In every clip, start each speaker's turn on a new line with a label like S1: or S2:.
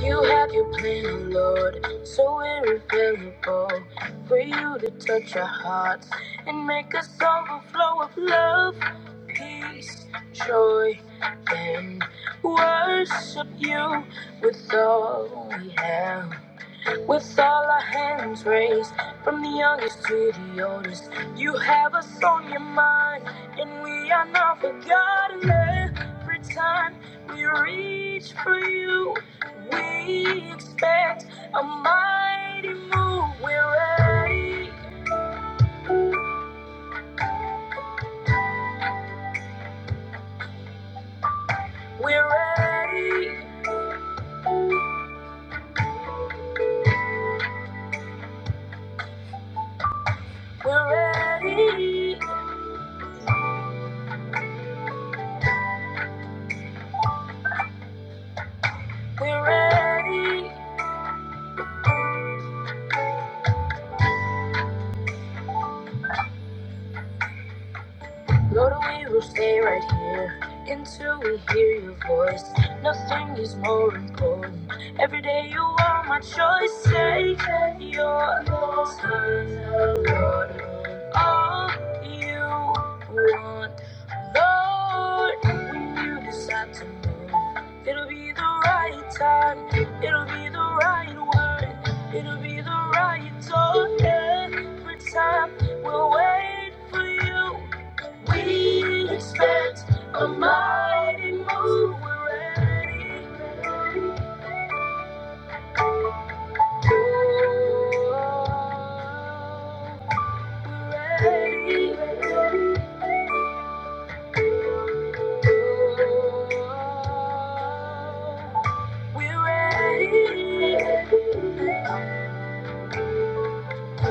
S1: You have your plan, oh Lord, so irrevocable for you to touch our hearts and make us overflow of love, peace, joy, and worship you with all we have. With all our hands raised, from the youngest to the oldest, you have us on your mind, and we are not forgotten. Every time we reach for you, we expect a mighty move. We're ready, we're ready, we're ready, we're ready. Lord, we will stay right here until we hear your voice. Nothing is more important. Every day you are my choice. Say that you're Lord, Lord, all you want. Lord, when you decide to move, it'll be the right time. It'll be the right word. It'll be the right door every time. We'll wait for you. We expect a mighty move. We're ready. Oh, we're ready. Oh,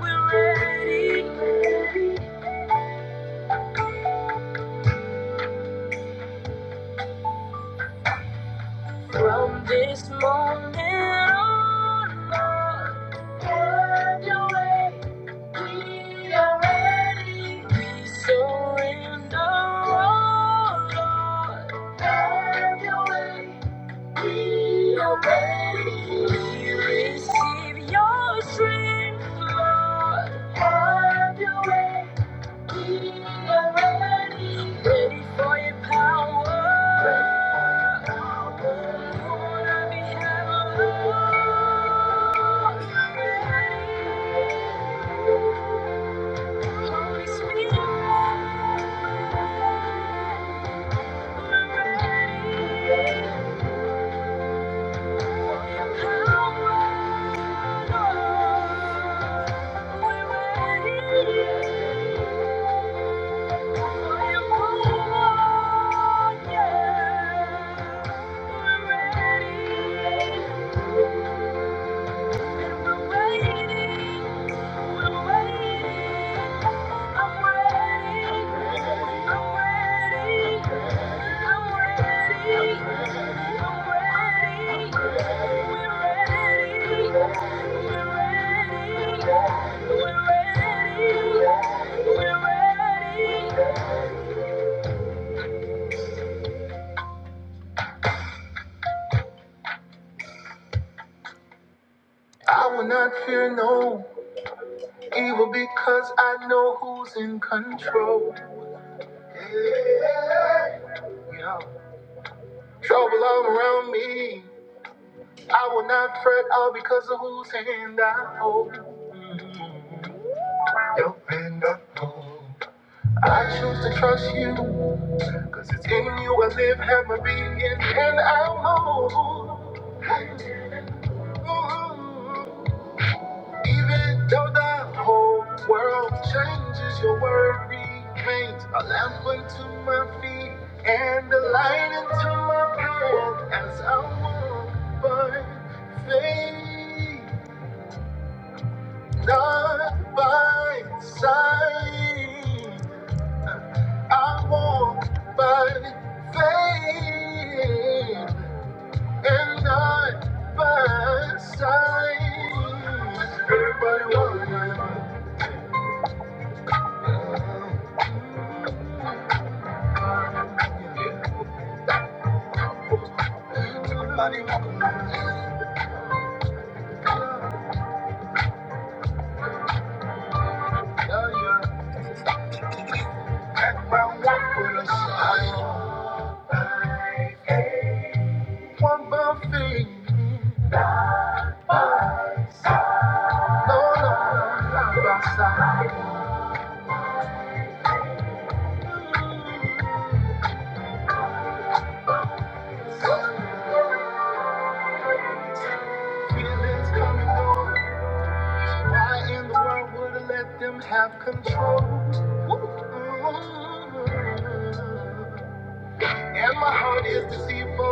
S1: we're ready. Oh, we're ready. From this moment on, Lord, have your way. We are ready. We surrender, oh Lord. Have your way. We are ready. We receive your strength, Lord. Have your way. Ready for your power. Lord, I be held. Holy Spirit, we're ready for your power. Lord, we're ready. I will not fear no Evil because I know who's in control. Yeah. Trouble all around me. I will not fret all because of whose hand I hold. Mhm. Your hand I hold. I choose to trust you. Cause it's in you I live, have my being, and I move. Mhm. Even though the whole world changes, your word remains a lamp unto my feet and a light unto my path as I walk by faith, not by sight. I walk by faith and not by sight. Everybody, walk, everybody. walk. One more thing, no, no, no, outside. Feelings coming on. Why in the world would I let them have control? Ooh. And my heart is deceitful. Ooh.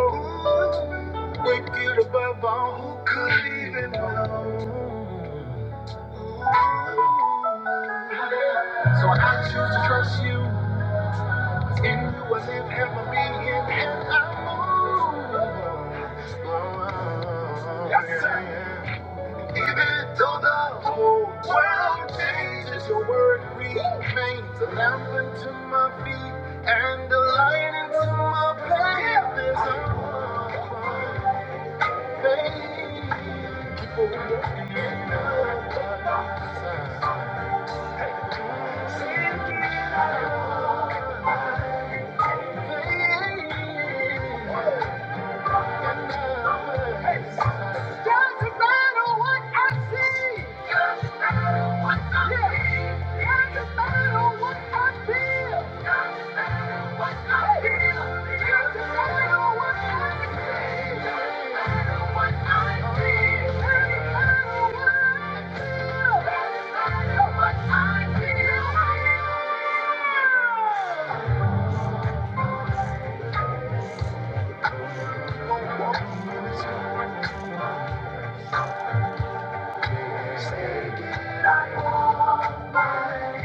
S1: Wicked above all, who could even know? Ooh. So I choose to trust you. If wasn't here me, it had I moved on. Yes, sir. Even though the whole world changes, your word remains a lamp unto my feet and a light into my path. There's a faithful God. Seek ye the Lord. I you.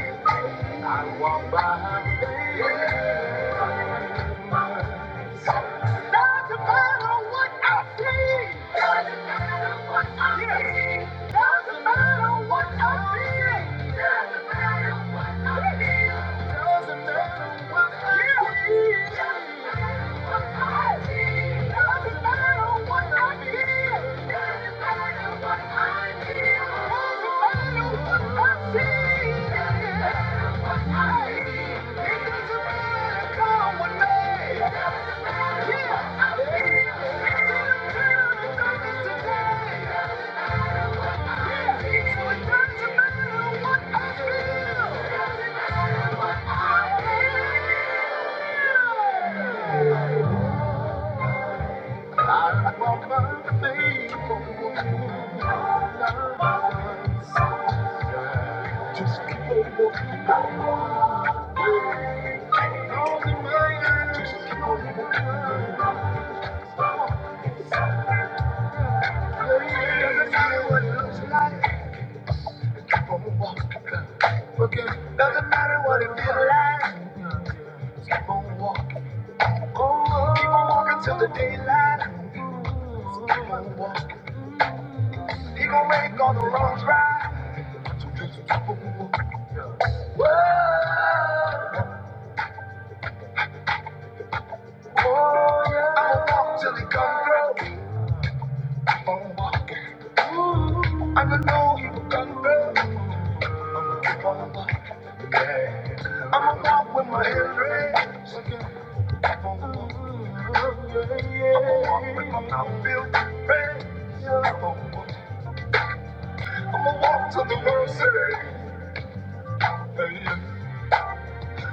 S1: Doesn't matter what I see. Doesn't matter what I yeah. see. Doesn't matter what I feel. Doesn't matter what I feel. Doesn't matter what I yeah. feel. Doesn't matter what I see. Doesn't matter what I feel. Doesn't matter what I feel. Doesn't matter what I see. Doesn't matter what I feel. It doesn't matter, come with me. Just keep on walking on. All the way, just keep on Doesn't matter what it looks like. keep on walking. Okay. Doesn't matter what it feels like. keep on walking. Oh, keep on walking till the daylight. keep on walking. Even when it all the wrongs right. So just keep on walking. Whoa. Oh, yeah. I'ma walk till it come through. I don't know you can I'ma keep on walking. Yeah. I'ma walk with my head raised. So you keep on walking. I'ma walk with my mouth filled with praise. Keep on walking. I'ma walk till the Lord says. Yeah, yeah.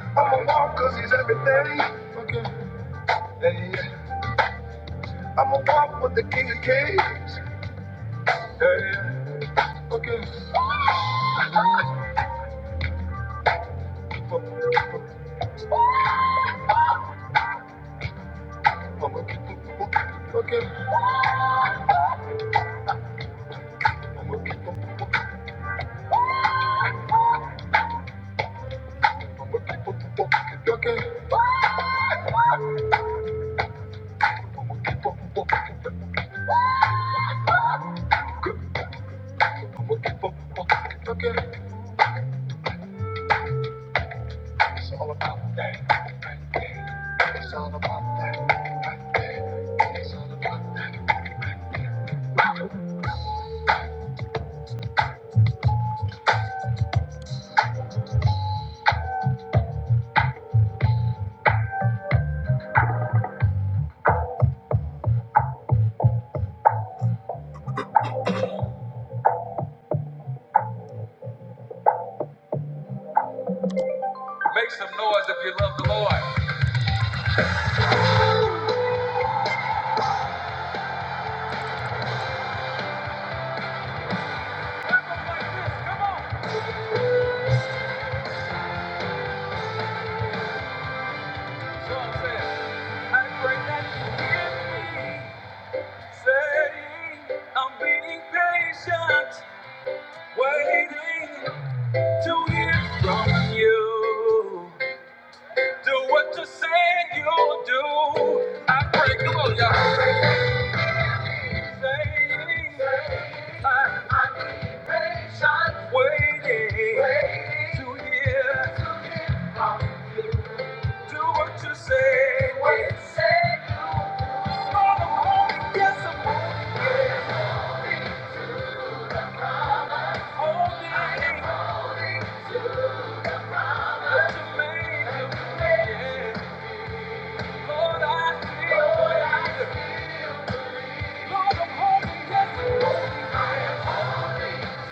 S1: I'ma walk cause he's everything. Okay. Yeah, yeah. I'ma walk with the King of Kings. Yeah, yeah. Okay. It's all about that. right It's all about that. right It's all about that. right Make some noise if you love the Lord. Come on. So I'm saying, how great that Say, I'm being patient, waiting. to hear from you. Do what you say you'll do. I break the chains. I'm waiting to hear. Do what you say. What you say. Lord, I'm holding. Yes, I'm holding. holding. To what you made me. Yeah. Lord, I feel. Lord, I feel. Lord, I'm holding. Yes, I'm holding. I am holding.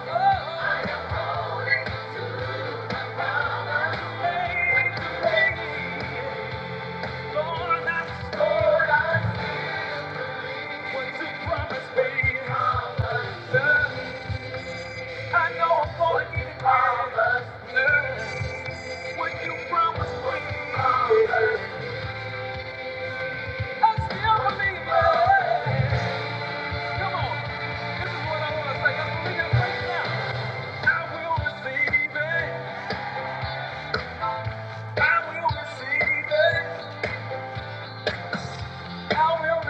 S1: I will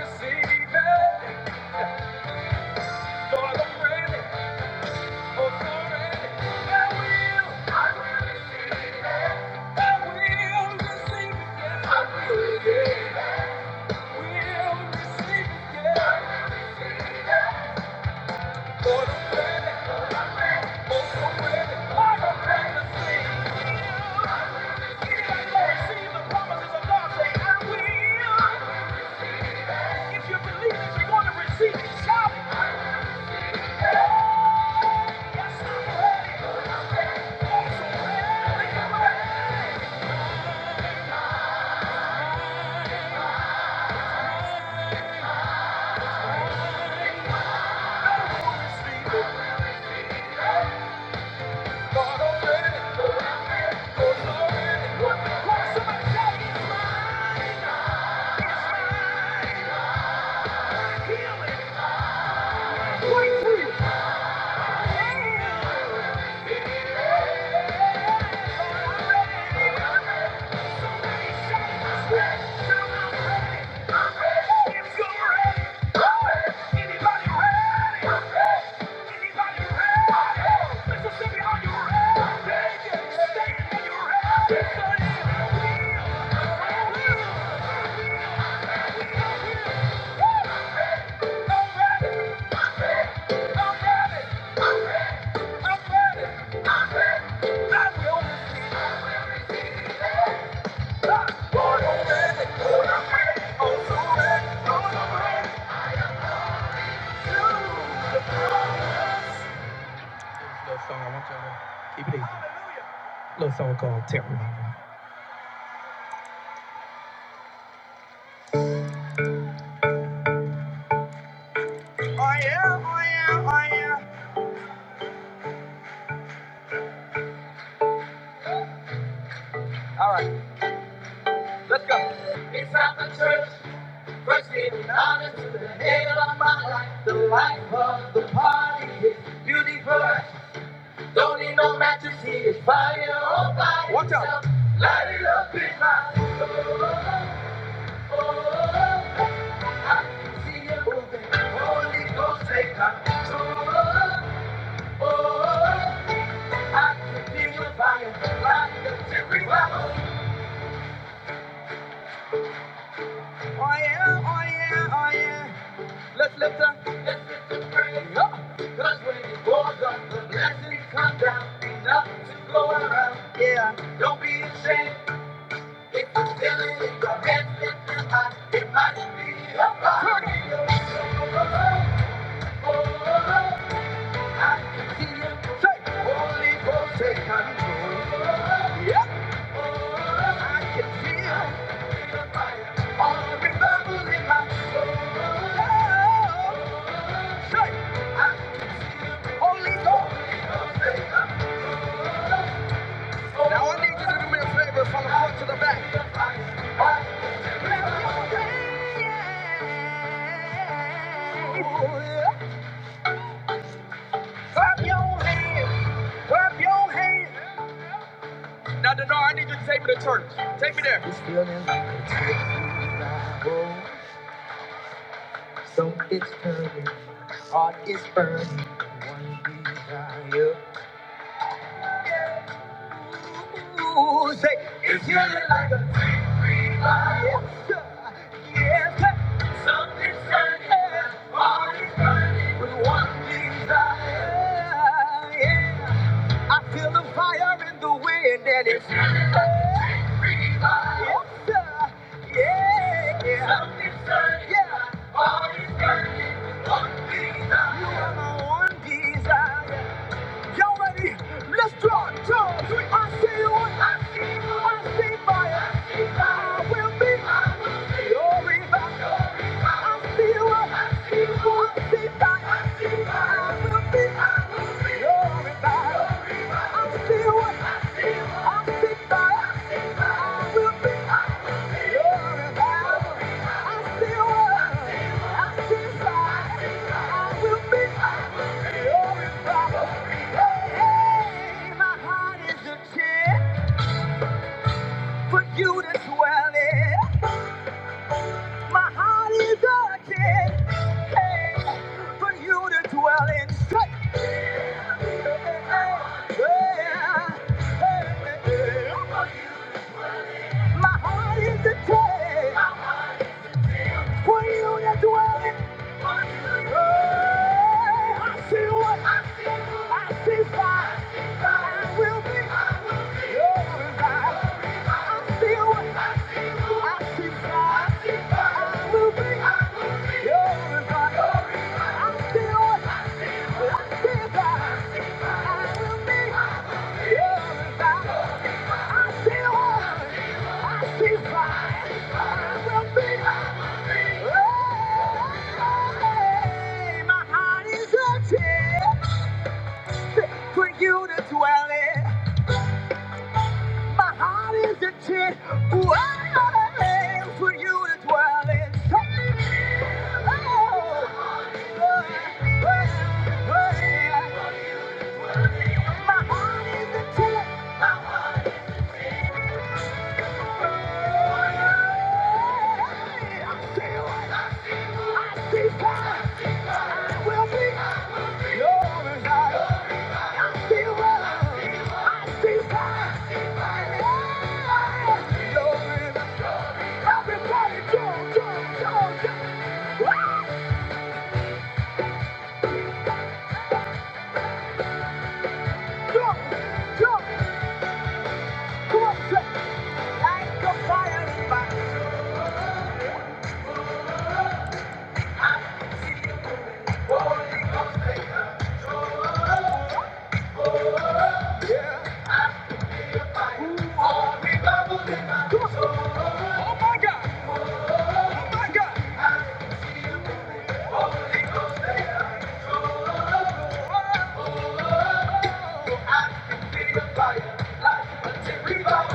S1: receive it. Lord, I'm ready. Little song I want y'all to keep it easy. Little song called Terror. Inside the church, first being honest to the head of my life. The life of the party is beautiful. Don't need no matches, he is fire on fire. Watch out. Light it up in my soul. oh, oh, oh. I can see you moving. Holy Ghost, take control. Oh, oh, oh. I can feel your fire. Fire to revival. Oh yeah, oh yeah, oh yeah. Let's lift up. Let's lift up praise up. Cause when it pours up, the blessings come down. Enough to go around. Yeah. Don't be ashamed. If you feel it in your hands, lift them high. It might be a fire. Turn it up. Yeah, Now I need you to do me a favor from the front to the back. Clap your hands. Clap your hands. Now, Denar, I need you to take me to church. Take me there. Music is really like a Yes, sir. Yes, Something's burning, body's burning with one desire. Yeah. I feel the fire in the wind and it's really like a free fire. Yes, sir. Yeah, yeah. Something's burning, yeah. body's burning with one desire. You are my one desire. Y'all ready? Let's draw two, three. I see you. I see you. I see fire. I will be. I will be your reviver. I see you. I see you. I see fire. I will be. I will be your reviver. I see you. I see you. I see fire. I will be your reviver. I see you. I see fire. I will be. Hey, My heart is a tent for you to dwell in. My heart is a tent hey, for you to dwell in. Hey, hey, hey. My heart is a tent for you to dwell in. Hey, my heart is a tent for you to dwell in. My heart is a tent where I am for you to dwell in. Oh, yeah, yeah, yeah. My heart is a tent. Come on, set your fire. Come on. Oh, my God. oh My God. We Bow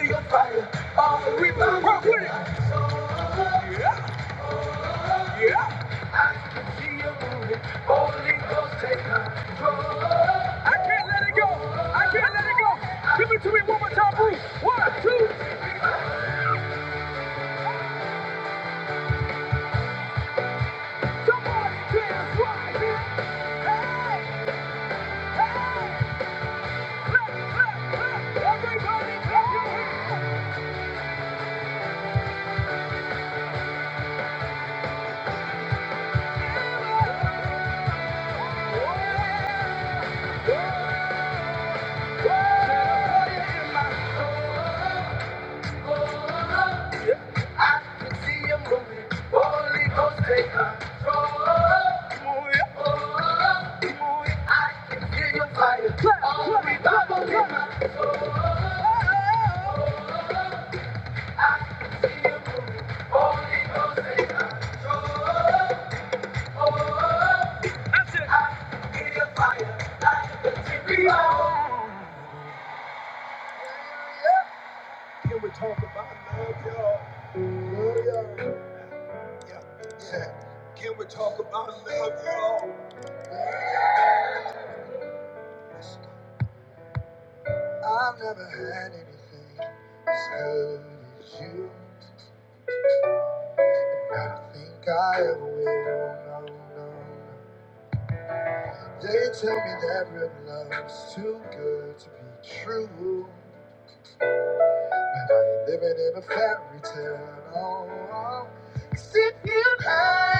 S1: to your fire. We bow rock with it. Yeah, yeah. See you moving. Holy Ghost, take control. Let go. Everybody, clap your hands. I can see you moving. Holy Ghost, take control. Can we talk about love, y'all? Love, y'all. Yeah, yeah. Can we talk about love, y'all? I've never had anything as good as you. I don't think I ever will. No, no, no. They tell me that real love is too good to be true. And I ain't living in a fairy tale. No, no. Sitting in high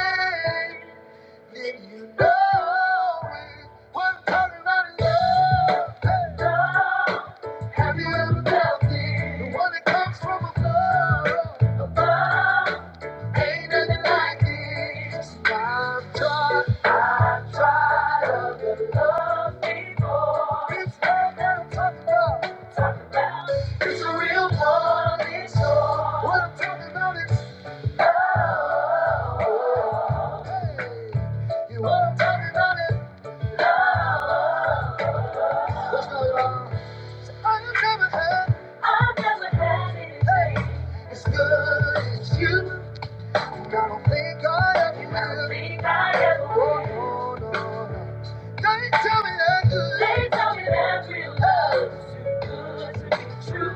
S1: on it, oh, Hey, you are talking about it. What's going on? I have never had. I've never had it. Hey, it's good. It's you. I don't think I ever will. I don't think I ever will. Oh, no, no, no. They tell me that good. They tell me that real love is too good to be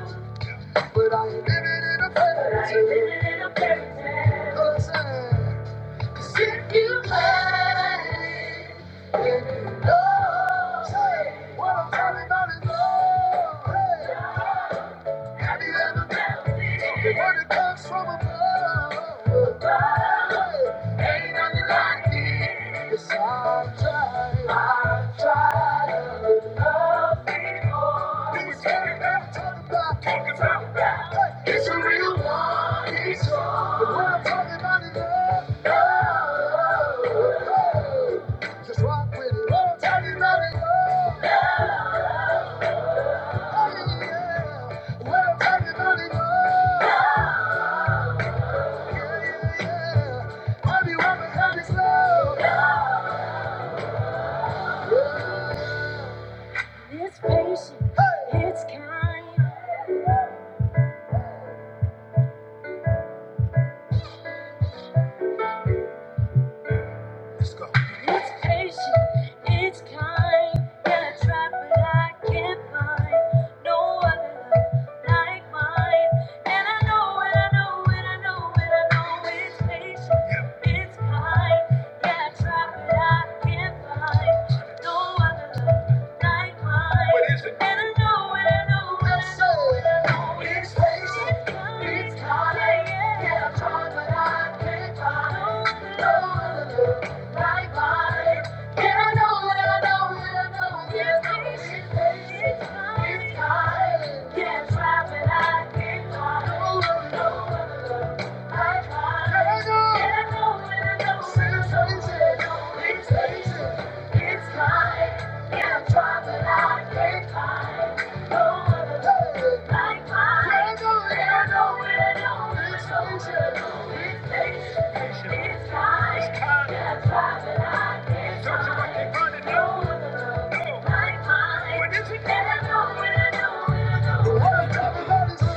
S1: true. But I ain't living in a fairy tale. Living in a fairy tale. 'Cause, uh, 'cause if you play, it, then you know. Say, what I'm talking about is love. Hey, have you ever felt it? When it comes from above. Above. Hey, ain't nothing like it. Yes, I've tried. I've tried to love. These fairy tales talk about It's a real one. It's a real one. The world talking about love. Just rock with it. World talking about it love. Oh yeah. World talking about it love. Yeah yeah yeah. Happy woman, happy slow. It's patient. Hey. It's kind. Let's go. It's patient, it's kind. Yeah, I try, but I can't find no other love like mine. And I know, and I know, and I know, and I know it's patient, yeah, it's kind. Yeah, I try, but I can't find no other love. What is it? And I know, and I know, and I know, and I it's crazy. It's calling. Yeah, I tried, but I can't find no other like mine. And I know, and I know, and I know it's crazy. It's calling. Yeah, I tried, but I can't find no other, no other like mine. And I know, and I know, and I know it's crazy. It's crazy. It's mine, and I'm but I can't find no other love like mine. There's no end, no end, no disclosure, no replacement. It's mine, and I'm but I can't find no other love like mine. There's no end, no end, no The world doesn't know this love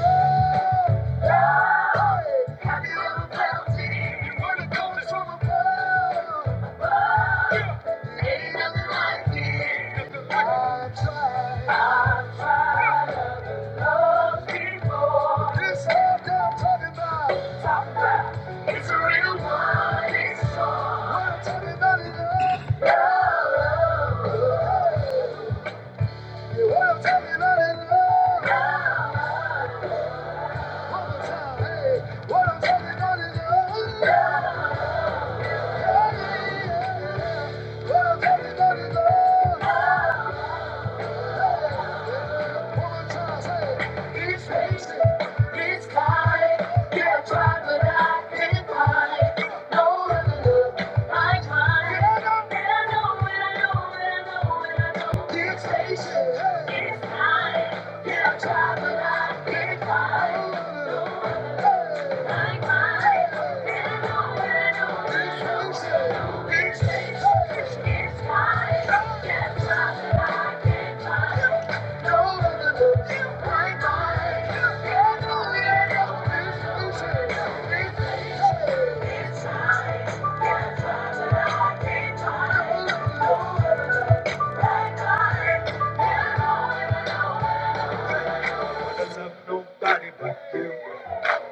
S1: like mine. And I know, and I know, and I know, and I know. Nobody but you.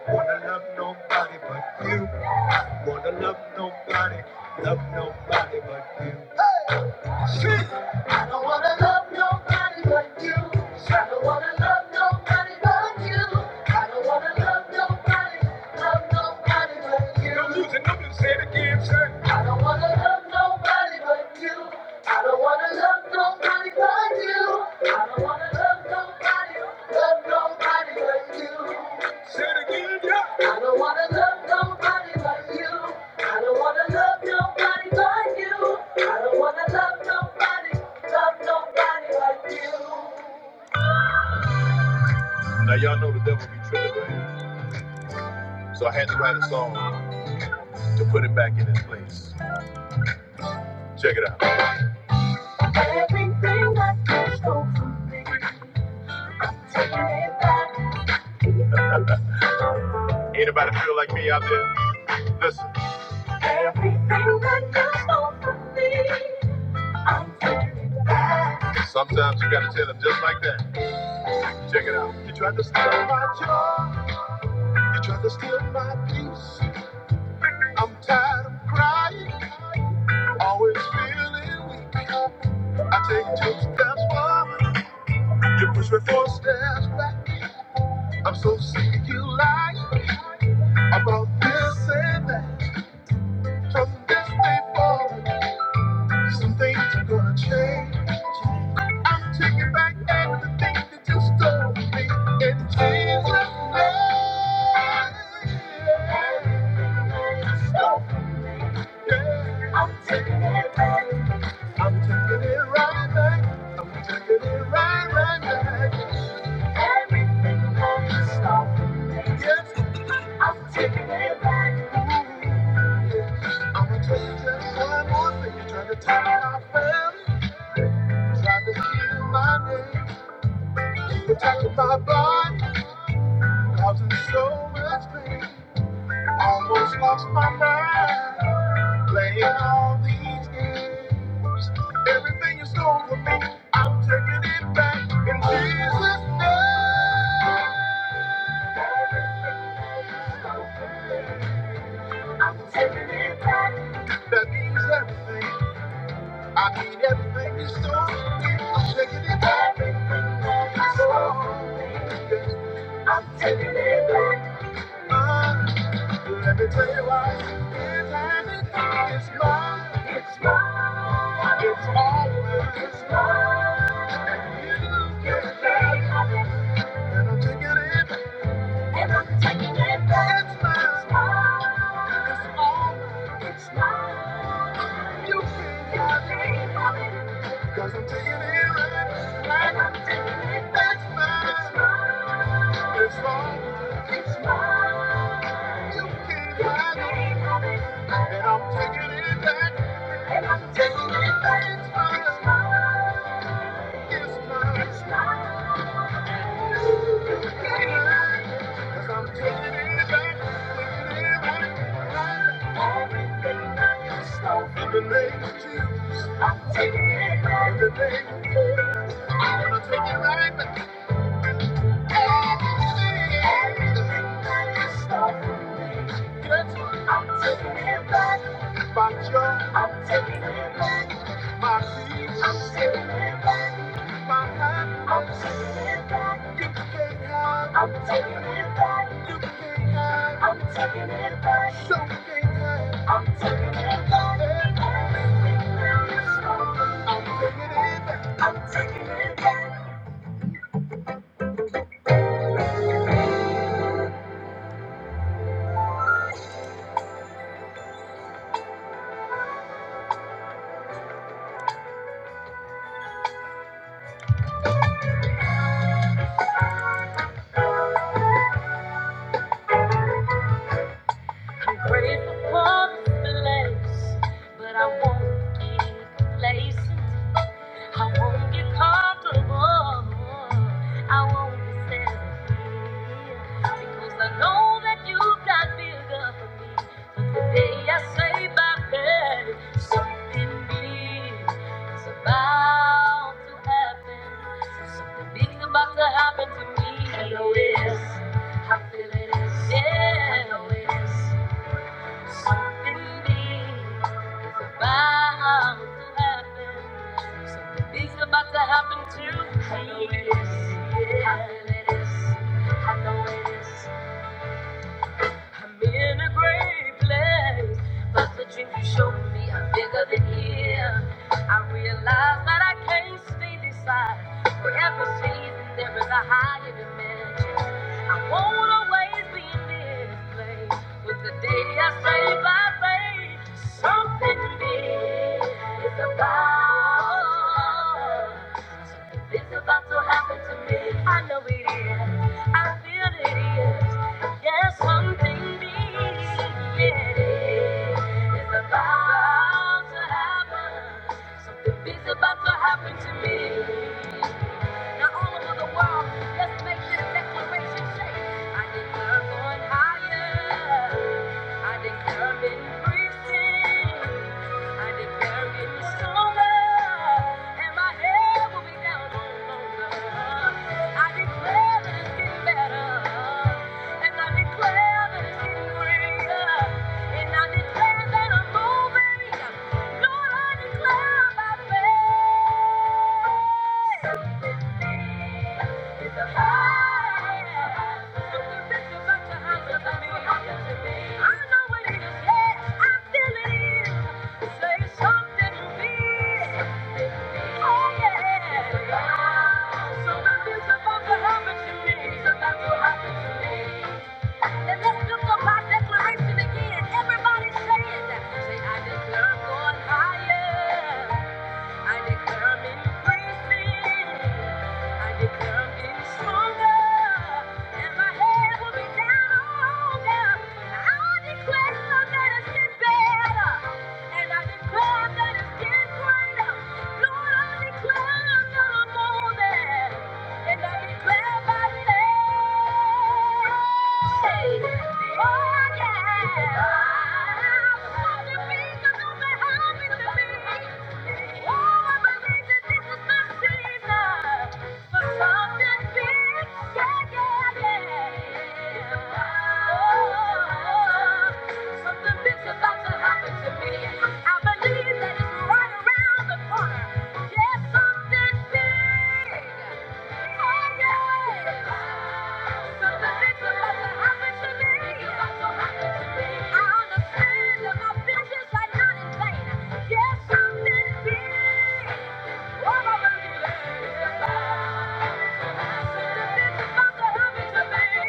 S1: Wanna love nobody but you. Wanna love nobody, love nobody but you. Shit, I don't wanna love nobody but you. I don't wanna love nobody but you. I don't wanna love nobody, love nobody but you. Don't losing, it, don't lose it. Say it again, say it, say it again, yeah. Now y'all know the devil be tripping, right? So I had to write a song to put it back in its place. Check it out. Everything I you stole from me, taking it back. Anybody feel like me out there? Listen. Everything that you stole from me, I'm taking back. Sometimes you gotta tell them just like that. Check it out. You tried to steal my joy. You tried to steal my peace. I'm tired of crying. Always feeling weak. I take two steps forward. You push me four steps back. I'm so sick of you lying about this and that. From this day forward. Some things are gonna change. I'm taking back everything that you stole from me. In Jesus' name. You Stole from me. Yeah. I'm taking it back. I'm taking it right back. Taking it right, right back. Everything that you stole from me. Yes. I'm taking it back. I'm gonna tell you just one more thing. You're trying to tell my family. Tried to kill my name, protected my body, causing so much pain. Almost lost my mind, playing all these games. Everything you stole from me, I'm taking it back in Jesus' name. I'm taking it back. That means everything. I mean everything you stole from me. I'm taking it back. Everything that you stole from me, I'm taking it back. Let me tell you why. It's mine. It's mine. It's mine. It's always mine. You tell me. And I'm taking it. And I'm taking it back. It's mine. It's mine. It's mine. You tell me. Cause I'm taking it back. It's mine. It's mine. always mine. And I'm taking it back. It's mine. It's mine. It's mine. I'm taking it back. I'm taking it back. So we can't have. I'm taking it back. I'm taking it back. I'm grateful for this place, but I won't be complacent. I won't get comfortable. I won't be selfish because I know that you've got bigger for me. So today I say by faith, something big is about to happen. Something big's about to happen to me. I know it is. I feel it is. Yeah. I know it is. Something big is about to happen. Something big's about to happen to you. I know it is. I feel it is. I know it is. I'm in a great place, but the dreams you showed me are bigger than here. I realize that I can't stay this side. For every season, there is a higher dimension. I won't always be in this place, but the day I say by faith, something big is about. Something big's about to happen to me. I know it is. I feel it is. Yes, one thing needs It's about to happen. Something big's about to happen to me. Now all over the world, let's make this declaration shake. I declare going higher. I declare increasing. I declare getting stronger, and my head will be down no longer. I declare that it's getting better. And I declare that it's getting greater. And I declare that I'm moving. Lord, I declare my faith is a fire. Something rich about your house is about to happen to me. I know it is. Yes, I feel it is. Say something big. Oh, yeah. Something rich about to happen to me. It's about to happen to me. And let's lift up our declaration again. Everybody say it. Say, I declare I'm going higher. I declare I'm increasing. I declare I'm getting stronger. And my head will be down longer. I declare that it's getting better. And I declare that it's getting greater. Lord, I declare that I'm more than. And I declare by faith, oh, yeah. All the reasons of the happy to me. Oh, I believe that this is my season for something big. Yeah, yeah, yeah. Oh, something big's about to happen to me. I'll be letting it around. Yes, something big.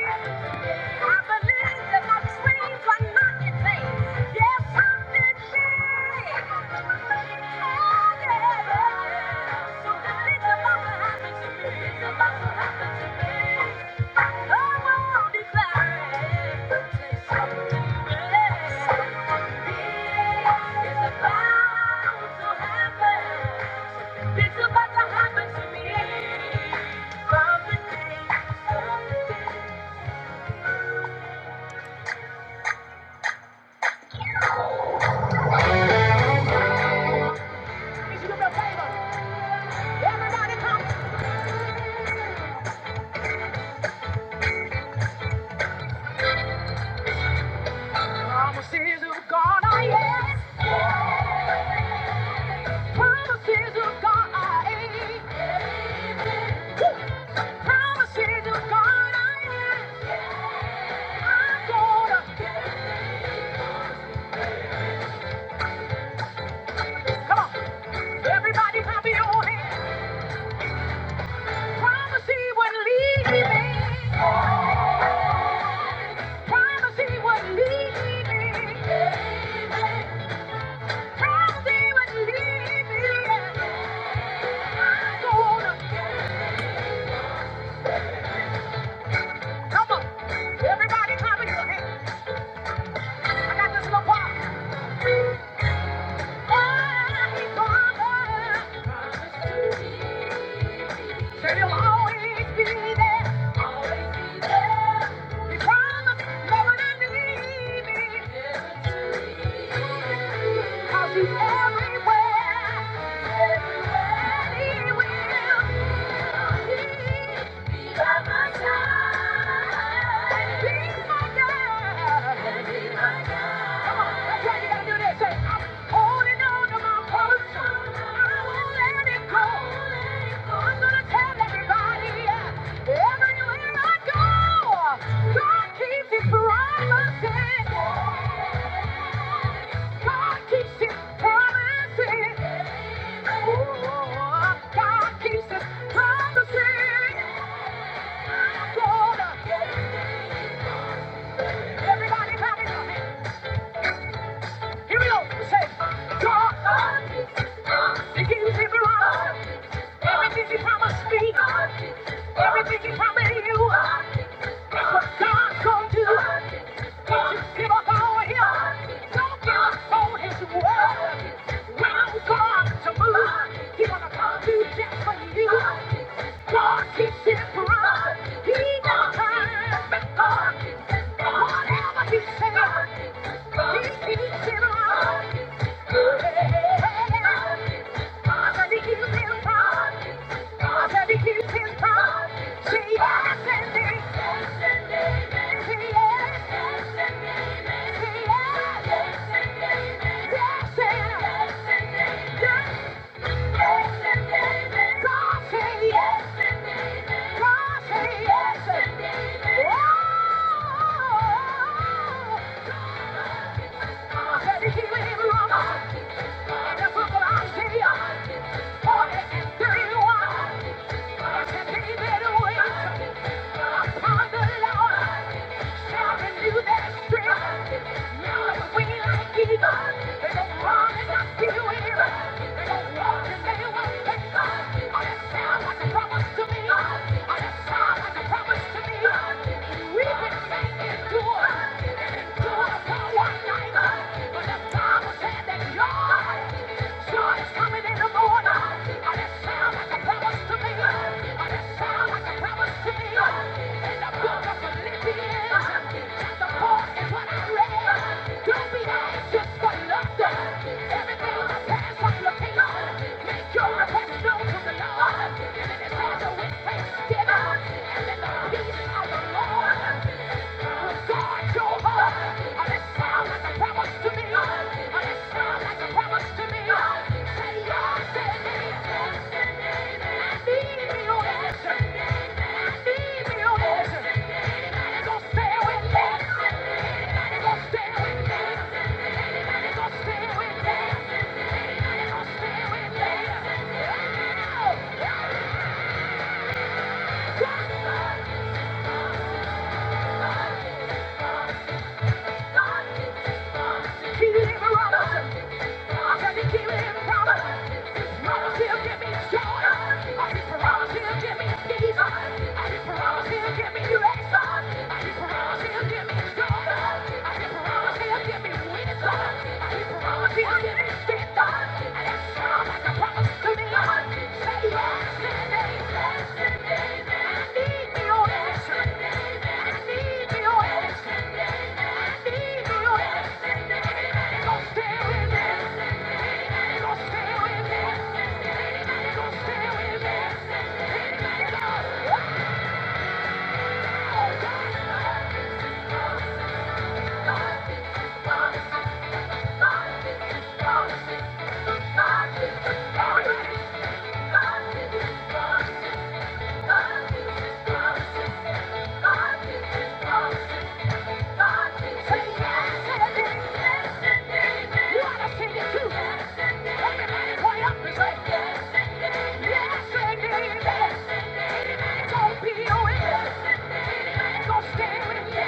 S1: It's about to happen to me. From the day, from the day. Promises of God I am. Promises of God I am. Promises of God I am. I'm gonna get it. Come on. Everybody clap your hands. Promise he wouldn't leave me. Promise he wouldn't leave me. Promise he wouldn't leave me. I'm gonna get it. Come on. Everybody clap your hands. I got this little part. Always be there. He promised never to leave me. Cause he's everywhere. Everywhere he will. He's my God. And he's my God. And he's my God. Come on, that's right, you gotta do this. Say, I'm holding on to my promise. Everybody, everybody, everybody. Here we go. Say, God, He gives me life. Everything He promised me. Everything He promised you. Thank you. Yes. Thank you. Coming in the morning, and it sounds like a promise to me, and it sounds like a promise. Say yes, it is. Yeah. I need me your answer. I Thank you. Say yes, yes, yes, yes. You ought yeah, stay with me.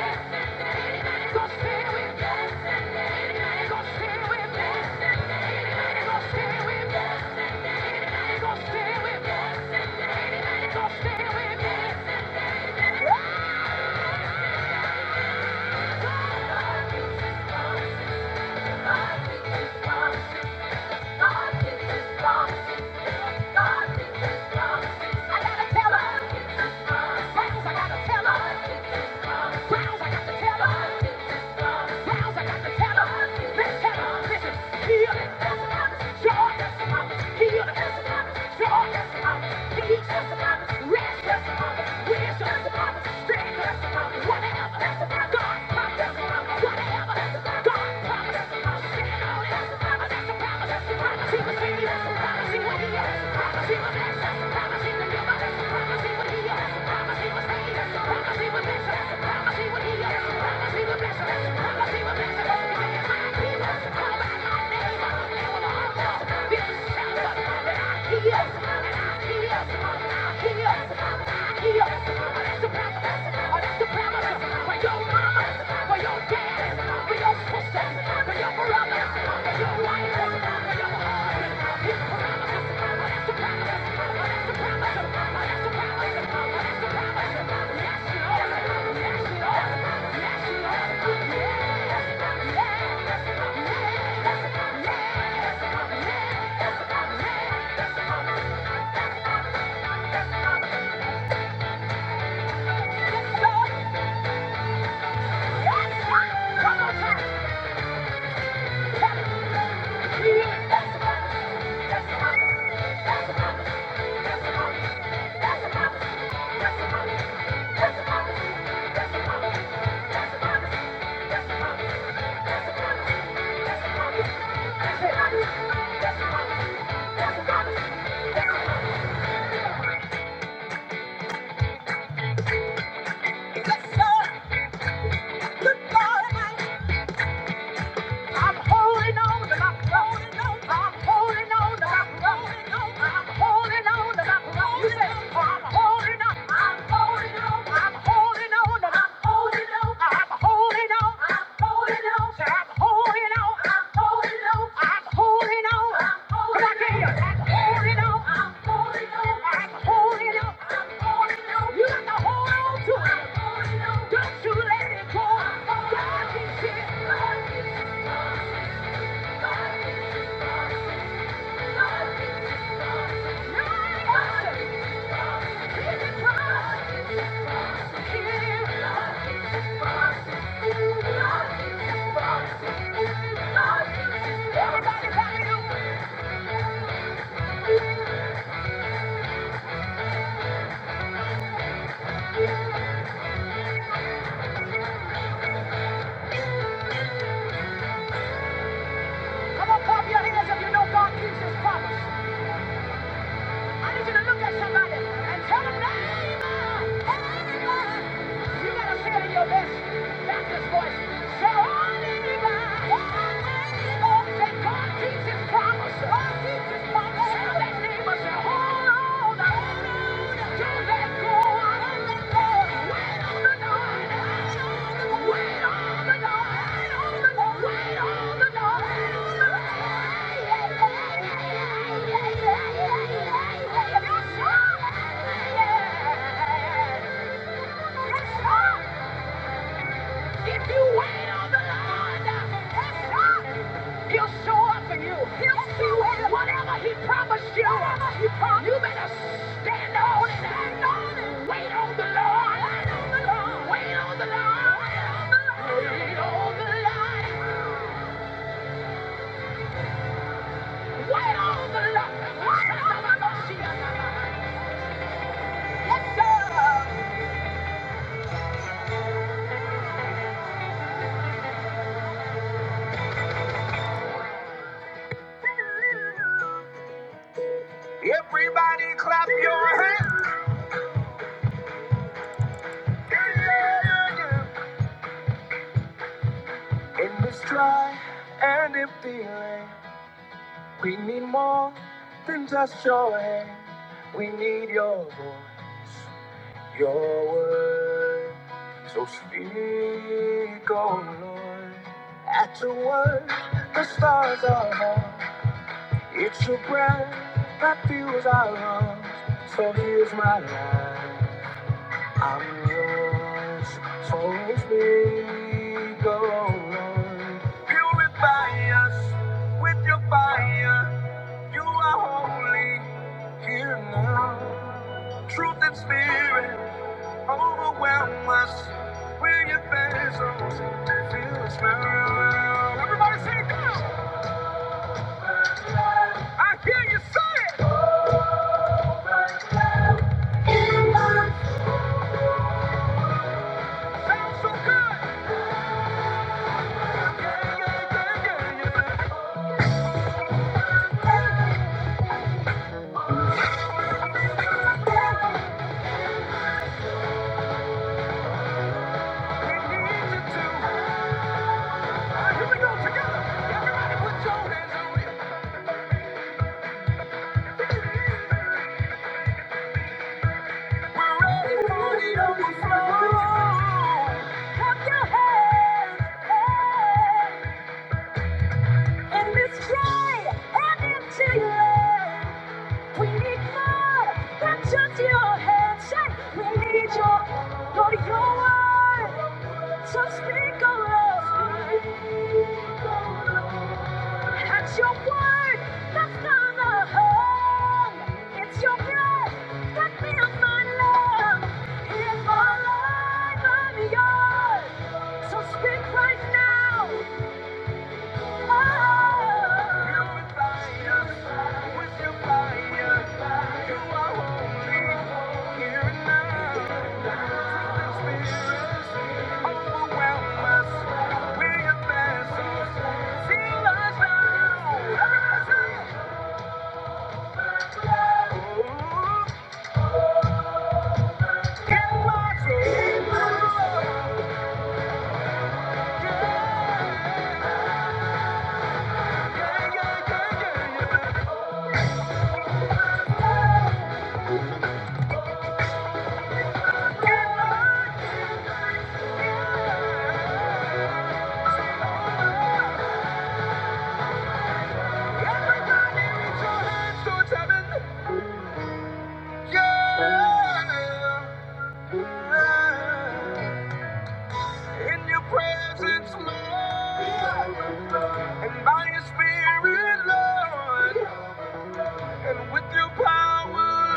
S1: Whatever. that's about God, Yes. I to promise for your mama, for your dad, for your sister, for your brother, for your wife, for your husband. He promises. Oh, that's a promise. Oh, that's a promise. Oh, that's a promise. Oh, that's a promise. Yes, Lord. Yes, Lord. Yes, Lord. Yes, yes, yes, yes, yes, yes. Yes, Lord. I'm holding on to my cross. I'm holding on to my cross. I'm holding on to my cross. You say, oh, I'm holding on. I'm holding on. I'm holding on. I'm holding on. I'm holding on. I'm holding on. Say, I'm holding on. I'm holding on. Come on, can you? I'm holding on. I'm holding on. I'm holding on. You got to hold on to it. Don't you let it go. God is here. God is here. God is here. God is here. God is here. God is Everybody, Come on, pop your hands if you know God keeps his promise. I need you to look at somebody and tell them, neighbor, neighbor. You gotta say it in your best Baptist voice. Say, oh, neighbor, oh, neighbor, that God keeps his promise. God keeps his promise. Tell that neighbor, say, hold on. hold on. Yeah. If you wait on the Lord, uh, He'll show up for you. He'll show up. Whatever He promised you, he promised. you better stand on it. Stand on it. Wait on the Lord. Wait on the Lord. Wait on the Lord. Wait on the Lord. Wait on the Lord. Wait on the Lord. Yes, sir. In this dry and empty land, we need more. than Go, Lord. At your word, the stars are. It's your breath that fuels our lungs. So here's my life. I'm yours. So it's me. Go, Lord. Purify us with your fire. You are holy. Here and now. Truth and spirit. Overwhelm us with your bezels. Feel the smell. Everybody sing it, come on. I hear you say it. Sounds so good. Yeah, yeah, yeah, yeah, yeah. We need you to. Uh, here we go together. Everybody put your hands on it. We're ready for the overflow. Clap your hands, hey. And let's try and empty your We need more than just your hands. and We need your, Lord, your word. So speak, oh Lord. That's your word that's not a home. It's your breath that fills my lungs. It's my life, I'm yours. So speak right now. Yeah. In your presence, Lord, and by your spirit, Lord. And with your power,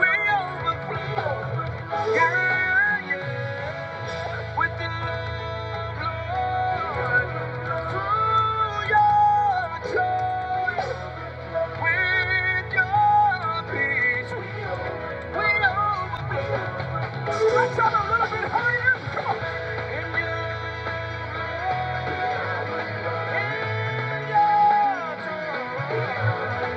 S1: we overflow. Yeah, yeah. With your love, Lord, through your joy, with your peace, we overflow. Let's have a little bit higher. Come on. In your love, in your joy.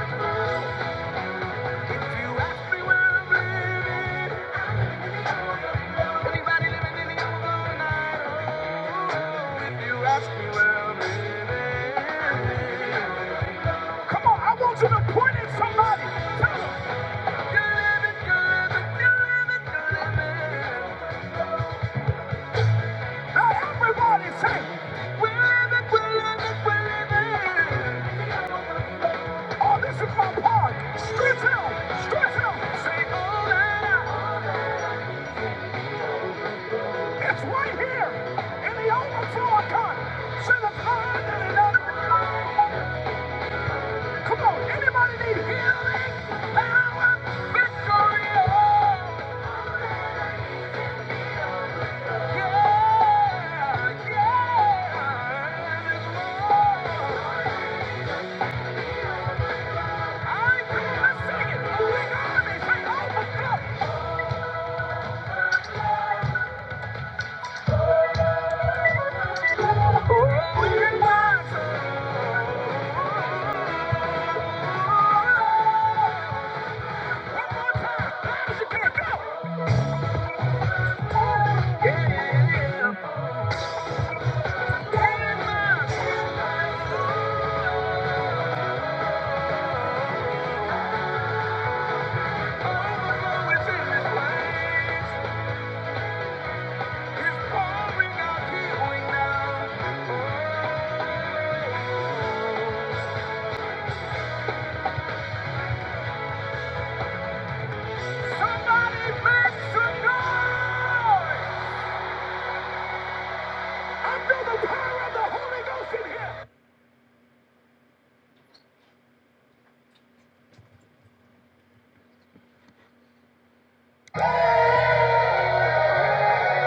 S1: Thank you. Come on, I want you to point at somebody. Tell them, "You're living good, but you're living good, man." Now everybody say, "We're living, we're living, we're living." Oh, this is my part. Stretch out, stretch out. Say, oh, nah, nah. It's right here in the overflow account. Say the blood that it up. Come on, anybody need healing? Power, victory, oh. Yeah, yeah, it's mine. I come and sing it. singing. Big army, say overflow. Oh, it's in this place.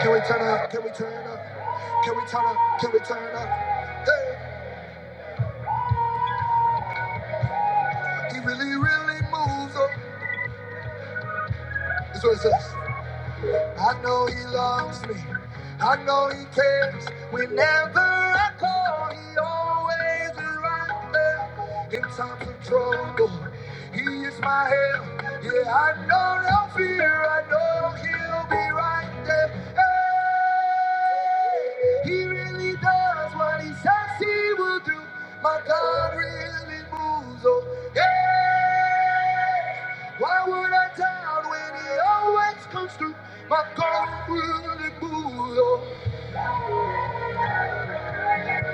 S1: Can we turn up? Can we turn up? Can we turn up? Can we turn up? Hey, he really, really moves up. That's what it says. I know he loves me. I know he cares. Whenever I call, he always is right there. In times of trouble, he is my help. Yeah, I know no fear. I know he'll be right there. Hey, he really does what he says he will do. My God really moves. Oh, yeah. Why would I doubt when he always comes through? My God really moves. Oh,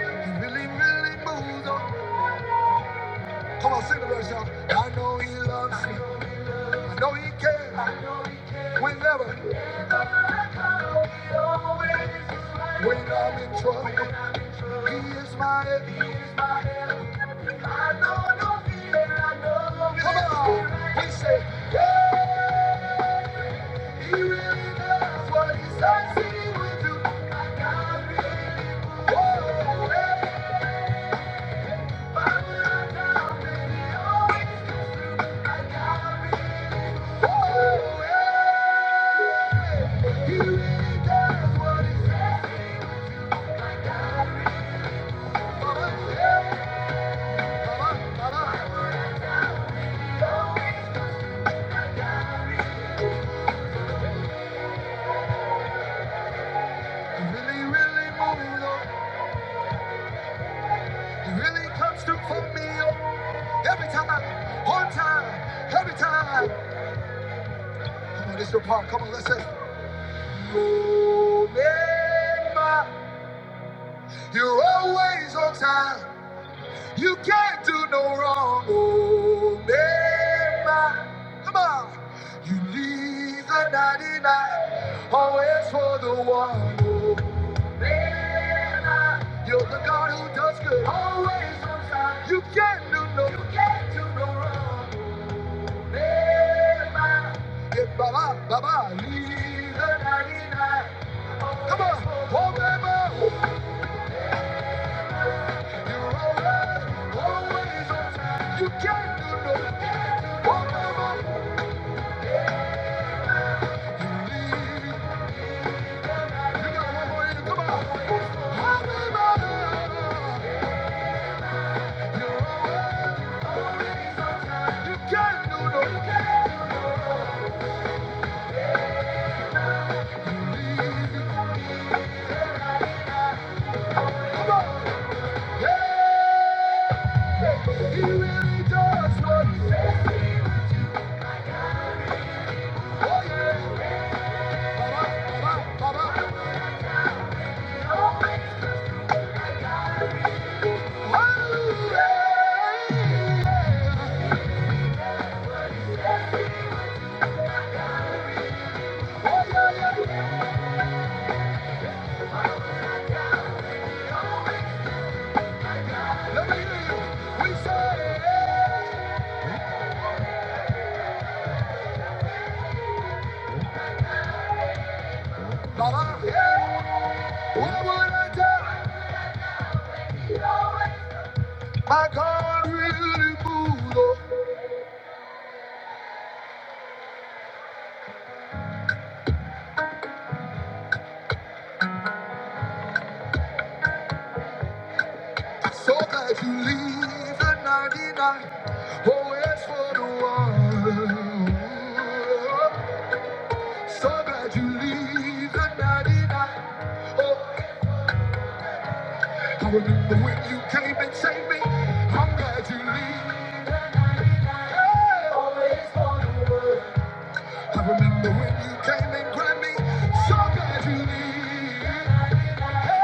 S1: he really, really moves. Oh, come on, sing the verse, y'all. I know he loves me. I know he can. I know he can. Whenever. whenever I come, he always is right. When I'm in trouble. When I'm in trouble. He is my. head. He is my. Lord. No, no, no. Come on. We say, yeah. He really does what he says he would do. Whoa, hey, whoa, hey. He really does what he says he would do. Come on, come on. He really, really moving on. really comes through for me oh, every time, on time, every time. Come on, this is your part. Come on, let's say, You make my, you're always on time. You can't do no wrong, oh man. Come on. You leave the 99, always for the one, oh man. You're the God who does good, always on time. You can't do no, you can't do no wrong, oh man. Yeah, Baba, Baba, leave the 99. Come on, oh man. You can't do no One more moment, you leave. You got one more in you, come on. Happy mother, you're always, you can't do no Come on, yeah. He really does what he says. Oh yeah, ba ba ba ba. Hallelujah, let me hear you. We say. My God really moved. oh. I saw that you leave the 99. Always for the one. So glad you leave the 99. Oh, I remember when you came and saved me. I'm glad you leave. I remember when you came and grabbed me. So glad you leave.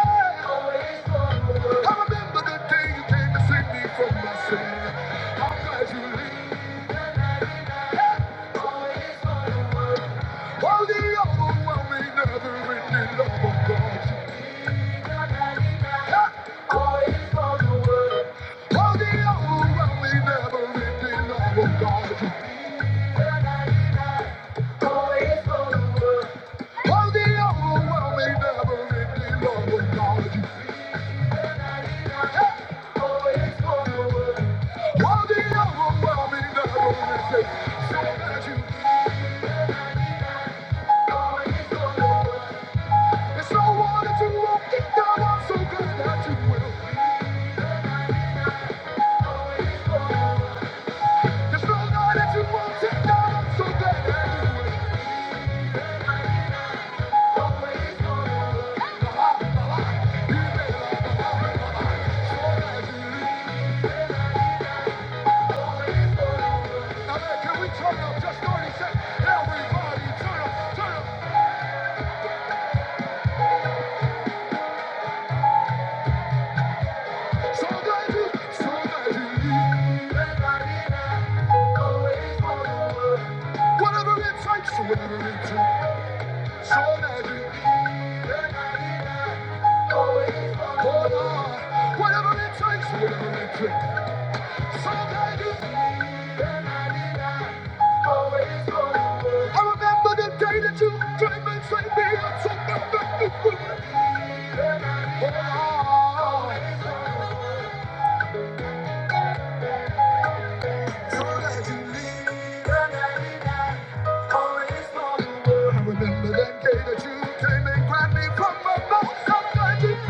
S1: I remember the day you came to save me from my sin. How glad you leave. Always for the world. Oh, the overwhelming, never-ending love of God. Oh, the overwhelming, never-ending love of God. Oh, the overwhelming, never-ending love of God. Oh, the overwhelming, never-ending. love of God. So glad you always for the world. There's no one that you won't kick down, i so glad that you will. There's no one that you won't take down, i so glad that you will. You may laugh, but I will so that can we turn up just 30 seconds? Everybody turn up, turn up. So glad so glad Whatever it takes, whatever it takes. So glad you, hold on. Whatever it takes, whatever it takes. So glad you live. I remember the day that you came and saved me. I took my back to you. I remember that day that you came and grabbed me from my mouth. I'm glad you-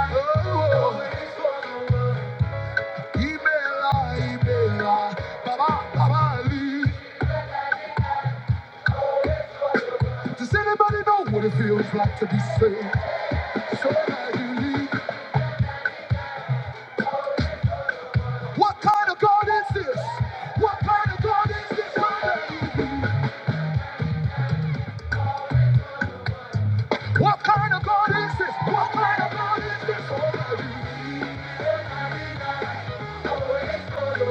S1: Oh, Ibella, Ibella, Baba, Baba Lee. Does anybody know what it feels like to be saved? So glad you leave. What kind of God is this? What kind of God is this? What kind of God is this? He is Always for the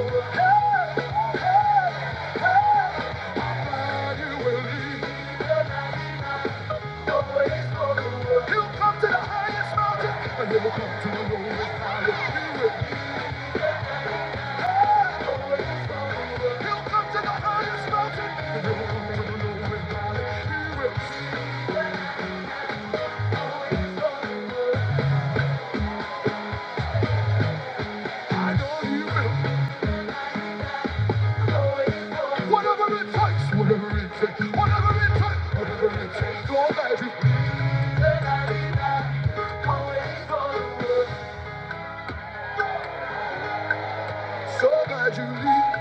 S1: always for the world. come to the highest mountain, and you will come to the lowest valley. Always for the world. come to the highest mountain, and you will come to the lowest valley. He will. I know He will. Whatever it takes, whatever it takes, whatever it takes, whatever it takes. So glad you, leave, so glad you leave.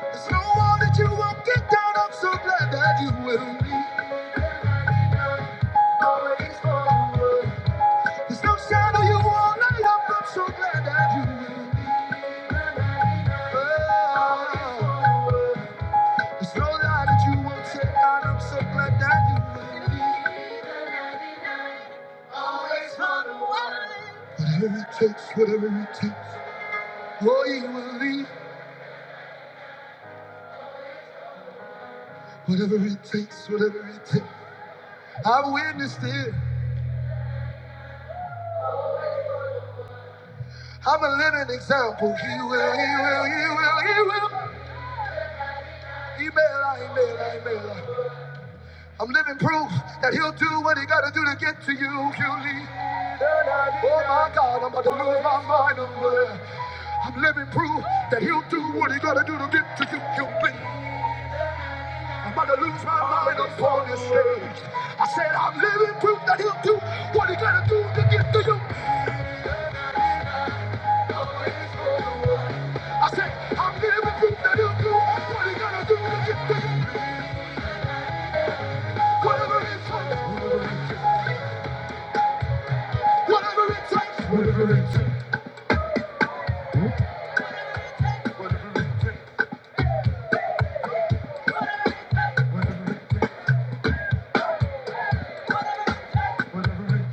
S1: There's no one that you won't get down. I'm so glad that you will leave. Always forward. There's no shadow you won't light up. I'm so glad that you will leave. There's no lie that you won't take out. I'm so glad that you will leave. Always forward. Whatever it takes, whatever it takes, oh, you will lead. Whatever it takes, whatever it takes. I've witnessed it. I'm a living example. He will, he will, he will, he will. He'll he'll Email, I email, I email. I'm living proof that he'll do what he gotta do to get to you. He'll lead. Oh my God, I'm about to lose my mind. I'm, uh, I'm living proof that he'll do what he gotta do to get to you. He'll lead. I'm about to lose my mind up on this stage. I said I'm living proof that he'll do what he gotta do to get to you. I said I'm living proof that he'll do what he gotta do to get to you. Whatever it takes.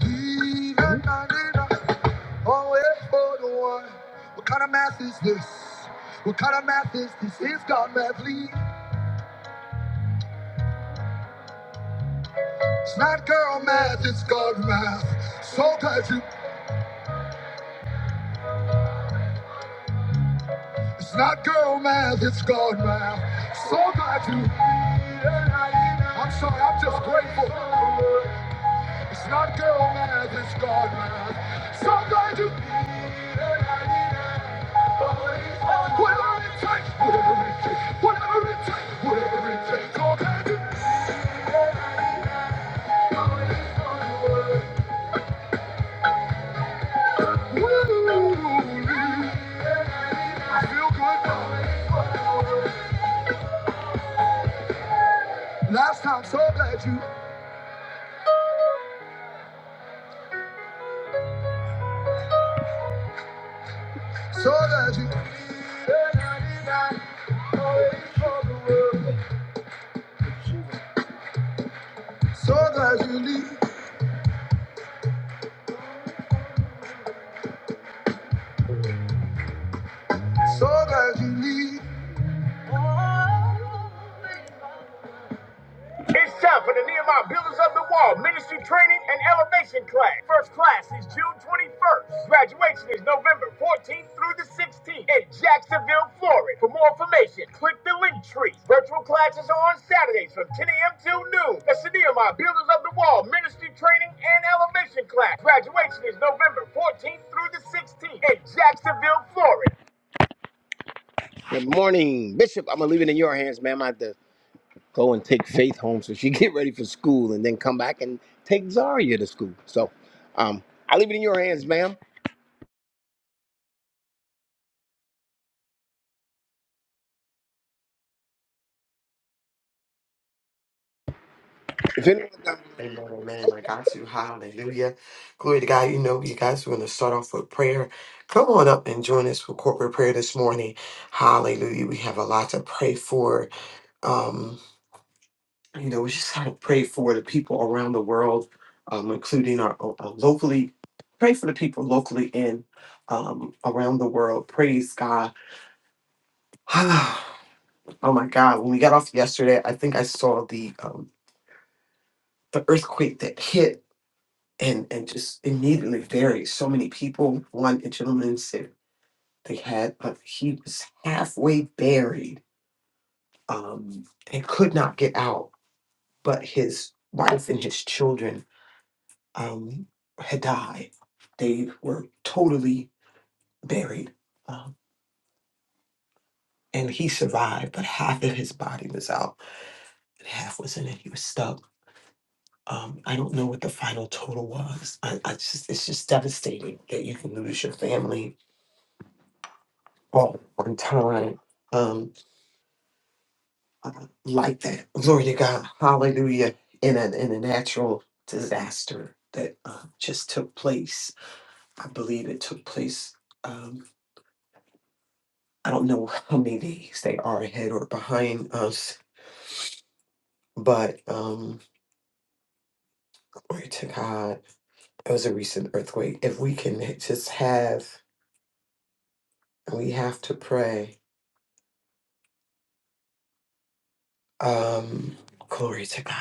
S1: Even I need a- always for the one. What kind of math is this? What kind of math is this? It's God math, please. It's not girl math, it's God math. So glad you It's not girl math, it's God math. So glad you. I'm sorry, I'm just grateful. It's not girl math, it's God math. So glad you. Whatever it takes, whatever it takes, whatever it takes, whatever it takes. So glad you. Woo, I feel good now. Last time, so glad you, so glad you. Strong as you lead, strong as you lead.
S2: Amen, amen. I got you. Hallelujah. Glory to God. You know, you guys, we're going to start off with prayer. Come on up and join us for corporate prayer this morning. Hallelujah. We have a lot to pray for. Um, you know, we just have to pray for the people around the world, um, including our, our locally. Pray for the people locally and um, around the world. Praise God. oh my God. When we got off yesterday, I think I saw the um, the earthquake that hit. and and just immediately buried So many people. One gentleman said they had uh, he was halfway buried um, and could not get out, but his wife and his children um, had died. They were totally buried, um, and he survived, but half of his body was out and half was in it. He was stuck. Um, I don't know what the final total was. I, I just it's just devastating that you can lose your family All on time um uh, like that glory to god hallelujah in a in a natural disaster that uh, just took place i believe it took place um i don't know how many days they are ahead or behind us but um glory to god it was a recent earthquake if we can just have we have to pray um glory to god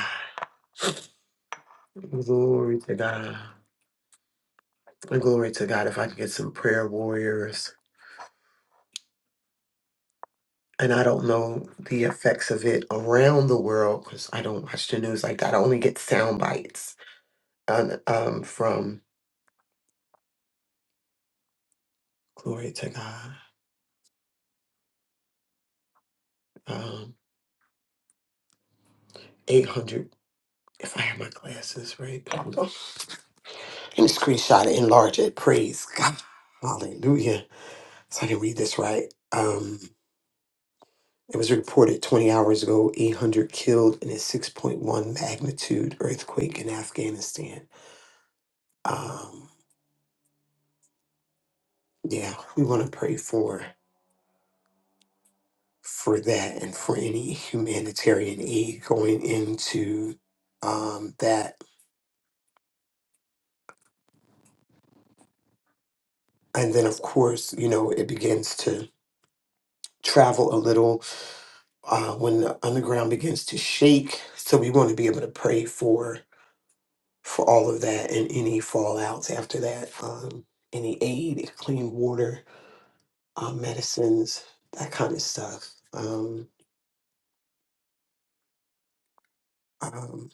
S2: glory to god glory to god if i can get some prayer warriors and I don't know the effects of it around the world because I don't watch the news like that. I only get sound bites um, um, from Glory to God. Um, 800, if I have my glasses right. Hold on. And screenshot it, enlarge it. Praise God. Hallelujah. So I can read this right. Um, it was reported 20 hours ago 800 killed in a 6.1 magnitude earthquake in Afghanistan. Um, yeah, we want to pray for. for that and for any humanitarian aid going into um, that. And then, of course, you know, it begins to travel a little uh, when the underground begins to shake. So we want to be able to pray for for all of that and any fallouts after that, um, any aid, clean water, uh, medicines, that kind of stuff. Um, um,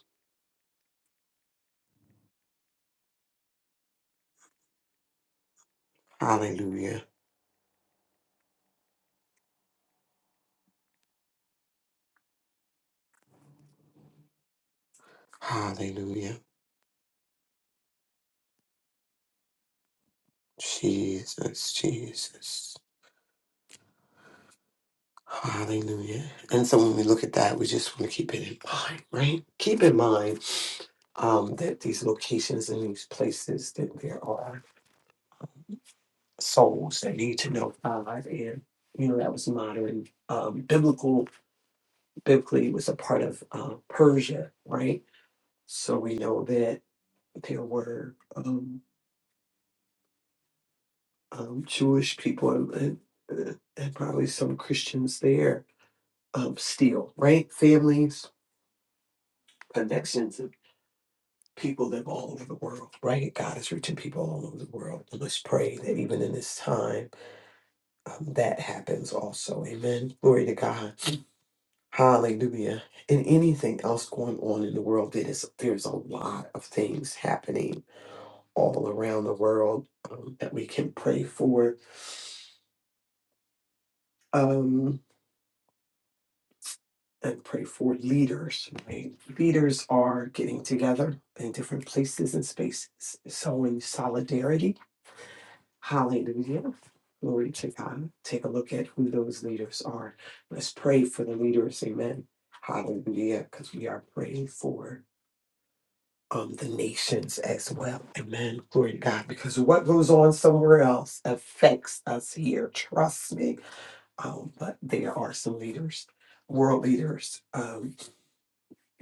S2: hallelujah. Hallelujah. Jesus, Jesus. Hallelujah. And so when we look at that, we just want to keep it in mind, right? Keep in mind um, that these locations and these places that there are souls that need to know God, and you know that was modern um, biblical. Biblically, it was a part of uh, Persia, right? So we know that there were um, um, Jewish people and, and, uh, and probably some Christians there um, still, right? Families, connections. people live all over the world, right? God is reaching people all over the world. And let's pray that even in this time, um, that happens also. Amen. Glory to God. Hallelujah. And anything else going on in the world, There is there's a lot of things happening all around the world um, that we can pray for. Um, and pray for leaders, right? Leaders are getting together in different places and spaces, sowing solidarity Hallelujah. Glory to God. Take a look at who those leaders are. Let's pray for the leaders. Amen. Hallelujah. Because we are praying for um, the nations as well. Amen. Glory to God. Because what goes on somewhere else affects us here. Trust me. Um, but there are some leaders, world leaders, um,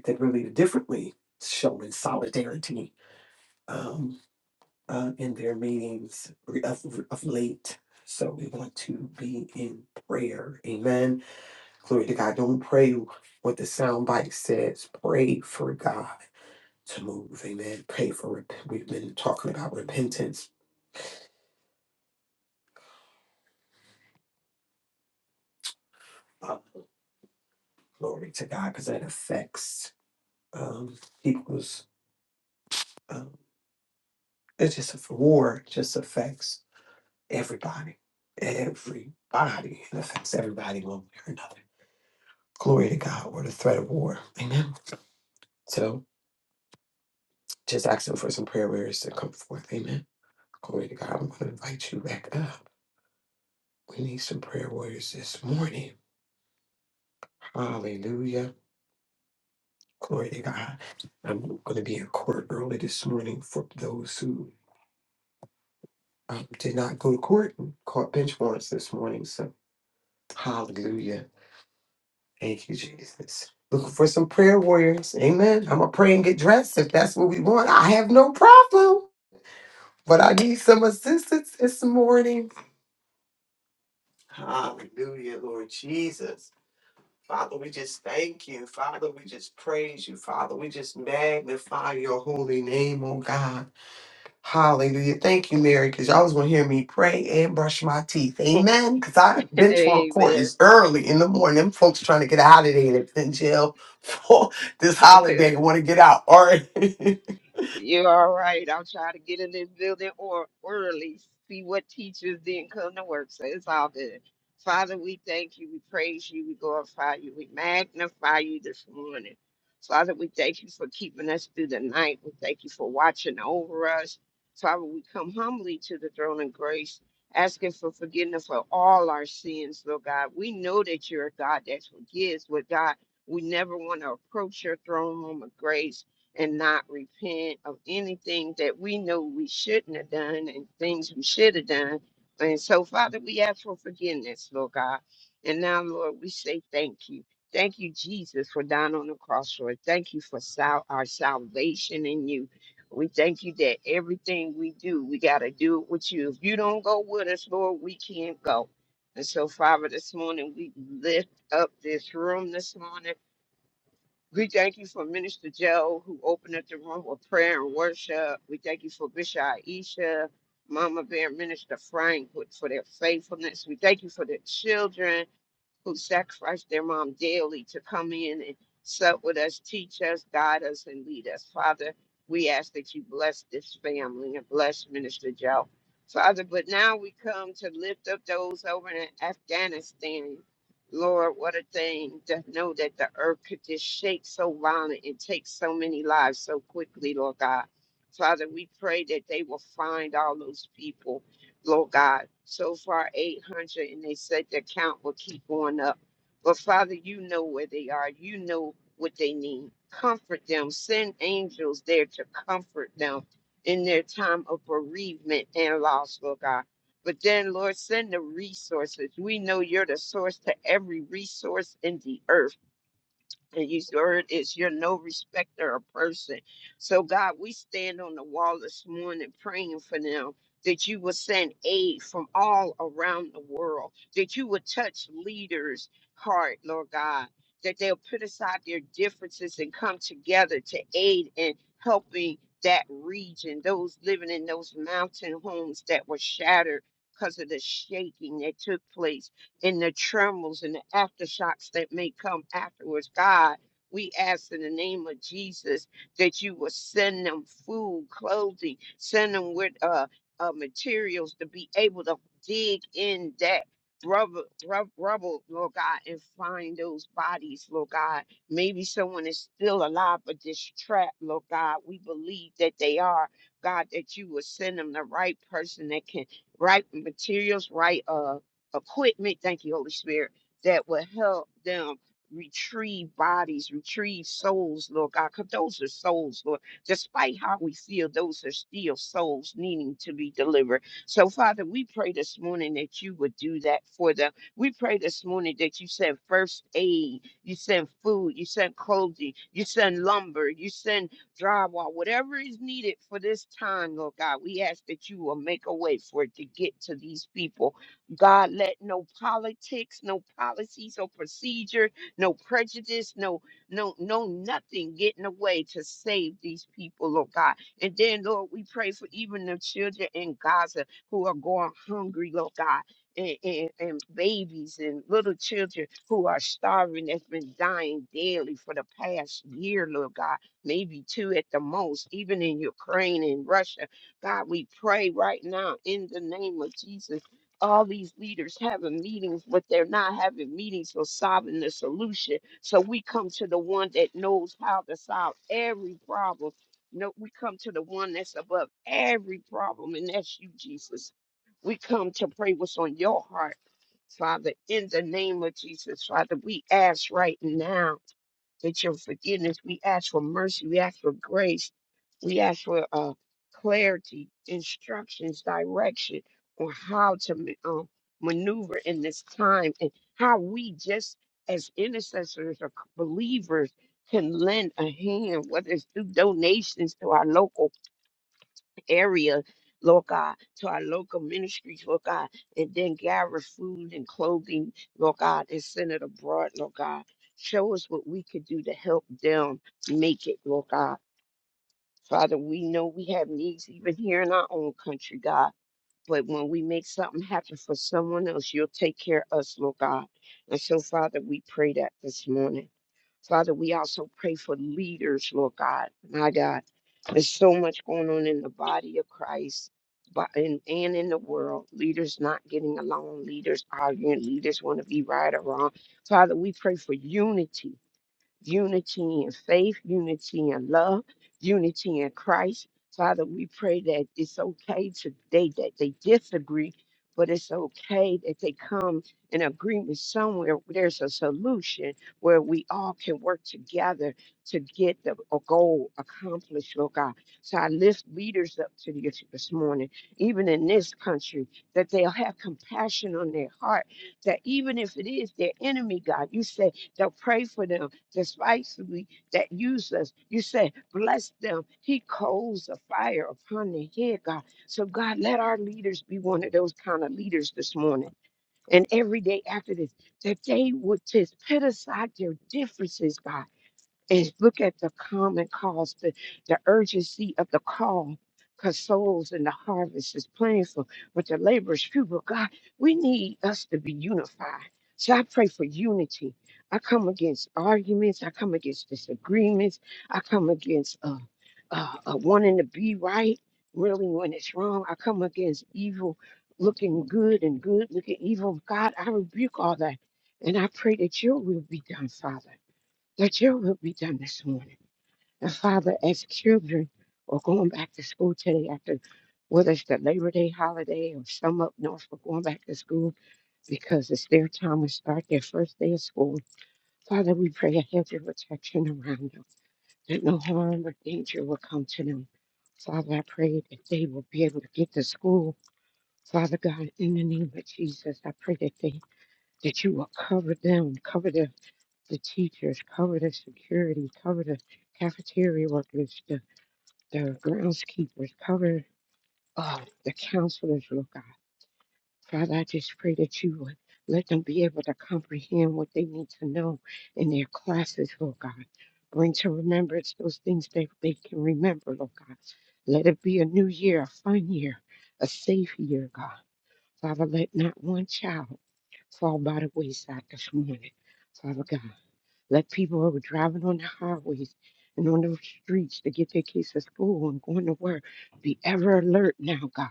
S2: that really differently showing solidarity. Um, uh, in their meetings of, of late. So we want to be in prayer. Amen. Glory to God. Don't pray what the soundbite says. Pray for God to move. Amen. Pray for rep- we've been talking about repentance. Uh, glory to God, because that affects um, people's. Um, it's just a war. Just affects everybody. Everybody. It affects everybody one way or another. Glory to God. We're the threat of war. Amen. So Just asking for some prayer warriors to come forth. Amen. Glory to God. I'm going to invite you back up. We need some prayer warriors this morning. Hallelujah. Glory to God. I'm going to be in court early this morning for those who um, did not go to court and caught bench warrants this morning. So, hallelujah. Thank you, Jesus. Looking for some prayer warriors. Amen. I'm going to pray and get dressed if that's what we want. I have no problem, but I need some assistance this morning. Hallelujah, Lord Jesus. Father, we just thank you. Father, we just praise you. Father, we just magnify your holy name, oh God. Hallelujah. Thank you, Mary, because y'all was going to hear me pray and brush my teeth. Amen. Because I've been to a court.
S3: Amen.
S2: It's early in the morning. Them folks trying to get out of there. They've been in jail for this holiday. want to get out. All right. Good
S3: You're all right. I'll try to get in this building or early, see what teachers didn't come to work. So it's all good. Father, we thank you. We praise you. We glorify you. We magnify you this morning. Father, we thank you for keeping us through the night. We thank you for watching over us. Father, we come humbly to the throne of grace, asking for forgiveness for all our sins, Lord God. We know that you're a God that forgives, but God, we never want to approach your throne room of grace and not repent of anything that we know we shouldn't have done and things we should have done. And so, Father, we ask for forgiveness, Lord God. And now, Lord, we say thank you. Thank you, Jesus, for dying on the cross for us. Thank you for sal- our salvation in you. We thank you that everything we do, we got to do it with you. If you don't go with us, Lord, we can't go. And so, Father, this morning we lift up this room this morning. We thank you for Minister Joe, who opened up the room with prayer and worship. We thank you for Bishop Aisha, Mama Bear, Minister Frank, with- for their faithfulness. We thank you for the children who sacrificed their mom daily to come in and sup with us, teach us, guide us, and lead us. Father, we ask that you bless this family and bless Minister Joe. Father, but now we come to lift up those over in Afghanistan. Lord, what a thing to know that the earth could just shake so violent and take so many lives so quickly, Lord God. Father, we pray that they will find all those people Lord God. So far, 800, and they said the count will keep going up. But Father, you know where they are. You know what they need. Comfort them. Send angels there to comfort them in their time of bereavement and loss, Lord God. But then, Lord, send the resources. We know you're the source to every resource in the earth. And you word is you're no respecter of person. So God, we stand on the wall this morning praying for them that you will send aid from all around the world, that you will touch leaders' heart, Lord God, that they'll put aside their differences and come together to aid in helping that region, those living in those mountain homes that were shattered because of the shaking that took place and the trembles and the aftershocks that may come afterwards. God, we ask in the name of Jesus that you will send them food, clothing, send them with uh, uh materials to be able to dig in that rubble, rub, rubble, Lord God, and find those bodies, Lord God. Maybe someone is still alive, but just trapped, Lord God. We believe that they are, God, that you will send them the right person that can, right materials, right, uh, equipment, thank you, Holy Spirit, that will help them retrieve bodies, retrieve souls, Lord God, because those are souls, Lord. Despite how we feel, those are still souls needing to be delivered. So, Father, we pray this morning that you would do that for them. We pray this morning that you send first aid, you send food, you send clothing, you send lumber, you send drywall, whatever is needed for this time, Lord God. We ask that you will make a way for it to get to these people God, let no politics, no policies, no procedure, no prejudice, no, no, no, nothing get in the way to save these people, Lord God. And then, Lord, we pray for even the children in Gaza who are going hungry, Lord God. And, and, and babies and little children who are starving that's been dying daily for the past year, Lord God, maybe two at the most, even in Ukraine and Russia. God, we pray right now in the name of Jesus all these leaders having meetings, but they're not having meetings for solving the solution. So we come to the one that knows how to solve every problem. No, we come to the one that's above every problem, and that's you, Jesus. We come to pray what's on your heart, Father, in the name of Jesus, Father. We ask right now with your forgiveness. We ask for mercy. We ask for grace. We ask for uh, clarity, instructions, direction on how to ma- um, maneuver in this time and how we, just as intercessors or believers, can lend a hand, whether it's through donations to our local area, Lord God, to our local ministries, Lord God, and then gather food and clothing, Lord God, and send it abroad, Lord God. Show us what we could do to help them make it, Lord God. Father, we know we have needs even here in our own country, God. But when we make something happen for someone else, you'll take care of us, Lord God. And so, Father, we pray that this morning. Father, we also pray for leaders, Lord God. My God, there's so much going on in the body of Christ but and, and in the world. Leaders not getting along, leaders arguing, leaders want to be right or wrong. Father, we pray for unity unity in faith, unity in love, unity in Christ. Father, we pray that it's okay today that they disagree, but it's okay that they come in agreement somewhere where there's a solution where we all can work together to get the a goal accomplished, Lord God. So I lift leaders up to you this morning, even in this country, that they'll have compassion on their heart, that even if it is their enemy, God, you say, they'll pray for them despisefully that use us. You said, bless them. He coals a fire upon their head, God. So, God, let our leaders be one of those kind of leaders this morning and every day after this, that they would just put aside their differences, God, and look at the common cause, the, the urgency of the call, because souls and the harvest is plentiful, but the labor is few. But God, we need us to be unified. So I pray for unity. I come against arguments. I come against disagreements. I come against uh, uh, uh, wanting to be right, really, when it's wrong. I come against evil looking good and good looking evil. God, I rebuke all that. And I pray that your will be done, Father that your will be done this morning. And Father, as children are going back to school today after whether it's the Labor Day holiday or some up north are going back to school because it's their time to start their first day of school. Father, we pray a hedge of protection around them, that no harm or danger will come to them. Father, I pray that they will be able to get to school. Father God, in the name of Jesus, I pray that they that you will cover them, cover them the teachers, cover the security, cover the cafeteria workers, the, the groundskeepers, cover uh, the counselors, Lord God. Father, I just pray that you would let them be able to comprehend what they need to know in their classes, Lord God. Bring to remembrance those things that they can remember, Lord God. Let it be a new year, a fun year, a safe year, God. Father, let not one child fall by the wayside this morning, Father God. Let people who are driving on the highways and on the streets to get their kids to school and going to work be ever alert now, God,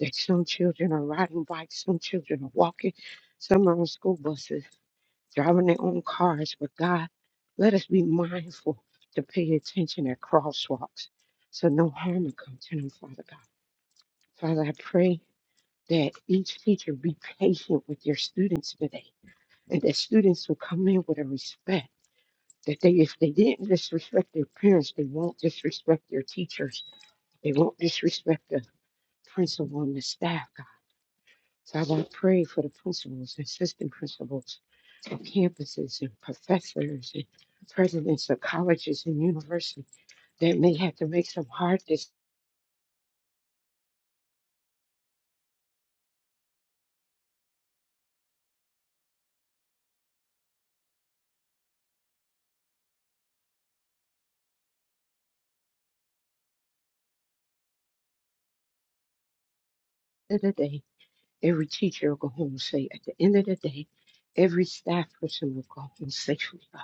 S3: that some children are riding bikes, some children are walking, some are on school buses, driving their own cars. But God, let us be mindful to pay attention at crosswalks so no harm will come to them, Father God. Father, I pray that each teacher be patient with your students today and that students will come in with a respect that they if they didn't disrespect their parents, they won't disrespect their teachers. They won't disrespect the principal and the staff, God. So I want to pray for the principals, assistant principals of campuses and professors and presidents of colleges and universities that may have to make some hard decisions. At the end of the day, every teacher will go home safe. At the end of the day, every staff person will go home safely. God.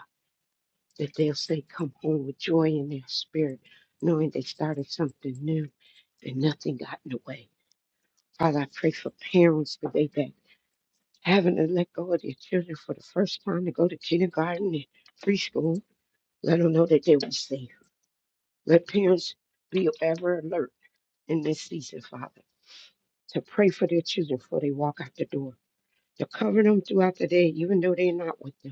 S3: that they'll say, Come home with joy in their spirit, knowing they started something new and nothing got in the way. Father, I pray for parents today that having to let go of their children for the first time to go to kindergarten and preschool, let them know that they were safe. Let parents be ever alert in this season, Father, to pray for their children before they walk out the door, to cover them throughout the day, even though they're not with them.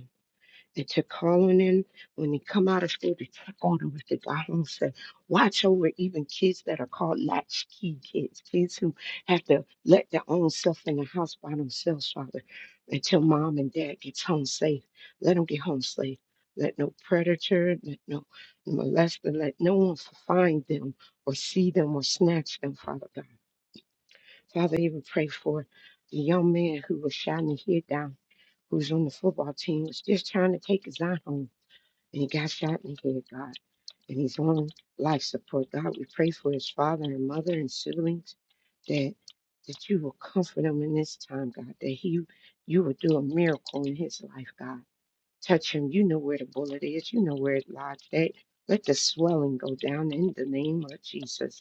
S3: that you're calling in when they come out of school to check on them if they got home safe. Watch over even kids that are called latchkey kids, kids who have to let their own self in the house by themselves, Father, until mom and dad gets home safe. Let them get home safe. Let no predator, let no molester, let no one find them or see them or snatch them, Father God. Father, even pray for the young man who was shouting his head down, who's on the football team, was just trying to take his eye home. And he got shot in the head, God. And he's on life support. God, we pray for his father and mother and siblings that that you will comfort him in this time, God, that he you will do a miracle in his life, God. Touch him. You know where the bullet is, you know where it lodged at. Let the swelling go down in the name of Jesus.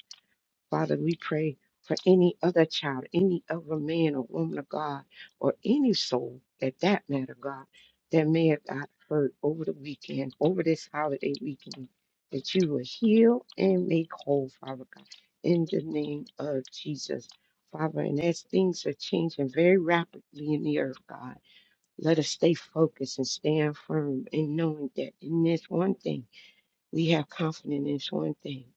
S3: Father, we pray for any other child, any other man or woman of God, or any soul at that matter, God, that may have got hurt over the weekend, over this holiday weekend, that you will heal and make whole, Father God, in the name of Jesus. Father, and as things are changing very rapidly in the earth, God, let us stay focused and stand firm in knowing that in this one thing, we have confidence in this one thing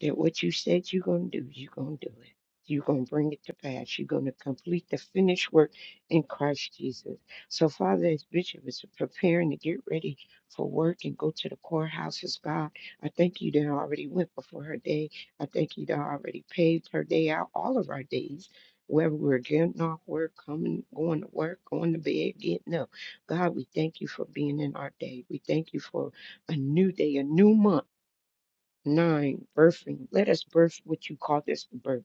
S3: that what you said you're going to do, you're going to do it. You're going to bring it to pass. You're going to complete the finished work in Christ Jesus. So, Father, as Bishop is preparing to get ready for work and go to the courthouses, God, I thank you that I already went before her day. I thank you that I already paved her day out, all of our days, whether we're getting off work, coming, going to work, going to bed, getting up. God, we thank you for being in our day. We thank you for a new day, a new month. 9 birthing let us birth what you called us to birth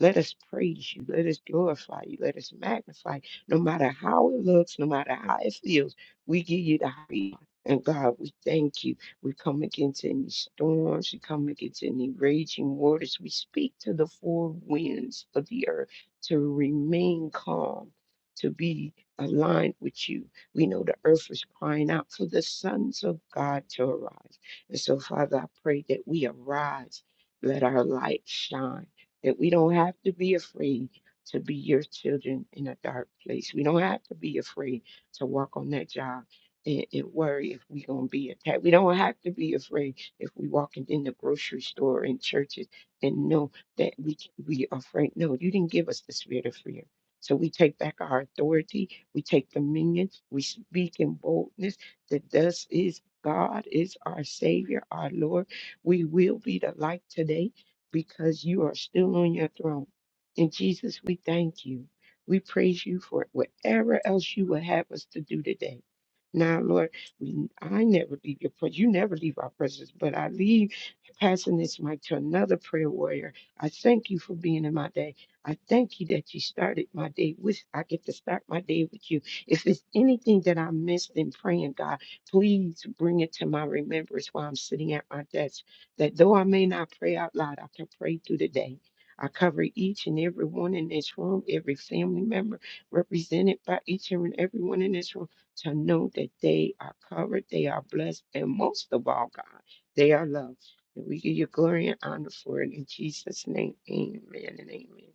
S3: let us praise you let us glorify you let us magnify you. no matter how it looks no matter how it feels we give you the high and God, we thank you. We come against any storms. We come against any raging waters. We speak to the four winds of the earth to remain calm, to be aligned with you. We know the earth is crying out for the sons of God to arise. And so, Father, I pray that we arise, let our light shine, that we don't have to be afraid to be your children in a dark place. We don't have to be afraid to walk on that job and, and worry if we're going to be attacked. We don't have to be afraid if we walk in in the grocery store and churches and know that we we are afraid. No, you didn't give us the spirit of fear. So we take back our authority, we take dominion, we speak in boldness that thus is. God is our Savior, our Lord. We will be the light today because you are still on your throne. And Jesus, we thank you. We praise you for whatever else you would have us to do today. Now, Lord, we, I never leave your presence. You never leave our presence, but I leave passing this mic to another prayer warrior. I thank you for being in my day. I thank you that you started my day with. I get to start my day with you. If it's anything that I missed in praying, God, Please bring it to my remembrance while I'm sitting at my desk that though I may not pray out loud, I can pray through the day. I cover each and every one in this room, every family member represented by each and everyone in this room to know that they are covered, they are blessed, and most of all, God, they are loved. And we give you glory and honor for it in Jesus' name. Amen and amen.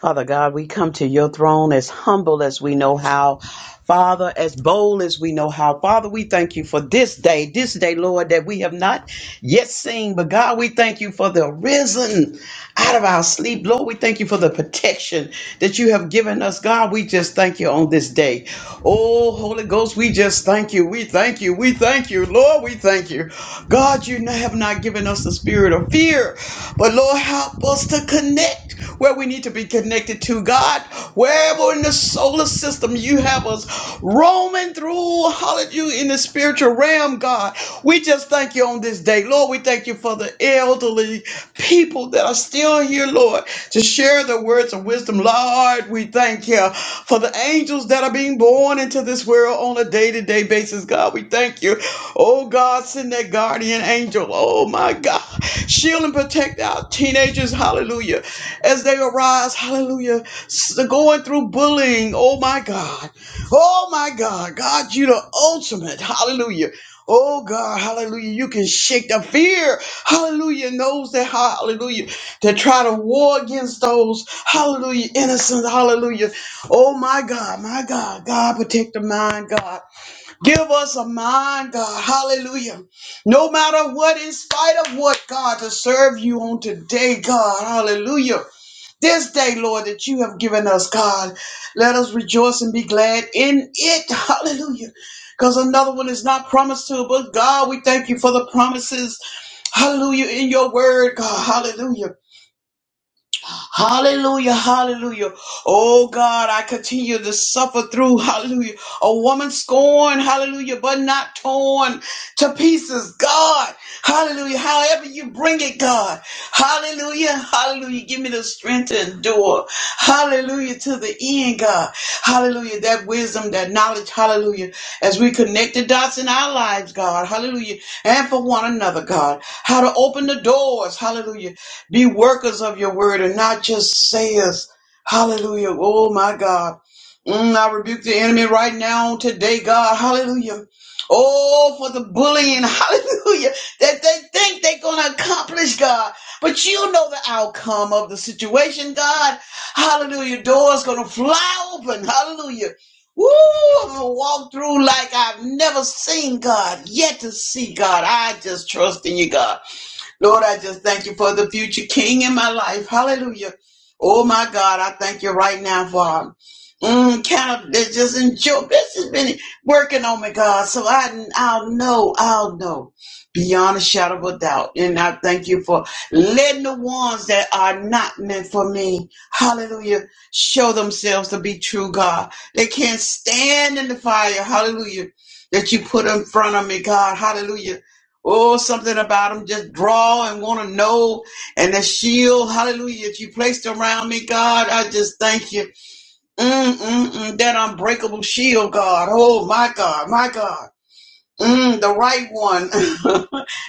S4: Father God, we come to your throne as humble as we know how. Father, as bold as we know how. Father, we thank you for this day, this day, Lord, that we have not yet seen. But God, we thank you for the risen out of our sleep. Lord, we thank you for the protection that you have given us. God, we just thank you on this day. Oh, Holy Ghost, we just thank you. We thank you. We thank you. Lord, we thank you. God, you have not given us the spirit of fear, but Lord, help us to connect where we need to be connected to God, wherever in the solar system you have us roaming through, hallelujah, in the spiritual realm, God. We just thank you on this day, Lord. We thank you for the elderly people that are still here, Lord, to share the words of wisdom. Lord, we thank you for the angels that are being born into this world on a day to day basis, God. We thank you Oh God, send that guardian angel. Oh my God. Shield and protect our teenagers, hallelujah, as they arise, hallelujah, S- going through bullying. Oh my God. Oh my God. God, you the ultimate, hallelujah. Oh God, hallelujah. You can shake the fear, hallelujah, Knows that, hallelujah, To try to war against those, hallelujah, innocent, hallelujah. Oh my God, my God. God, protect the mind, God. Give us a mind, God. Hallelujah. No matter what, in spite of what, God, to serve you on today, God. Hallelujah. This day, Lord, that you have given us, God. Let us rejoice and be glad in it. Hallelujah. Because another one is not promised to us. But God, we thank you for the promises. Hallelujah. In your word, God. Hallelujah. Hallelujah. Hallelujah. Oh God, I continue to suffer through, hallelujah, a woman scorned, hallelujah, but not torn to pieces. God, hallelujah, however you bring it, God, hallelujah, hallelujah, give me the strength to endure, hallelujah, to the end, God, hallelujah, that wisdom, that knowledge, hallelujah, as we connect the dots in our lives, God, hallelujah, and for one another, God, how to open the doors, hallelujah, be workers of your word and not just sayers, Hallelujah. Oh my God. Mm, I rebuke the enemy right now today, God. Hallelujah. Oh, for the bullying, hallelujah, that they think they're going to accomplish, God. But you know the outcome of the situation, God. Hallelujah. Doors going to fly open. Hallelujah. Woo! I'm gonna walk through like I've never seen God, yet to see God. I just trust in you, God. Lord, I just thank you for the future king in my life. Hallelujah. Oh my God, I thank you right now for um, mm, kind of just enjoy. This has been working on me, God. So I, I'll know, I'll know beyond a shadow of a doubt. And I thank you for letting the ones that are not meant for me, hallelujah, show themselves to be true, God. They can't stand in the fire, hallelujah, that you put in front of me, God, hallelujah. Oh, something about them just draw and want to know. And the shield, hallelujah, that you placed around me, God, I just thank you. Mm, mm, mm, that unbreakable shield, God. Oh, my God, my God. Mm, the right one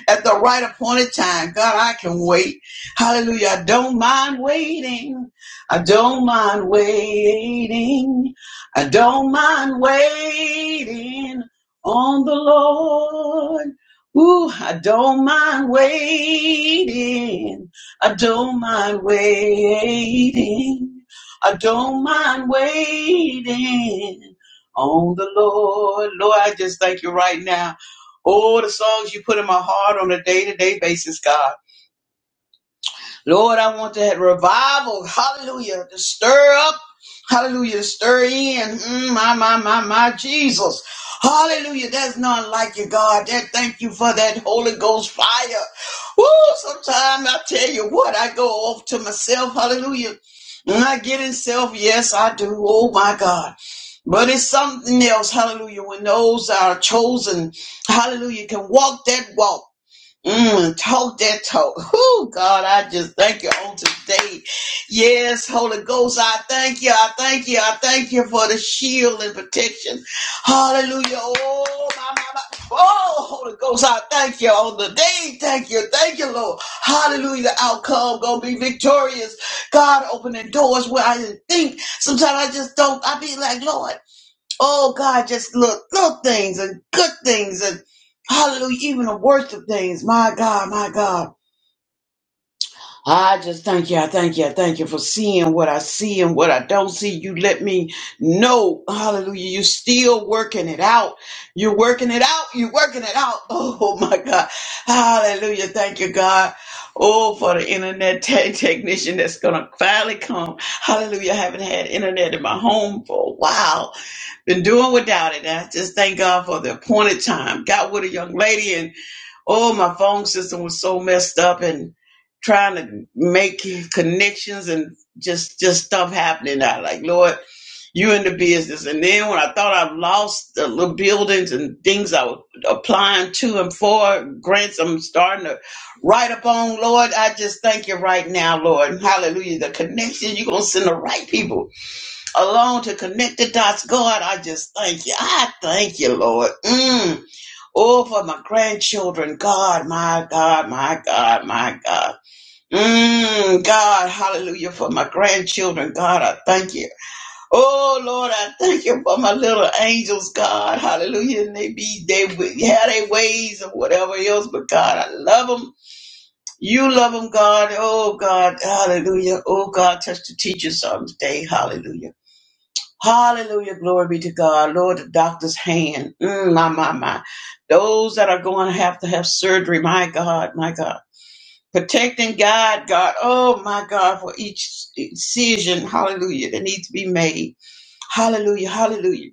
S4: at the right appointed time. God, I can wait. Hallelujah. I don't mind waiting. I don't mind waiting. I don't mind waiting on the Lord. Ooh, I don't mind waiting. I don't mind waiting. I don't mind waiting on the Lord. Lord, I just thank you right now. All the songs you put in my heart on a day to day basis, God. Lord, I want that revival, hallelujah, to stir up, hallelujah, to stir in, Mm, my, my, my, my, Jesus. Hallelujah, there's none like you, God. That, thank you for that Holy Ghost fire. Woo, sometimes I tell you what, I go off to myself, hallelujah. And I get in self, yes, I do. Oh my God. But it's something else, hallelujah, when those that are chosen, hallelujah, can walk that walk. Mm, talk that talk. Oh God, I just thank you on today. Yes, Holy Ghost, I thank you. I thank you. I thank you for the shield and protection. Hallelujah. Oh, my, my, my. Oh, Holy Ghost, I thank you on the day. Thank you. Thank you, Lord. Hallelujah. The outcome gonna be victorious. God opening doors where I didn't think. Sometimes I just don't. I be like, Lord. Oh God, just look, little little things and good things and hallelujah, even the worst of things. My God, my God. I just thank you. I thank you. I thank you for seeing what I see and what I don't see. You let me know. Hallelujah. You still working it out. You're working it out. You're working it out. Oh my God. Hallelujah. Thank you, God. Oh, for the internet tech technician that's going to finally come. Hallelujah. I haven't had internet in my home for a while. Been doing without it. I just thank God for the appointed time. Got with a young lady, and oh, my phone system was so messed up, and trying to make connections and just just stuff happening. I like, Lord, you in the business. And then when I thought I've lost the little buildings and things I was applying to and for grants, I'm starting to write up on. Lord, I just thank you right now, Lord. Hallelujah. The connection you're gonna send the right people alone to connect the dots. God, I just thank you. I thank you, Lord. Mm. Oh, for my grandchildren. God, my God, my God, my God. Mm, God, hallelujah, for my grandchildren. God, I thank you. Oh, Lord, I thank you for my little angels, God. Hallelujah. And they be, they w- had their ways or whatever else, but God, I love them. You love them, God. Oh, God. Hallelujah. Oh, God, touch the teacher's arms day. Hallelujah. Hallelujah. Glory be to God. Lord, the doctor's hand. Mm, my, my, my. Those that are going to have to have surgery. My God, my God. Protecting God, God. Oh, my God, for each decision. Hallelujah. That needs to be made. Hallelujah. Hallelujah.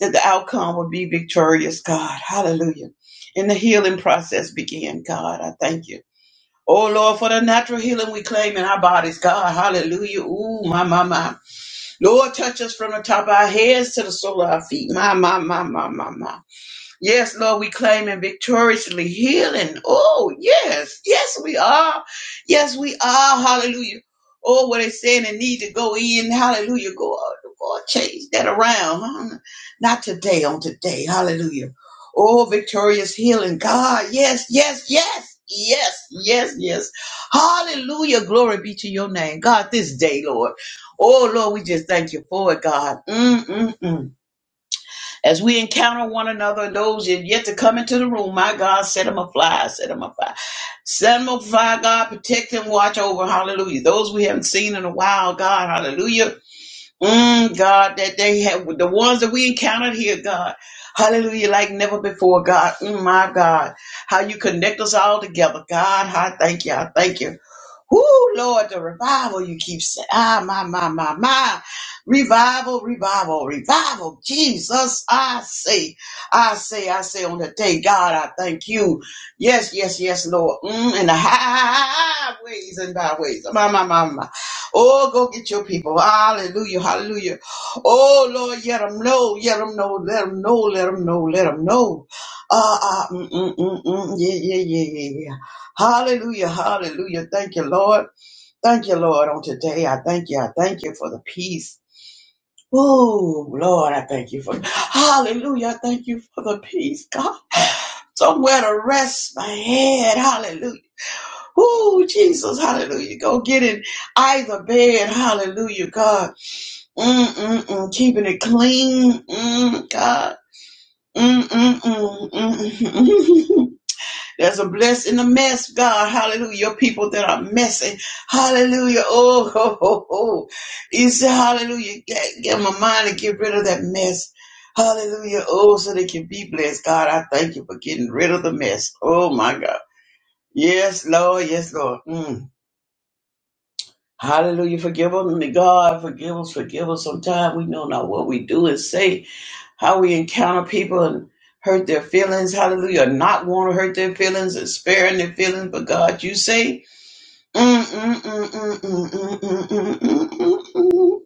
S4: That the outcome will be victorious, God. Hallelujah. And the healing process begin, God. I thank you. Oh, Lord, for the natural healing we claim in our bodies, God. Hallelujah. Ooh, my, my, my. Lord, touch us from the top of our heads to the sole of our feet. My, my, my, my, my, my. Yes, Lord, we claim and victoriously healing. Oh, yes, yes, we are. Yes, we are. Hallelujah. Oh, what it's saying and need to go in. Hallelujah. Go out. Lord, change that around. huh? Not today, on today. Hallelujah. Oh, victorious healing. God, yes, yes, yes. Yes, yes, yes. Hallelujah. Glory be to your name. God, this day, Lord. Oh, Lord, we just thank you for it, God. Mm-mm-mm. As we encounter one another and those that yet to come into the room, my God, set them afly, set them afly. Set them afly, God, protect them, watch over, hallelujah. Those we haven't seen in a while, God, hallelujah. Mm, God, that they have, the ones that we encountered here, God, hallelujah, like never before, God, mm, my God. How you connect us all together, God, I thank you, I thank you. Whoo, Lord, the revival you keep saying. Ah, my, my, my, my. Revival, revival, revival. Jesus, I say, I say, I say on the day, God, I thank you. Yes, yes, yes, Lord. Mm, in the highways and byways. My, my, my, my. Oh, go get your people. Hallelujah, hallelujah. Oh, Lord, let them know, let them know, let them know, let them know, let them know. Uh, uh, mm, mm, mm, mm. Yeah, yeah, yeah, yeah, yeah. Hallelujah. Hallelujah. Thank you, Lord. Thank you, Lord, on today. I thank you. I thank you for the peace. Oh, Lord, I thank you for hallelujah. I thank you for the peace, God. Somewhere to rest my head. Hallelujah. Oh, Jesus. Hallelujah. Go get in either bed. Hallelujah, God. Mm-mm-mm. Keeping it clean. Mm, God. Mm-mm-mm. mm-mm. There's a bless in the mess, God. Hallelujah. Your people that are messing. Hallelujah. Oh, ho, ho, ho. You say, hallelujah. Get, get my mind to get rid of that mess. Hallelujah. Oh, so they can be blessed. God, I thank you for getting rid of the mess. Oh, my God. Yes, Lord. Yes, Lord. Mm. Hallelujah. Forgive us, God. Forgive us. Forgive us. Sometimes we know not what we do and say how we encounter people and hurt their feelings, hallelujah, not want to hurt their feelings and sparing their feelings, but God, you say, mm, mm, mm, mm, mm, mm, mm, mm, mm, mm, mm. mm, mm, mm."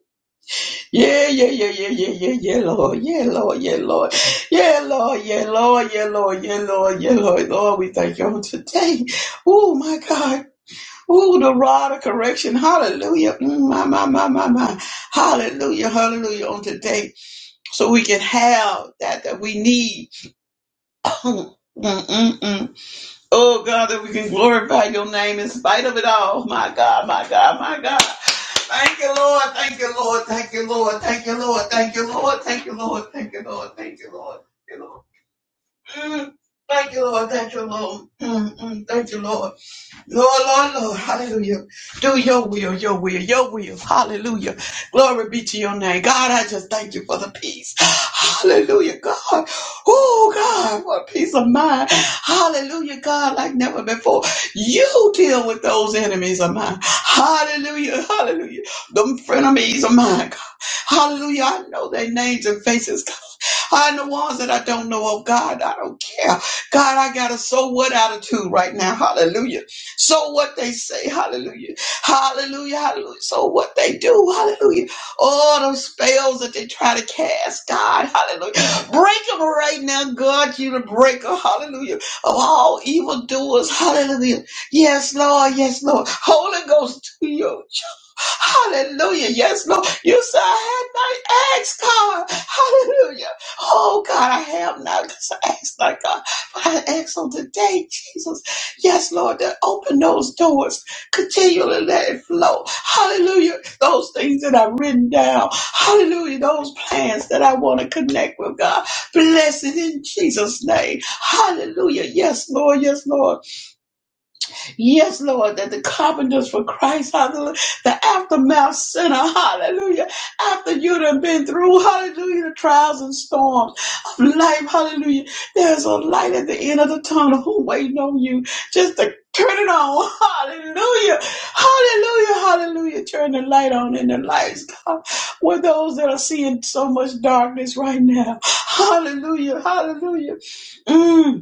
S4: yeah, yeah, yeah, yeah, yeah, yeah, yeah, Lord, yeah, Lord, yeah, Lord, yeah, Lord, yeah, Lord, yeah, Lord, yeah, Lord, yeah, Lord, Lord, we thank you on today. Oh, my God. Oh, the rod of correction. Hallelujah. Mm, my, my, my, my, my. Hallelujah. Hallelujah on today. So we can have that that we need Oh God, that we can glorify your name in spite of it all. My God, my God, my God. Thank you, Lord. Thank you, Lord. Thank you, Lord. Thank you, Lord. Thank you, Lord. Thank you, Lord. Thank you, Lord. Thank you, Lord. Thank you, Lord. Mm. Thank you, Lord. Thank you, Lord. Mm, mm. Thank you, Lord. Lord, Lord, Lord, hallelujah. Do your will, your will, your will, hallelujah. Glory be to your name. God, I just thank you for the peace. Hallelujah, God. Oh, God, what peace of mind. Hallelujah, God, like never before. You deal with those enemies of mine. Hallelujah, hallelujah. Them frenemies of mine, God. Hallelujah, I know their names and faces, God. I know ones that I don't know, oh God, I don't care. God, I got a so what attitude right now. Hallelujah. So what they say, hallelujah, hallelujah, hallelujah. So what they do, hallelujah. All those spells that they try to cast, God, hallelujah. Break them right now, God, you the breaker, hallelujah, of all evildoers, hallelujah. Yes, Lord, yes, Lord. Holy Ghost, do your Hallelujah. Yes, Lord. You said I had not asked, God. Hallelujah. Oh, God, I have not because I asked not, God. But I ask on today, Jesus. Yes, Lord, that open those doors. Continually let it flow. Hallelujah. Those things that I've written down. Hallelujah. Those plans that I want to connect with, God. Bless it in Jesus' name. Hallelujah. Yes, Lord. Yes, Lord. Yes, Lord, that the carpenters for Christ, hallelujah, the aftermath center, hallelujah, after you done been through, hallelujah, the trials and storms of life, hallelujah, there's a light at the end of the tunnel who waiting on you just to turn it on, hallelujah, hallelujah, hallelujah, turn the light on in the lights, God, with those that are seeing so much darkness right now, hallelujah, hallelujah. Mm.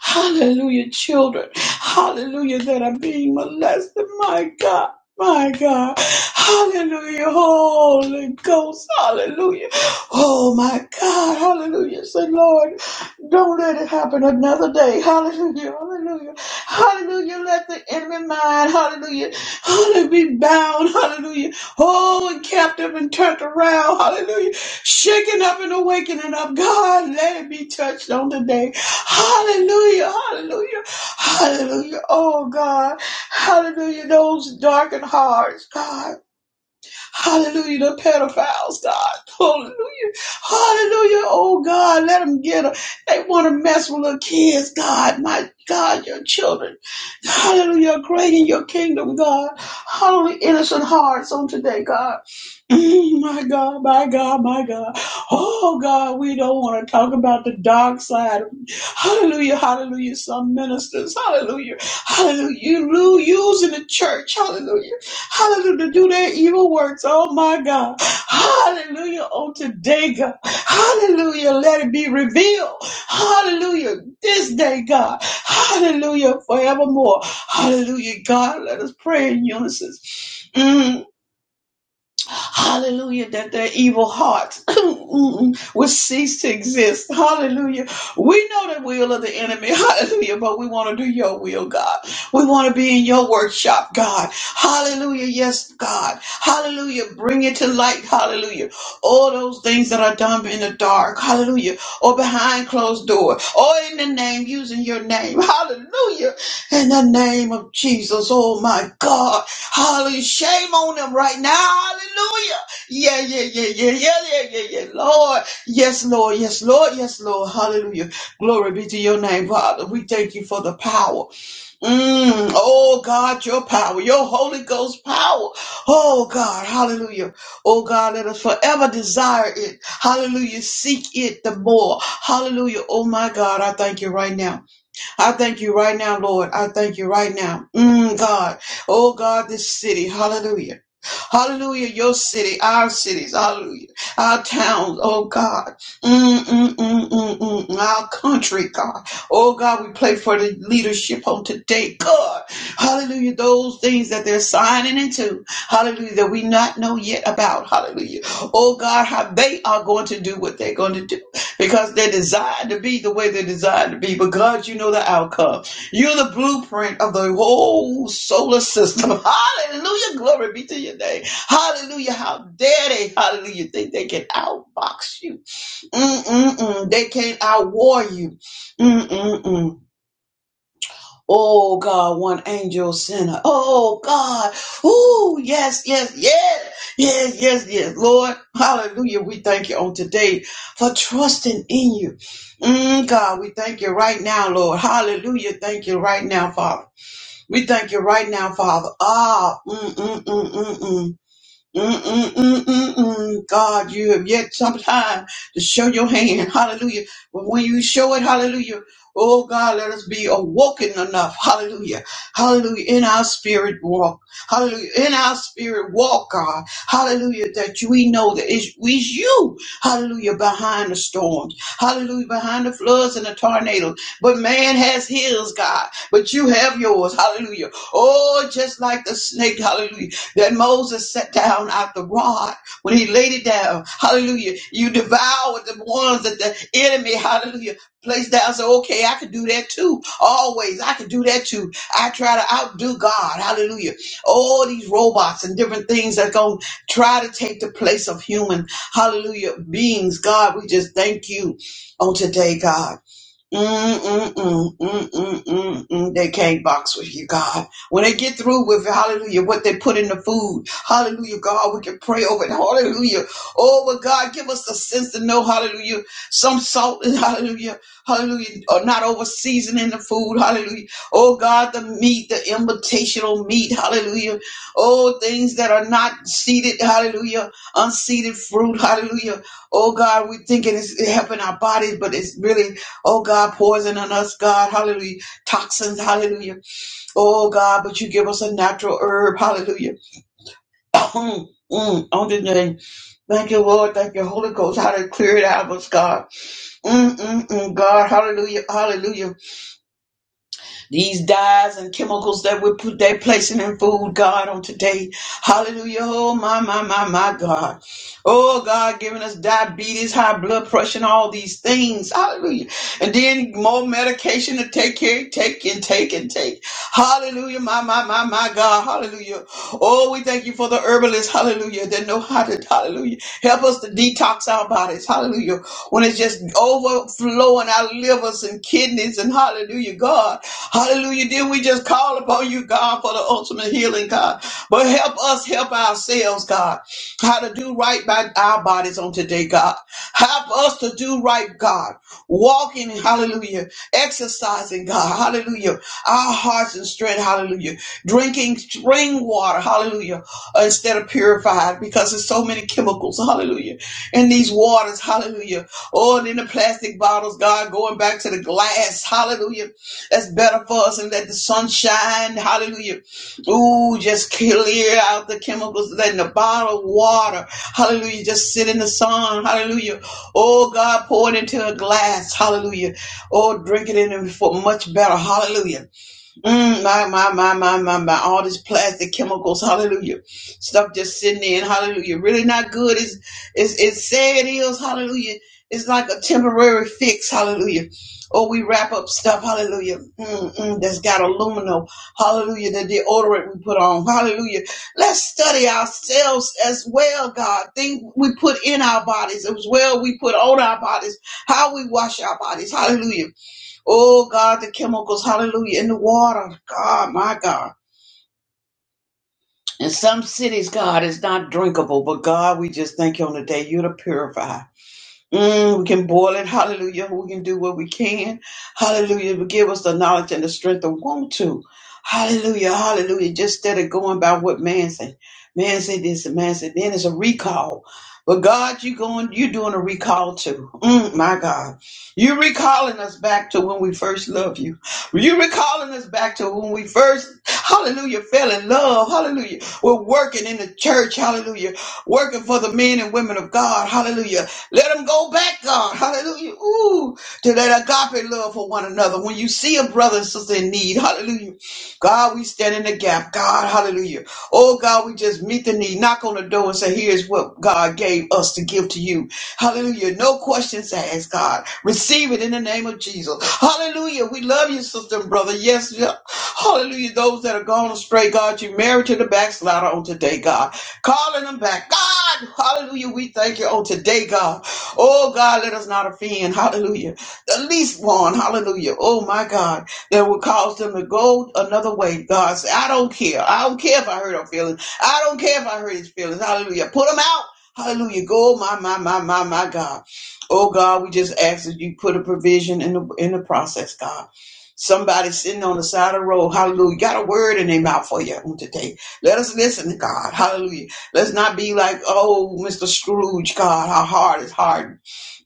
S4: Hallelujah, children. Hallelujah, that are being molested. My God. My God, hallelujah, Holy Ghost, hallelujah. Oh my God, hallelujah. Say, Lord, don't let it happen another day. Hallelujah, hallelujah, hallelujah. Let the enemy mind, hallelujah, hallelujah, be bound, hallelujah. Oh, and captive and turned around, hallelujah shaking up and awakening up. God, let it be touched on today. Hallelujah, hallelujah, hallelujah. Oh God, hallelujah. Those darkened hearts, God. Hallelujah, the pedophiles, God. Hallelujah. Hallelujah. Oh, God, let them get them. They want to mess with little kids, God. My God, your children. Hallelujah. Great in your kingdom, God. Hallelujah. Innocent hearts on today, God. Mm, my God, my God, my God. Oh, God, we don't want to talk about the dark side. Hallelujah. Hallelujah. Some ministers. Hallelujah. Hallelujah. You lo- using the church. Hallelujah Hallelujah. To do their evil works. Oh my God. Hallelujah. On today, God. Hallelujah. Let it be revealed. Hallelujah. This day, God. Hallelujah. Forevermore. Hallelujah. God, let us pray in unison. Mm. Hallelujah, that their evil hearts will cease to exist. Hallelujah. We know the will of the enemy. Hallelujah. But we want to do your will, God. We want to be in your workshop, God. Hallelujah. Yes, God. Hallelujah. Bring it to light. Hallelujah. All those things that are done in the dark. Hallelujah. Or behind closed door. Or in the name, using your name. Hallelujah. In the name of Jesus, oh my God, hallelujah, shame on them right now, hallelujah. Yeah, yeah, yeah, yeah, yeah, yeah, yeah, yeah, Lord. Yes, Lord, yes, Lord, yes, Lord, hallelujah. Glory be to your name, Father. We thank you for the power. Mm, oh God, your power, your Holy Ghost power. Oh God, hallelujah. Oh God, let us forever desire it. Hallelujah. Seek it the more. Hallelujah. Oh my God, I thank you right now. I thank you right now, Lord. I thank you right now. Mm, God. Oh, God, this city. Hallelujah. Hallelujah. Your city, our cities. Hallelujah. Our towns. Oh God. Mm, mm, mm, mm, mm. mm. Our country, God. Oh God, we pray for the leadership on today. God. Hallelujah. Those things that they're signing into. Hallelujah. That we not know yet about. Hallelujah. Oh God, how they are going to do what they're going to do because they're designed to be the way they're designed to be. But God, you know the outcome. You're the blueprint of the whole solar system. Hallelujah. Glory be to your name. Hallelujah. How dare they, hallelujah, think they can outbox you. Mm-mm-mm. They can't outwar you. Mm-mm-mm. Oh, God, one angel sinner. Oh, God. Ooh, yes, yes, yes. Yes, yes, yes. Lord, hallelujah. We thank you on today for trusting in you. Mm, God, we thank you right now, Lord. Hallelujah. Thank you right now, Father. We thank you right now, Father. Ah, mm, mm, mm, mm, mm. Mm-mm-mm-mm-mm. God, you have yet some time to show your hand. Hallelujah. But when you show it, hallelujah. Oh God, let us be awoken enough. Hallelujah. Hallelujah. In our spirit walk. Hallelujah. In our spirit walk, God. Hallelujah. That we know that it's, it's you. Hallelujah. Behind the storms. Hallelujah. Behind the floods and the tornadoes. But man has his, God. But you have yours. Hallelujah. Oh, just like the snake. Hallelujah that Moses set down out the rod. When he laid it down, hallelujah, you devoured the ones that the enemy, hallelujah, placed down. So, okay, I could do that too. Always, I could do that too. I try to outdo God, hallelujah. All these robots and different things that going to try to take the place of human, hallelujah, beings. God, we just thank you on today, God. Mm-mm-mm-mm-mm-mm. They can't box with you, God. When they get through with hallelujah, what they put in the food, hallelujah, God, we can pray over it, hallelujah. Oh, but God, give us the sense to know, hallelujah, some salt, is hallelujah, hallelujah, or not over seasoning the food, hallelujah. Oh, God, the meat, the invitational meat, hallelujah. Oh, things that are not seeded, hallelujah, unseeded fruit, hallelujah. Oh, God, we are thinking it's helping our bodies, but it's really Oh God, poison on us, God, hallelujah. Toxins, hallelujah. Oh God, but you give us a natural herb, hallelujah. Mm, on the name. Thank you, Lord. Thank you, Holy Ghost. How to clear it out of us, God. Mm, mm, mm, God, hallelujah, hallelujah. These dyes and chemicals that we're put, they're placing in food, God, on today. Hallelujah. Oh, my, my, my, my, God. Oh God, giving us diabetes, high blood pressure, and all these things. Hallelujah. And then more medication to take care, take and take and take. Hallelujah. My, my, my, my God. Hallelujah. Oh, we thank you for the herbalists. Hallelujah. That know how to, hallelujah. Help us to detox our bodies. Hallelujah. When it's just overflowing our livers and kidneys and hallelujah, God. Hallelujah. Then we just call upon you, God, for the ultimate healing, God. But help us help ourselves, God how to do right by our bodies on today, God. Help us to do right, God. Walking, hallelujah. Exercising, God, hallelujah. Our hearts and strength, hallelujah. Drinking spring water, hallelujah, instead of purified because there's so many chemicals, hallelujah, in these waters, hallelujah. Oh, and in the plastic bottles, God, going back to the glass, hallelujah. That's better for us and let the sun shine, hallelujah Ooh, just clear out the chemicals, letting the bottled water, hallelujah, just sit in the sun, hallelujah. Oh, God, pour it into a glass, hallelujah. Oh, drink it in it for much better, hallelujah. Mm, my, my, my, my, my, my. All this plastic chemicals, hallelujah. Stuff just sitting in, hallelujah. Really not good. It's, it's, it's sad it is, hallelujah. It's like a temporary fix, hallelujah. Or we wrap up stuff, hallelujah. Mm, mm, that's got aluminum, hallelujah. The deodorant we put on, hallelujah. Let's study ourselves as well, God. Things we put in our bodies as well we put on our bodies, how we wash our bodies, hallelujah Oh God, the chemicals, hallelujah, in the water. God, my God. In some cities, God, is not drinkable, but God, we just thank you on the day you're the purifier. Mm, we can boil it. Hallelujah. We can do what we can. Hallelujah. But give us the knowledge and the strength to want to. Hallelujah. Hallelujah. Just instead of going by what man said. Man said this and man said then it's a recall. But God, you going, you're doing a recall too. Mm, my God. You're recalling us back to when we first loved you. You're recalling us back to when we first, hallelujah, fell in love. Hallelujah. We're working in the church. Hallelujah. Working for the men and women of God. Hallelujah let them go back, God. Hallelujah. Ooh, to that agape love for one another. When you see a brother and sister in need, hallelujah. God, we stand in the gap. God, hallelujah. Oh, God, we just meet the need. Knock on the door and say, here's what God gave us to give to you. Hallelujah. No questions asked, God. Receive it in the name of Jesus. Hallelujah. We love you, sister and brother. Yes, yeah. hallelujah. Those that are gone astray, God, you married to the backslider on today, God. Calling them back. God, hallelujah. We thank you on today, God. Oh God, let us not offend. Hallelujah. The least one. Hallelujah. Oh my God. That will cause them to go another way. God said, I don't care. I don't care if I hurt her feelings. I don't care if I hurt his feelings. Hallelujah. Put them out. Hallelujah. Go, my, my, my, my, my God. Oh God, we just ask that you put a provision in the in the process, God. Somebody sitting on the side of the road, hallelujah, got a word in their mouth for you on today. Let us listen to God. Hallelujah. Let's not be like, oh, Mr. Scrooge, God, our heart is hard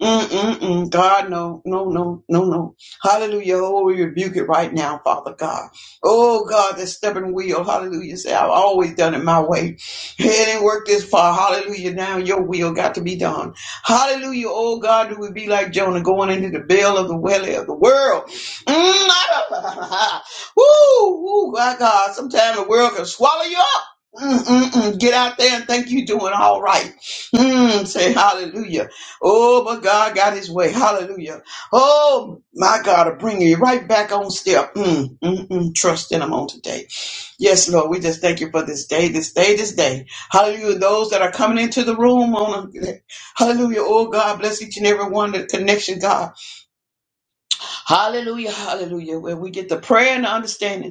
S4: Mm-mm-mm. God, no, no, no, no, no. Hallelujah. Oh, we rebuke it right now, Father God. Oh, God, that stubborn will. Hallelujah. Say, I've always done it my way. It didn't work this far. Hallelujah. Now your will got to be done. Hallelujah. Oh, God, do we be like Jonah going into the belly of the welly of the world? Mm, Woo, woo, my God. Sometimes the world can swallow you up. Mm-mm-mm. Get out there and think you're doing all right. Mm, say hallelujah. Oh, but God got his way. Hallelujah. Oh, my God, to bring you right back on step. Mm, mm, mm, trust in him on today. Yes, Lord, we just thank you for this day, this day, this day. Hallelujah. Those that are coming into the room on a, hallelujah. Oh, God, bless each and every one, the connection, God. Hallelujah. Hallelujah. Where we get the prayer and the understanding.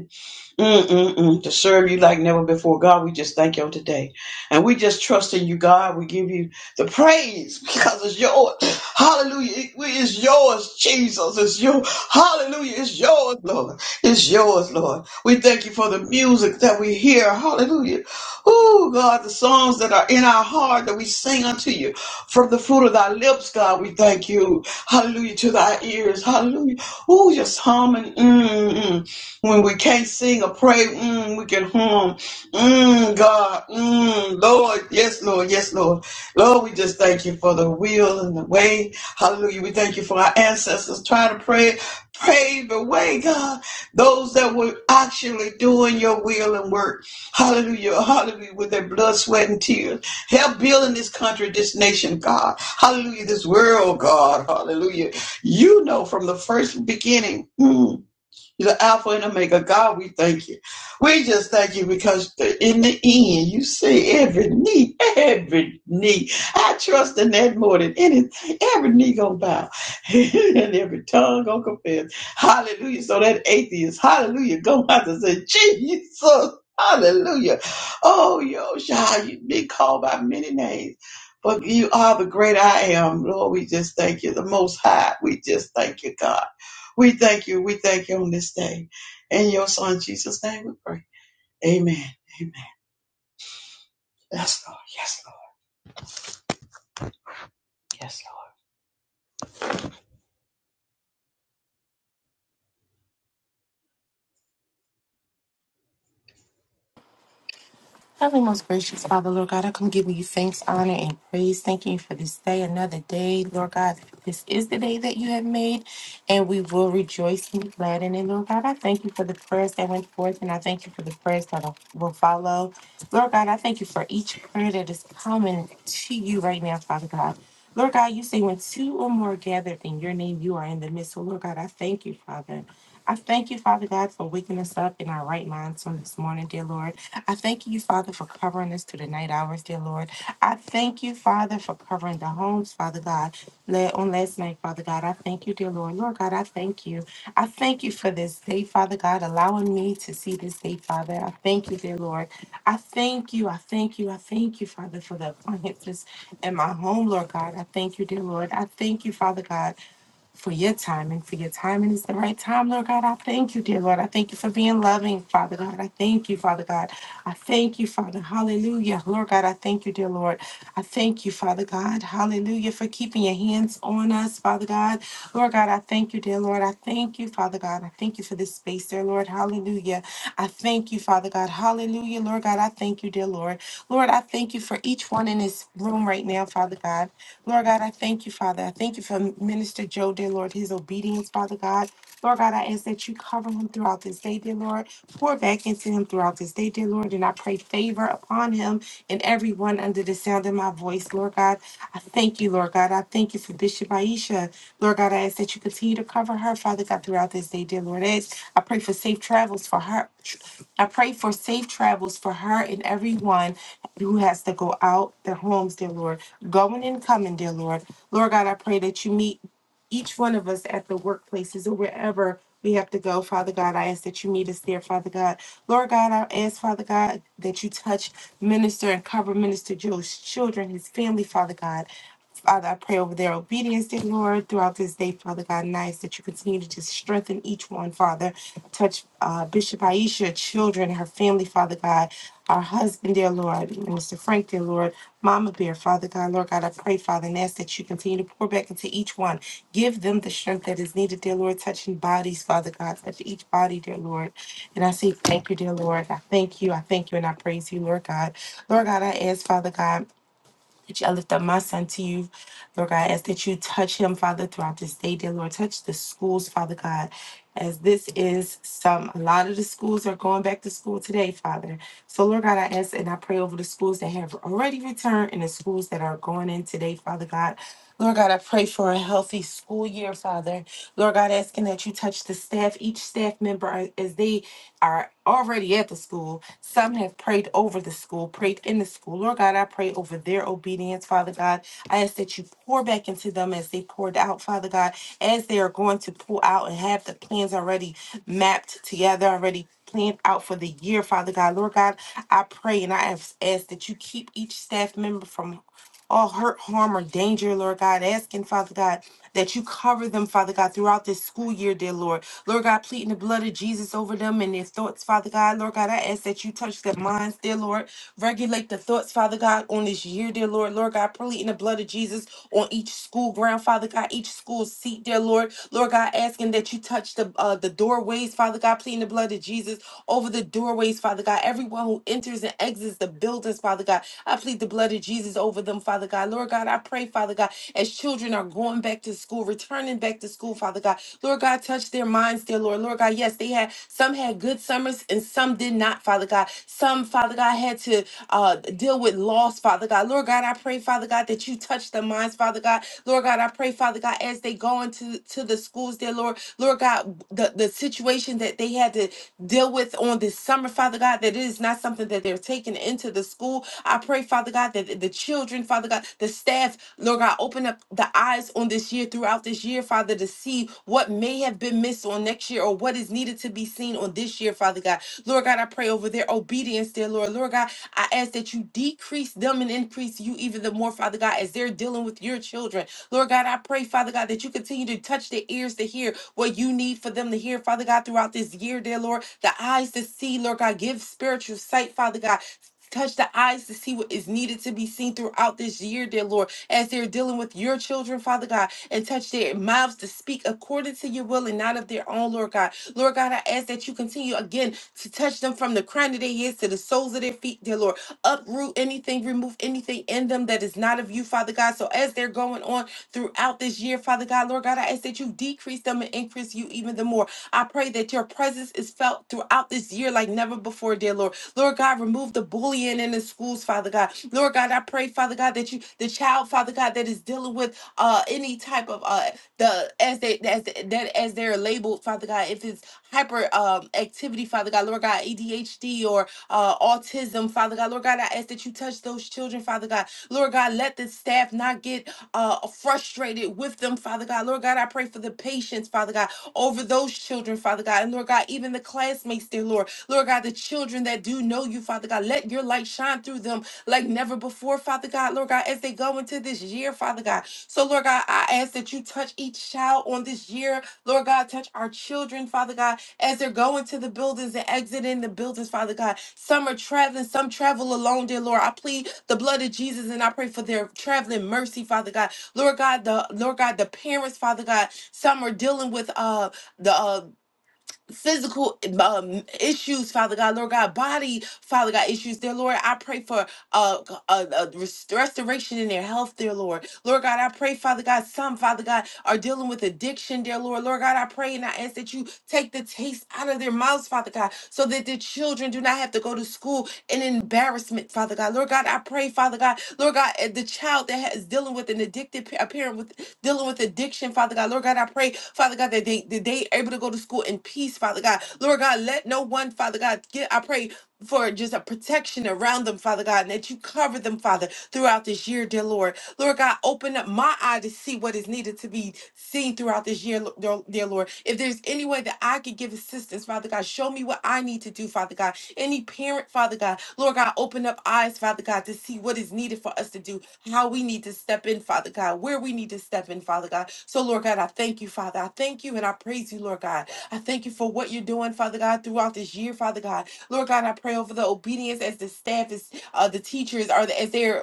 S4: Mm-mm-mm. To serve you like never before. God, we just thank you on today. And we just trust in you, God. We give you the praise because it's yours. Hallelujah. It it is yours, Jesus. It's you. Hallelujah. It's yours, Lord. It's yours, Lord. We thank you for the music that we hear. Hallelujah. Oh, God, the songs that are in our heart that we sing unto you from the fruit of thy lips, God. We thank you. Hallelujah. To thy ears. Hallelujah. Oh, just humming. Mm-mm. When we can't sing or pray, mm, we can hum. Mm, God, mm, Lord, yes, Lord, yes, Lord. Lord, we just thank you for the will and the way. Hallelujah. We thank you for our ancestors trying to pray, pave the way, God. Those that were actually doing your will and work. Hallelujah. Hallelujah. With their blood, sweat, and tears. Help building this country, this nation, God. Hallelujah. This world, God. Hallelujah. You know from the first beginning. mm, you're the Alpha and Omega. God, we thank you. We just thank you because in the end, you see every knee, every knee. I trust in that more than anything. Every knee gonna bow and every tongue gonna confess. Hallelujah. So that atheist, hallelujah, go out and say, Jesus, hallelujah. Oh, yo, child, you've been called by many names. But you are the great I am, Lord. We just thank you, the Most High. We just thank you, God. We thank you. We thank you on this day. In your son Jesus' name we pray. Amen. Amen. Yes, Lord. Yes, Lord. Yes, Lord.
S5: Heavenly, most gracious Father, Lord God, I come giving you thanks, honor, and praise. Thanking you for this day, another day, Lord God. This is the day that you have made, and we will rejoice and be glad in it, Lord God. I thank you for the prayers that went forth, and I thank you for the prayers that will follow. Lord God, I thank you for each prayer that is coming to you right now, Father God. Lord God, you say when two or more are gathered in your name, you are in the midst. So, Lord God, I thank you, Father. I thank you, Father God, for waking us up in our right minds on this morning, dear Lord. I thank you, Father, for covering us to the night hours, dear Lord. I thank you, Father, for covering the homes, Father God. La- On last night, Father God, I thank you, dear Lord. Lord God, I thank you. I thank you for this day, Father God, allowing me to see this day, Father. I thank you, dear Lord. I thank you. I thank you. I thank you, Father, for the appliances in my home, Lord God. I thank you, dear Lord. I thank you, Father God for your timing, for your timing is the right time, Lord God. I thank you, dear Lord. I thank you for being loving, Father God. I thank you, Father God. I thank you, Father. Hallelujah. Lord God, I thank you, dear Lord. I thank you, Father God. Hallelujah, for keeping your hands on us, Father God. Lord God, I thank you, dear Lord. I thank you, Father God. I thank you for this space, dear Lord. Hallelujah. I thank you, Father God. Hallelujah, Lord God. I thank you, dear Lord. Lord, I thank you for each one in this room right now, Father God. Lord God, I thank you, Father. I thank you for Minister Joe, dear Lord, his obedience, Father God. Lord God, I ask that you cover him throughout this day, dear Lord. Pour back into him throughout this day, dear Lord. And I pray favor upon him and everyone under the sound of my voice, Lord God. I thank you, Lord God. I thank you for Bishop Aisha. Lord God, I ask that you continue to cover her, Father God, throughout this day, dear Lord. I, ask- I pray for safe travels for her. I pray for safe travels for her and everyone who has to go out their homes, dear Lord, going and coming, dear Lord. Lord God, I pray that you meet each one of us at the workplaces or wherever we have to go, Father God. I ask that you meet us there, Father God. Lord God, I ask, Father God, that you touch, minister, and cover Minister Joe's children, his family, Father God. Father, I pray over their obedience, dear Lord, throughout this day, Father God, and I ask that you continue to just strengthen each one, Father. Touch uh, Bishop Aisha, children, her family, Father God, our husband, dear Lord, Mr. Frank, dear Lord, Mama Bear, Father God, Lord God, I pray, Father, and ask that you continue to pour back into each one. Give them the strength that is needed, dear Lord, touching bodies, Father God, touch each body, dear Lord. And I say thank you, dear Lord. I thank you, I thank you, and I praise you, Lord God. Lord God, I ask, Father God that you, I lift up my son to you, Lord God. I ask that you touch him, Father, throughout this day, dear Lord. Touch the schools, Father God. As this is some, a lot of the schools are going back to school today, Father. So, Lord God, I ask and I pray over the schools that have already returned and the schools that are going in today, Father God. Lord God, I pray for a healthy school year, Father. Lord God, asking that you touch the staff, each staff member uh, as they are already at the school, some have prayed over the school, prayed in the school. Lord God, I pray over their obedience, Father God. I ask that you pour back into them as they poured out, Father God, as they are going to pull out and have the plans already mapped together, already planned out for the year, Father God. Lord God, I pray and I ask ask that you keep each staff member from all hurt, harm, or danger, Lord God. Asking, Father God, that you cover them, Father God, throughout this school year, dear Lord. Lord God, pleading the blood of Jesus over them and their thoughts, Father God. Lord God, I ask that you touch their minds, dear Lord. Regulate the thoughts, Father God, on this year, dear Lord. Lord God, pleading the blood of Jesus on each school ground, Father God, each school seat, dear Lord. Lord God, asking that you touch the uh, the doorways, Father God, pleading the blood of Jesus over the doorways, Father God. Every everyone who enters and exits the buildings, Father God. I plead the blood of Jesus over them, Father God. Lord God, I pray, Father God, as children are going back to school, returning back to school, Father God. Lord God, touch their minds, dear Lord. Lord God, yes, they had some had good summers and some did not, Father God. Some, Father God, had to uh, deal with loss, Father God. Lord God, I pray, Father God, that you touch their minds, Father God. Lord God, I pray, Father God, as they go into to the schools, dear Lord. Lord God, God, the, the situation that they had to deal with on this summer, Father God, that it is not something that they're taking into the school. I pray, Father God, that the children, Father God, the staff, Lord God, open up the eyes on this year throughout this year, Father, to see what may have been missed on next year or what is needed to be seen on this year, Father God. Lord God, I pray over their obedience, dear Lord. Lord God, I ask that you decrease them and increase you even the more, Father God, as they're dealing with your children children. Lord God, I pray, Father God, that you continue to touch their ears to hear what you need for them to hear, Father God, throughout this year, dear Lord. The eyes to see, Lord God, give spiritual sight, Father God. Touch the eyes to see what is needed to be seen throughout this year, dear Lord, as they're dealing with your children, Father God, and touch their mouths to speak according to your will and not of their own, Lord God. Lord God, I ask that you continue again to touch them from the crown of their heads to the soles of their feet, dear Lord uproot anything, remove anything in them that is not of you, Father God. So as they're going on throughout this year, Father God, Lord God, I ask that you decrease them and increase you even the more. I pray that your presence is felt throughout this year like never before, dear Lord. Lord God, remove the bullying in the schools, Father God. Lord God, I pray, Father God, that you, the child, Father God, that is dealing with uh any type of uh the as they as that as they're labeled, Father God, if it's hyper um activity, Father God, Lord God, ADHD. ADHD or uh, autism, Father God. Lord God, I ask that you touch those children, Father God. Lord God, let the staff not get uh, frustrated with them, Father God. Lord God, I pray for the patience, Father God, over those children, Father God. And Lord God, even the classmates, dear Lord. Lord God, the children that do know you, Father God, let your light shine through them like never before, Father God. Lord God, as they go into this year, Father God. So, Lord God, I ask that you touch each child on this year. Lord God, touch our children, Father God as they're going to the buildings and exiting the buildings, Father God. Some are traveling, some travel alone, dear Lord. I plead the blood of Jesus and I pray for their traveling mercy, Father God. Lord God, the Lord God, the parents, Father God. Some are dealing with uh the uh physical um, issues father god lord god body father god issues dear lord i pray for uh, uh, uh rest- restoration in their health dear lord Lord God, I pray, Father God, some, Father God, are dealing with addiction, dear Lord. Lord God, I pray and I ask that you take the taste out of their mouths, Father God, so that the children do not have to go to school in embarrassment, Father God. Lord God, I pray, Father God, Lord God, eh, the child that has dealing with an addicted pa- a parent with dealing with addiction, Father God. Lord God, I pray, Father God, that they that they able to go to school in peace, Father God. Lord God, let no one, Father God, get I pray for just a protection around them, Father God, and that you cover them, Father, throughout this year, dear Lord. Lord God, open up my eye to see what is needed to be seen throughout this year, Lo- dear dear Lord. If there's any way that I could give assistance, Father God, show me what I need to do, Father God. Any parent, Father God, Lord God, open up eyes, Father God, to see what is needed for us to do, how we need to step in, Father God, where we need to step in, Father God. So, Lord God, I thank you, Father. I thank you and I praise you, Lord God. I thank you for what you're doing, Father God, throughout this year, Father God. Lord God, I pray over the obedience as the staff is, uh, the teachers are, as they're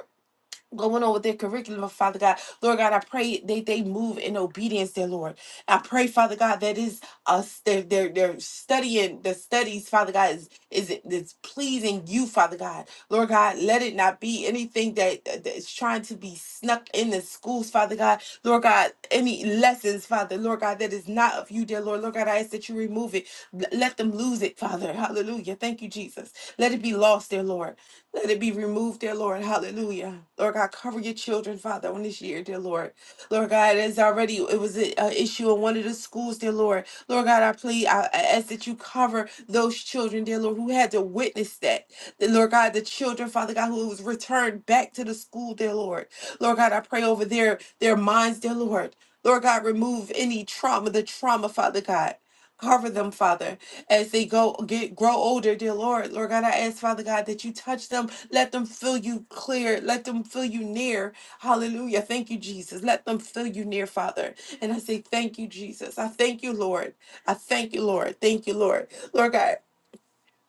S5: going on with their curriculum, Father God. Lord God, I pray that they move in obedience, dear Lord. I pray, Father God, that is us they're they're, they're studying the studies, Father God, is is is pleasing you, Father God. Lord God, let it not be anything that that is trying to be snuck in the schools, Father God. Lord God, any lessons, Father, Lord God, that is not of you, dear Lord. Lord God, I ask that you remove it. L- Let them lose it, Father. Hallelujah. Thank you, Jesus. Let it be lost, dear Lord. Let it be removed, dear Lord. Hallelujah. Lord God, cover your children, Father, on this year, dear Lord. Lord God, it is already, it was an issue in one of the schools, dear Lord. Lord God, I plead, I I ask that you cover those children, dear Lord, who had to witness that. The Lord God, the children, Father God, who was returned back to the school, dear Lord. Lord God, I pray over their, their minds, dear Lord. Lord God, remove any trauma, the trauma, Father God. Cover them, Father as they go get grow older, dear Lord. Lord God, I ask, Father God, that you touch them. Let them feel you clear. Let them feel you near. Hallelujah. Thank you, Jesus. Let them feel you near, Father. And I say, Thank you, Jesus. I thank you, Lord. I thank you, Lord. Thank you, Lord. Lord God.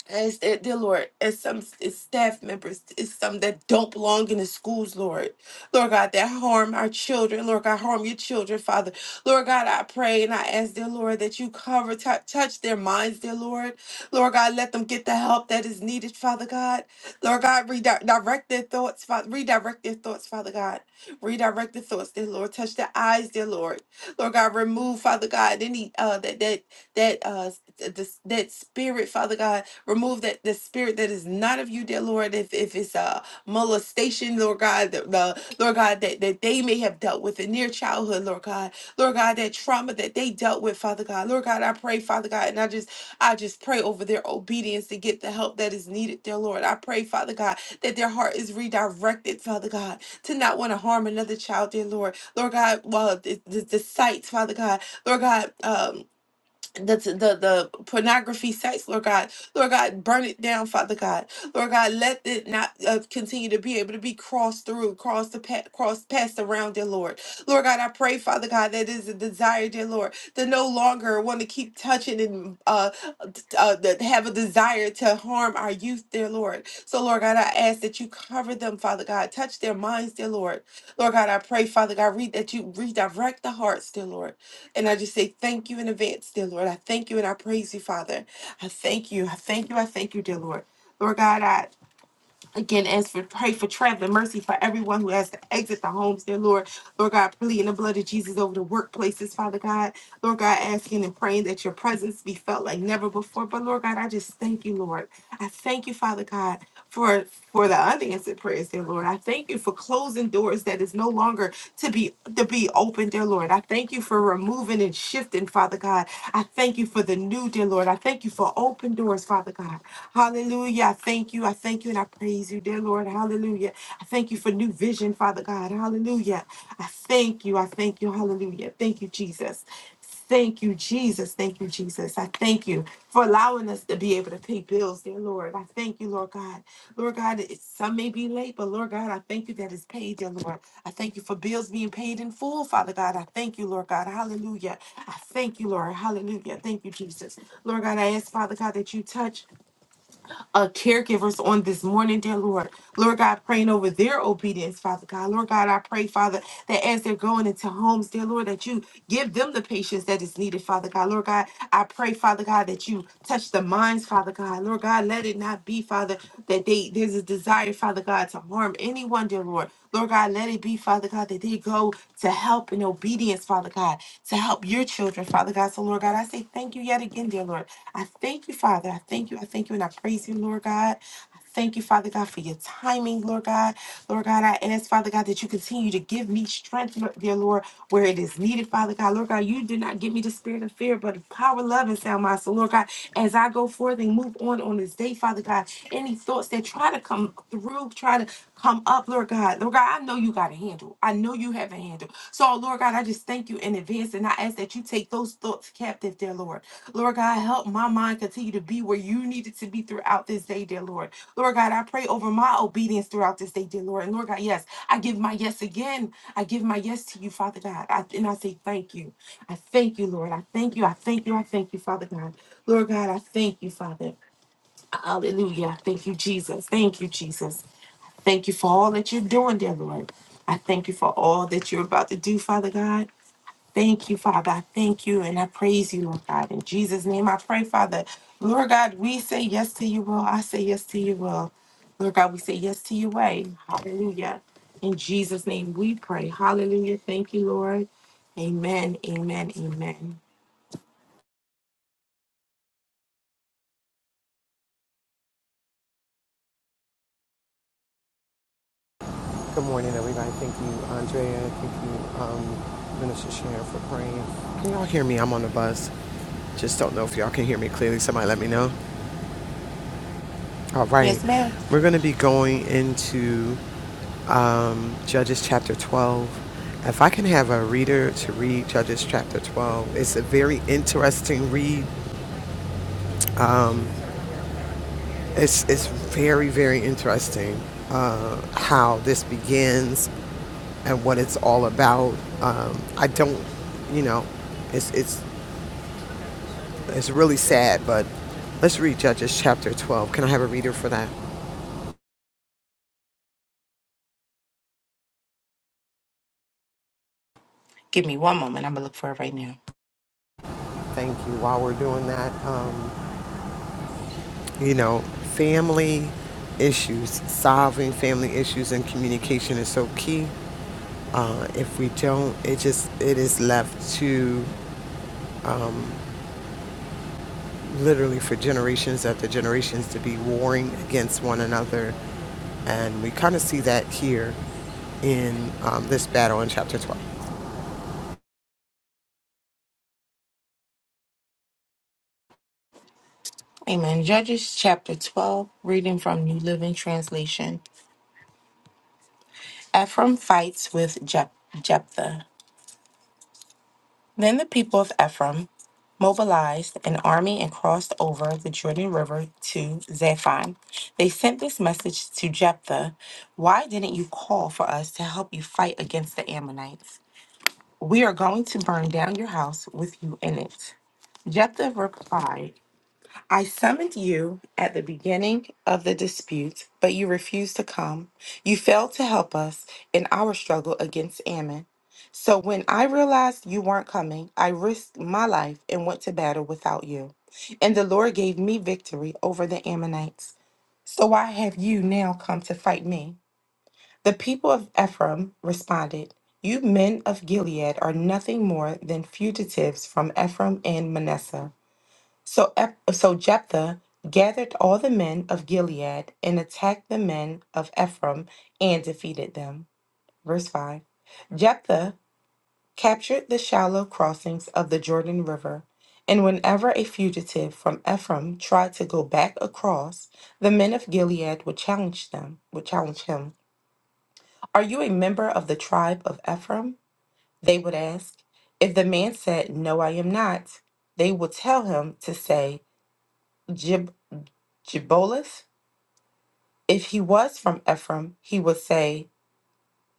S5: And it's, it, dear Lord, and some it's staff members, it's some that don't belong in the schools, Lord. Lord God, that harm our children. Lord God, harm your children, Father. Lord God, I pray and I ask, dear Lord, that you cover, tou- touch their minds, dear Lord. Lord God, let them get the help that is needed, Father God. Lord God, redirect their thoughts, Father. Redirect their thoughts, Father God. Redirect their thoughts, dear Lord. Touch their eyes, dear Lord. Lord God, remove, Father God, any uh that that that uh s- th- this- that spirit, Father God Remove that the spirit that is not of you, dear Lord. If if it's a molestation, Lord God, the, the Lord God that, that they may have dealt with in their childhood, Lord God, Lord God, that trauma that they dealt with, Father God, Lord God, I pray, Father God, and I just I just pray over their obedience to get the help that is needed, dear Lord. I pray, Father God, that their heart is redirected, Father God, to not want to harm another child, dear Lord. Lord God, well, the, the, the sites, Father God, Lord God, um the, the the pornography sites, lord god lord god burn it down father god lord god let it not uh, continue to be able to be crossed through crossed the pa- cross passed around dear lord lord god i pray father god that is a desire dear lord to no longer want to keep touching and uh, uh that have a desire to harm our youth dear lord so lord god i ask that you cover them father god touch their minds dear lord lord god i pray father god read that you redirect the hearts dear lord and I just say thank you in advance, dear Lord. I thank you and I praise you, Father. I thank you. I thank you. I thank you, dear Lord. Lord God, I Again, as for pray for traveling mercy for everyone who has to exit the homes, dear Lord. Lord God, pleading the blood of Jesus over the workplaces, Father God. Lord God, asking and praying that your presence be felt like never before. But Lord God, I just thank you, Lord. I thank you, Father God, for for the unanswered prayers, dear Lord. I thank you for closing doors that is no longer to be to be open, dear Lord. I thank you for removing and shifting, Father God. I thank you for the new, dear Lord. I thank you for open doors, Father God. Hallelujah. I thank you. I thank you and I praise you, dear Lord. Hallelujah. I thank you for new vision, Father God. Hallelujah. I thank you. I thank you. Hallelujah. Thank you, Jesus. Thank you, Jesus. Thank you, Jesus. I thank you for allowing us to be able to pay bills, dear Lord. I thank you, Lord God. Lord God, it- some may be late, but Lord God, I thank you that it's paid, dear Lord. I thank you for bills being paid in full, Father God. I thank you, Lord God. Hallelujah. I thank you, Lord. Hallelujah. Thank you, Jesus. Lord God, I ask, Father God, that you touch uh, caregivers on this morning, dear Lord. Lord God, praying over their obedience, Father God. Lord God, I pray, Father, that as they're going into homes, dear Lord, that you give them the patience that is needed, Father God. Lord God, I pray, Father God, that you touch the minds, Father God. Lord God, let it not be, Father, that they there's a desire, Father God, to harm anyone, dear Lord. Lord God, let it be, Father God, that they go to help in obedience, Father God, to help your children, Father God. So, Lord God, I say thank you yet again, dear Lord. I thank you, Father. I thank you. I thank you and I praise you, Lord God. I Thank you, Father God, for your timing, Lord God. Lord God, I ask, Father God, that you continue to give me strength, Lord- dear Lord, where it is needed, Father God. Lord God, you did not give me the spirit of fear, but of power, love, and sound mind. So, Lord God, as I go forth and move on on this day, Father God, any thoughts that try to come through, try to come up, Lord God. Lord God, I know you got a handle. I know you have a handle. So, Lord God, I just thank you in advance and I ask that you take those thoughts captive, dear Lord. Lord God, help my mind continue to be where you need it to be throughout this day, dear Lord. Lord God, I pray over my obedience throughout this day, dear Lord. And Lord God, yes, I give my yes again. I give my yes to you, Father God. I, and I say thank you. I thank you, Lord. I thank you. I thank you. I thank you, Father God. Lord God, I thank you, Father. Hallelujah. Thank you, Jesus. Thank you, Jesus. Thank you for all that you're doing, dear Lord. I thank you for all that you're about to do, Father God. Thank you, Father. I thank you and I praise you, Lord God. In Jesus' name I pray, Father. Lord God, we say yes to your will. I say yes to your will. Lord God, we say yes to your way. Hallelujah. In Jesus' name we pray. Hallelujah. Thank you, Lord. Amen. Amen. Amen.
S2: morning, everybody. Thank you, Andrea. Thank you, um, Minister Sharon, for praying. Can y'all hear me? I'm on the bus. Just don't know if y'all can hear me clearly. Somebody let me know. All right.
S5: Yes, ma'am.
S2: We're going to be going into um, Judges chapter 12. If I can have a reader to read Judges chapter 12, it's a very interesting read. It's, it's very, very interesting uh, how this begins and what it's all about. Um, I don't, you know, it's, it's, it's really sad, but let's read Judges chapter 12. Can I have a reader for that?
S5: Give me one moment. I'm going to look for it right now.
S2: Thank you. While we're doing that, um, you know, family issues, solving family issues and communication is so key. Uh, if we don't, it just it is left to um, literally for generations after generations to be warring against one another, and we kind of see that here in um, this battle in chapter 12.
S5: Amen. Judges chapter 12, reading from New Living Translation. Ephraim fights with Jep- Jephthah. Then the people of Ephraim mobilized an army and crossed over the Jordan River to Zaphon. They sent this message to Jephthah Why didn't you call for us to help you fight against the Ammonites? We are going to burn down your house with you in it. Jephthah replied, I summoned you at the beginning of the dispute, but you refused to come. You failed to help us in our struggle against Ammon. So when I realized you weren't coming, I risked my life and went to battle without you. And the Lord gave me victory over the Ammonites. So why have you now come to fight me? The people of Ephraim responded, You men of Gilead are nothing more than fugitives from Ephraim and Manasseh. So, Eph- so Jephthah gathered all the men of Gilead and attacked the men of Ephraim and defeated them. Verse 5 captured the shallow crossings of the Jordan River, and whenever a fugitive from Ephraim tried to go back across, the men of Gilead would challenge them, would challenge him. Are you a member of the tribe of Ephraim? They would ask. If the man said, No, I am not, they would tell him to say Jib Jiboleth. If he was from Ephraim, he would say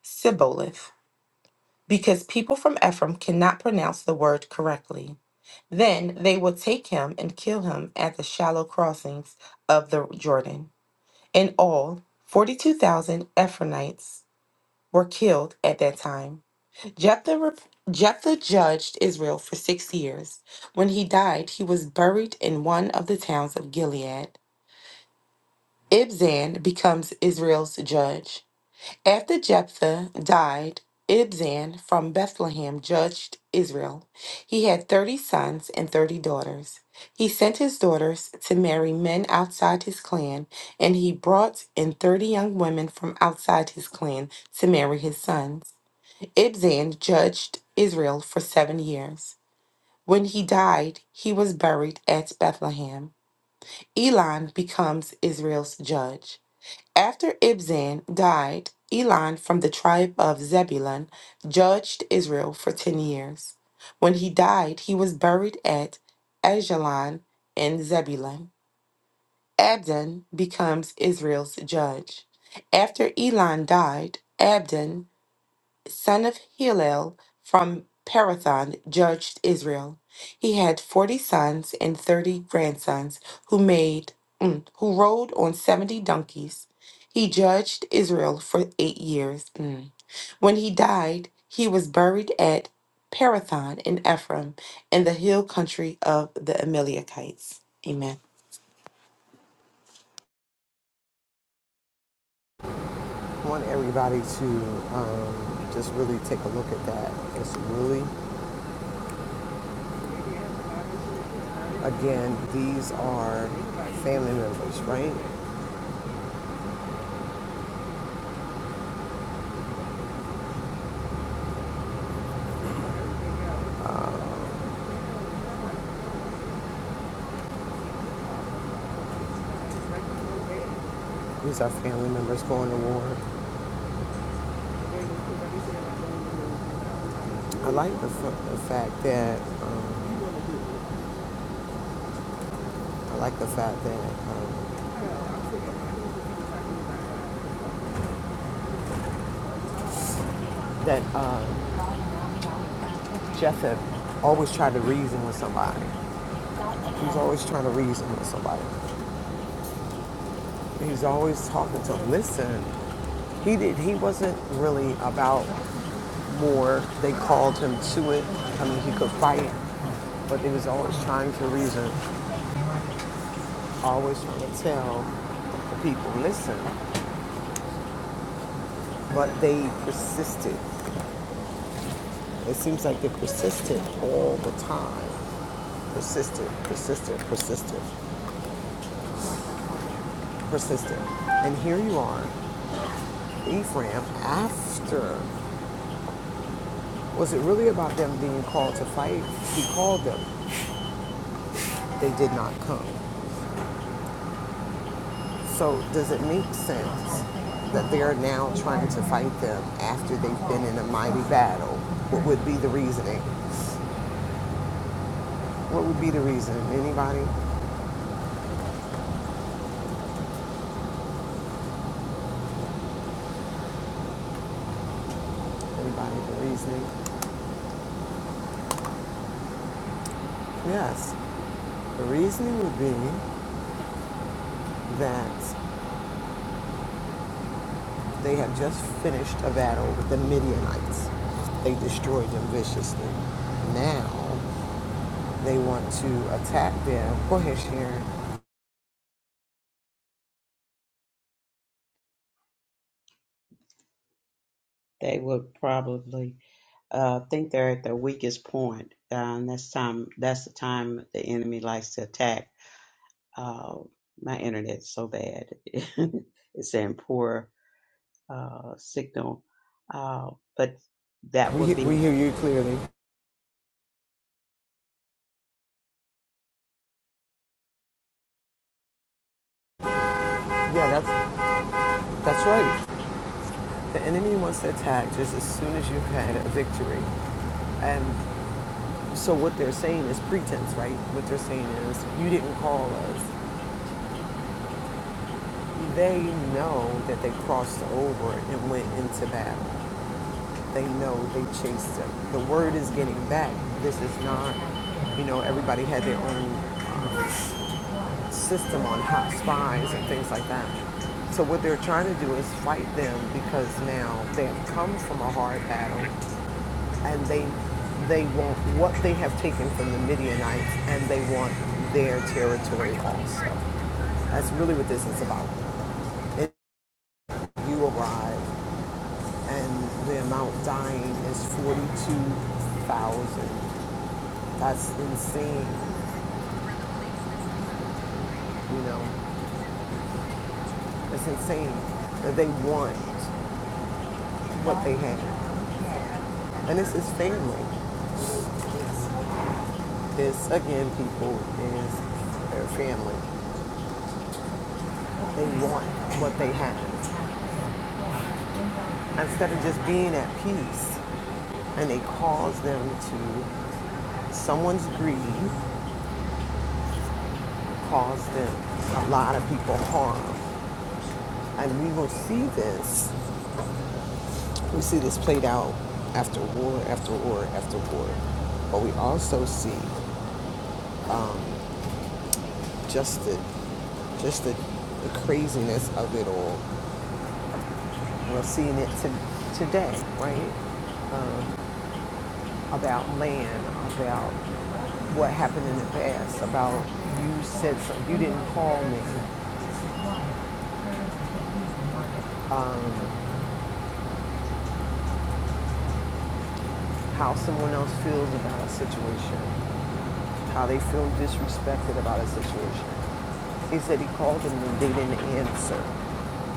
S5: Siboleth, because people from Ephraim cannot pronounce the word correctly. Then they will take him and kill him at the shallow crossings of the Jordan. In all, 42,000 Ephraimites were killed at that time. Jephthah, rep- Jephthah judged Israel for six years. When he died, he was buried in one of the towns of Gilead. Ibzan becomes Israel's judge. After Jephthah died, Ibzan from Bethlehem judged Israel. He had thirty sons and thirty daughters. He sent his daughters to marry men outside his clan, and he brought in thirty young women from outside his clan to marry his sons. Ibzan judged Israel for seven years. When he died, he was buried at Bethlehem. Elon becomes Israel's judge. After Ibzan died, Elon from the tribe of Zebulun judged Israel for ten years. When he died, he was buried at Ajalon in Zebulun. Abdon becomes Israel's judge. After Elon died, Abdon son of Hillel from Parathon, judged Israel. He had forty sons and thirty grandsons who made mm, who rode on seventy donkeys. He judged Israel for eight years. Mm. When he died, he was buried at Parathon in Ephraim, in the hill country of the Amalekites. Amen.
S2: I want everybody to um, just really take a look at that. It's really, again, these are family members, right? These are family members going to war. I like the, f- the fact that um, I like the fact that um, that uh, Jephthah always tried to reason with somebody. He's always trying to reason with somebody. He's always talking to them. Listen, he did. He wasn't really about war. They called him to it. I mean, he could fight, but he was always trying to reason. I always trying to tell the people, listen, but they persisted. It seems like they persisted all the time. Persisted, persisted, persisted, persisted. And here you are, Ephraim, after, was it really about them being called to fight? He called them, they did not come. So does it make sense that they are now trying to fight them after they've been in a mighty battle? What would be the reasoning? What would be the reason? Anybody? Anybody? The reasoning? Yes. The reasoning would be that they have just finished a battle with the Midianites. They destroyed them viciously. Now they want to attack them. Go ahead, Sharon. We, he- we hear you clearly. Yeah, that's, that's right. The enemy wants to attack just as soon as you've had a victory. And so what they're saying is pretense, right? What they're saying is, you didn't call us. They know that they crossed over and went into battle. They know they chased them. The word is getting back. This is not, you know, everybody had their own uh, system on hot spies and things like that. So what they're trying to do is fight them because now they have come from a hard battle and they they want what they have taken from the Midianites and they want their territory also. That's really what this is about. If you arrive. and the amount dying is 42,000. That's insane, you know. It's insane that they want what they have. And this is family. This, again, people is their family. They want what they have. Instead of just being at peace, and they cause them to, someone's greed caused them a lot of people harm. And we will see this We see this played out after war, after war, after war. But we also see um, just the just the, the craziness of it all. We're seeing it to, today, right? Um, about land, about what happened in the past, about you said something, you didn't call me, um, how someone else feels about a situation. how they feel disrespected about a situation. He said he called them and they didn't answer.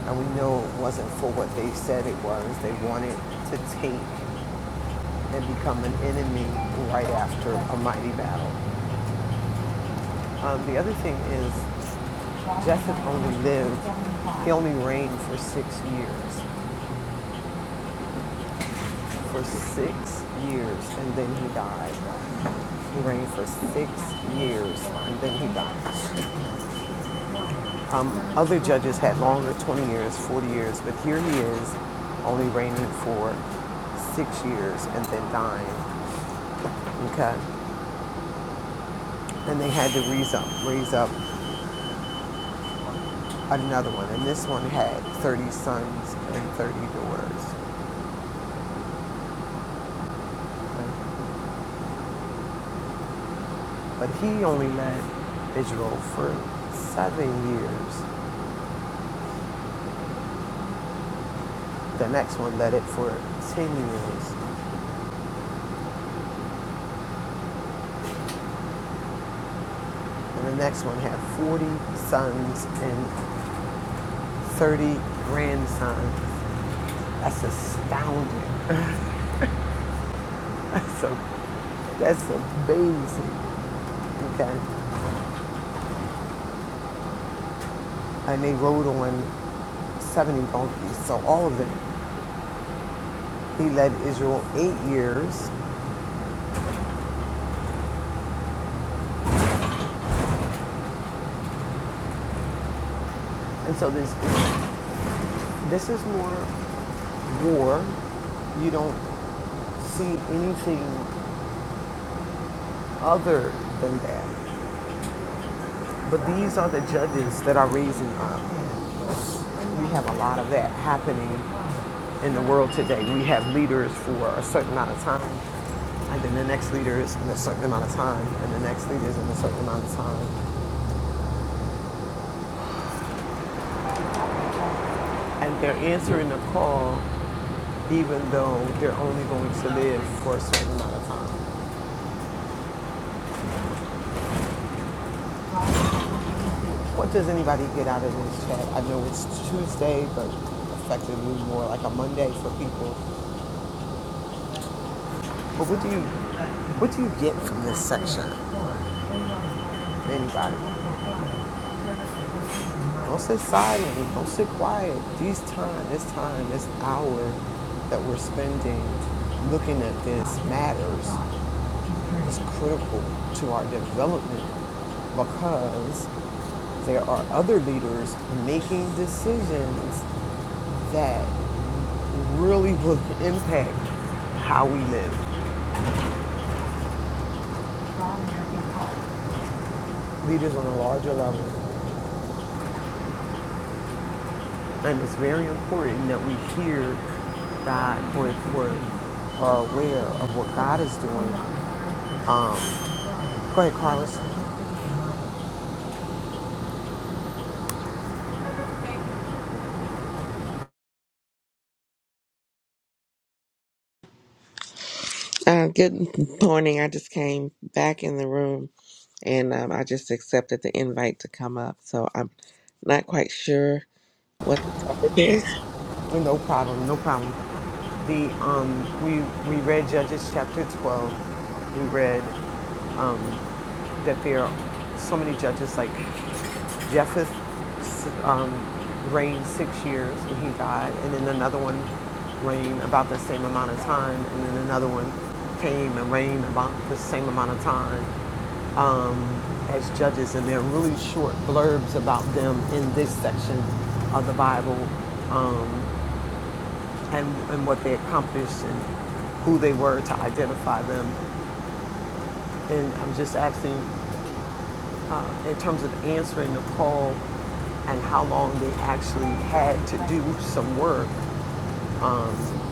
S2: And we know it wasn't for what they said it was. They wanted to take and become an enemy right after a mighty battle. Um, the other thing is, Jetheth only lived, he only reigned for six years. For six years, and then he died. He reigned for six years, and then he died. Um, other judges had longer, 20 years, 40 years, but here he is only reigning for six years and then dying. Okay. And they had to raise up, raise up another one. And this one had 30 sons and 30 daughters. Okay. But he only led Israel for seven years. The next one led it for 10 years. And the next one had 40 sons and 30 grandsons. That's astounding. That's, a, that's amazing. Okay. And they rode on 70 donkeys. So all of it. He led Israel eight years. And so this this is more war. You don't see anything other than that. But these are the judges that are raising up. We have a lot of that happening in the world today. We have leaders for a certain amount of time, and then the next leader is in a certain amount of time, and the next leader is in a certain amount of time. And they're answering the call even though they're only going to live for a certain amount of time. What does anybody get out of this chat? I know it's Tuesday, but effectively more like a Monday for people. But what do you what do you get from this section? Anybody? Don't sit silent. Don't sit quiet. These time, this time, this hour that we're spending looking at this matters. It's critical to our development because there are other leaders making decisions that really will impact how we live. Leaders on a larger level. And it's very important that we hear God for we are aware of what God is doing. Um, go ahead, Carlos.
S6: Uh, good morning. I just came back in the room and um, I just accepted the invite to come up. So I'm not quite sure what the topic is.
S2: No problem. No problem. The um, we we read Judges chapter twelve. We read um, that there are so many judges like Jeff has um, reigned six years and he died, and then another one reigned about the same amount of time, and then another one came and reigned about the same amount of time um, as judges, and they're really short blurbs about them in this section of the Bible um, and, and what they accomplished and who they were to identify them. And I'm just asking uh, in terms of answering the call and how long they actually had to do some work, um,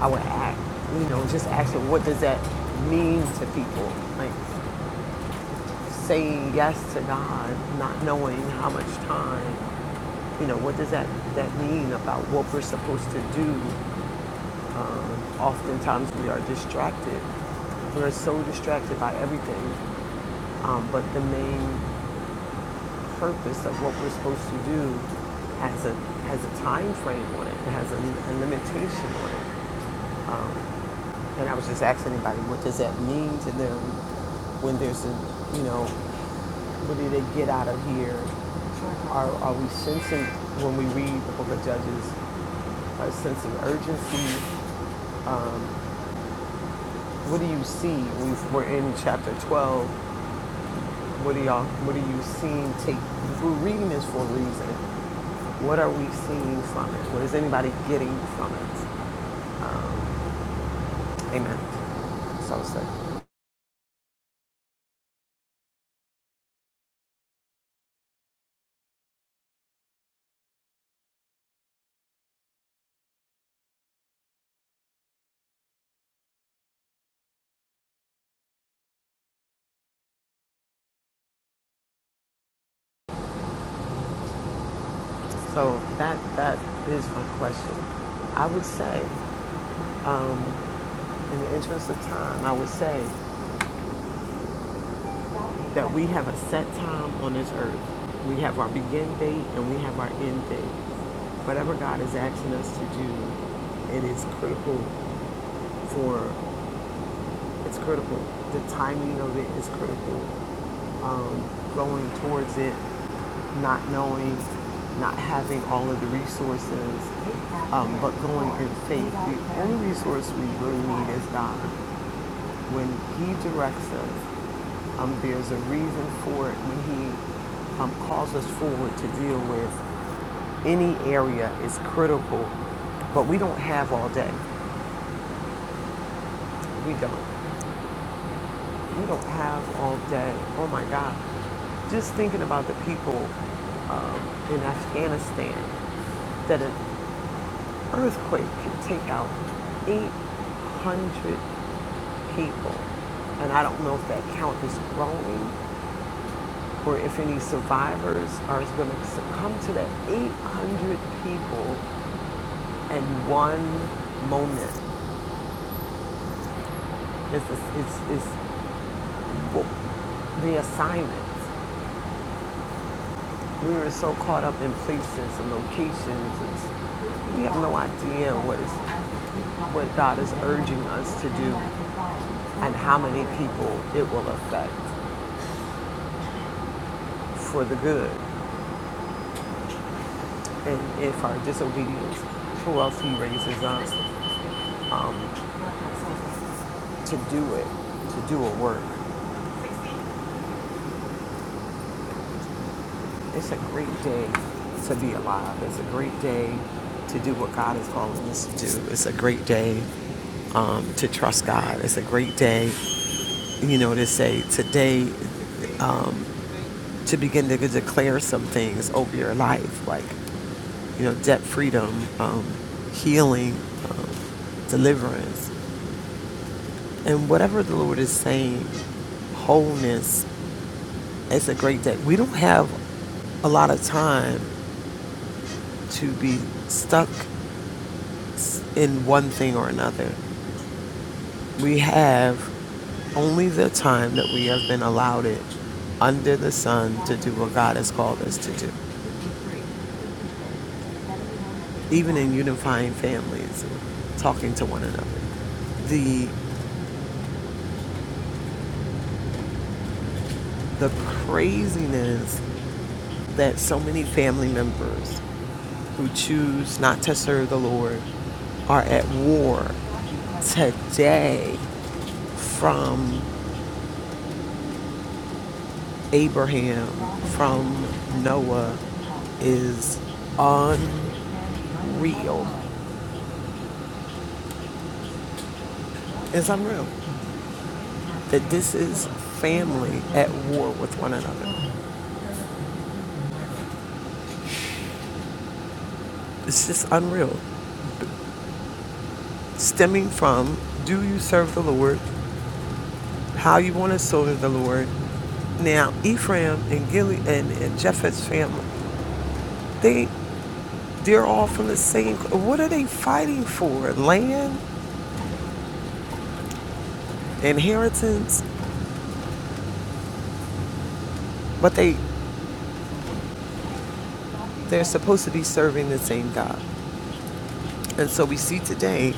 S2: I would act, you know, just asking what does that mean to people? Like saying yes to God, not knowing how much time, you know, what does that, that mean about what we're supposed to do? Um, oftentimes we are distracted. We're so distracted by everything. Um, but the main purpose of what we're supposed to do has a has a time frame on it. It has a, a limitation on it. Um, and I was just asking anybody, what does that mean to them when there's a, you know, what do they get out of here? Are are we sensing when we read the Book of Judges? Are sensing urgency? Um, what do you see? We've, we're in chapter twelve What are y'all? What are you seeing? Take because we're reading this for a reason. What are we seeing from it? What is anybody getting from it? Um, amen. So say. So that that is my question. I would say, um, in the interest of time, I would say that we have a set time on this earth. We have our begin date and we have our end date. Whatever God is asking us to do, it is critical for It's critical. The timing of it is critical. Um, going towards it, not knowing, not having all of the resources, um, but going in faith. The only resource we really need is God. When He directs us, um, there's a reason for it. When He um, calls us forward to deal with any area is critical, but we don't have all day. We don't. We don't have all day. Oh my God. Just thinking about the people um, in Afghanistan that an earthquake could take out 800 people. And I don't know if that count is growing or if any survivors are going to succumb to that 800 people in one moment. It's, it's, it's, it's the assignment. We were so caught up in places and locations. It's, we have no idea what is what God is urging us to do and how many people it will affect for the good. And if our disobedience, who else He raises us um, to do it, to do a work. It's a great day to be alive. It's a great day to do what God is calling us to do. It's a great day um, to trust God. It's a great day, you know, to say today, um, to begin to declare some things over your life, like, you know, debt freedom, um, healing, um, deliverance, and whatever the Lord is saying, wholeness. It's a great day. We don't have a lot of time to be stuck in one thing or another. We have only the time that we have been allowed it under the sun to do what God has called us to do, even in unifying families talking to one another. The, the craziness that so many family members who choose not to serve the Lord are at war today from Abraham from Noah is unreal. It's unreal that this is family at war with one another. It's just unreal. Stemming from do you serve the Lord? How you want to serve the Lord? Now Ephraim and Gilead and, and Jephthah's family, they they're all from the same. What are they fighting for? Land, inheritance, but they they're supposed to be serving the same God. And so we see today,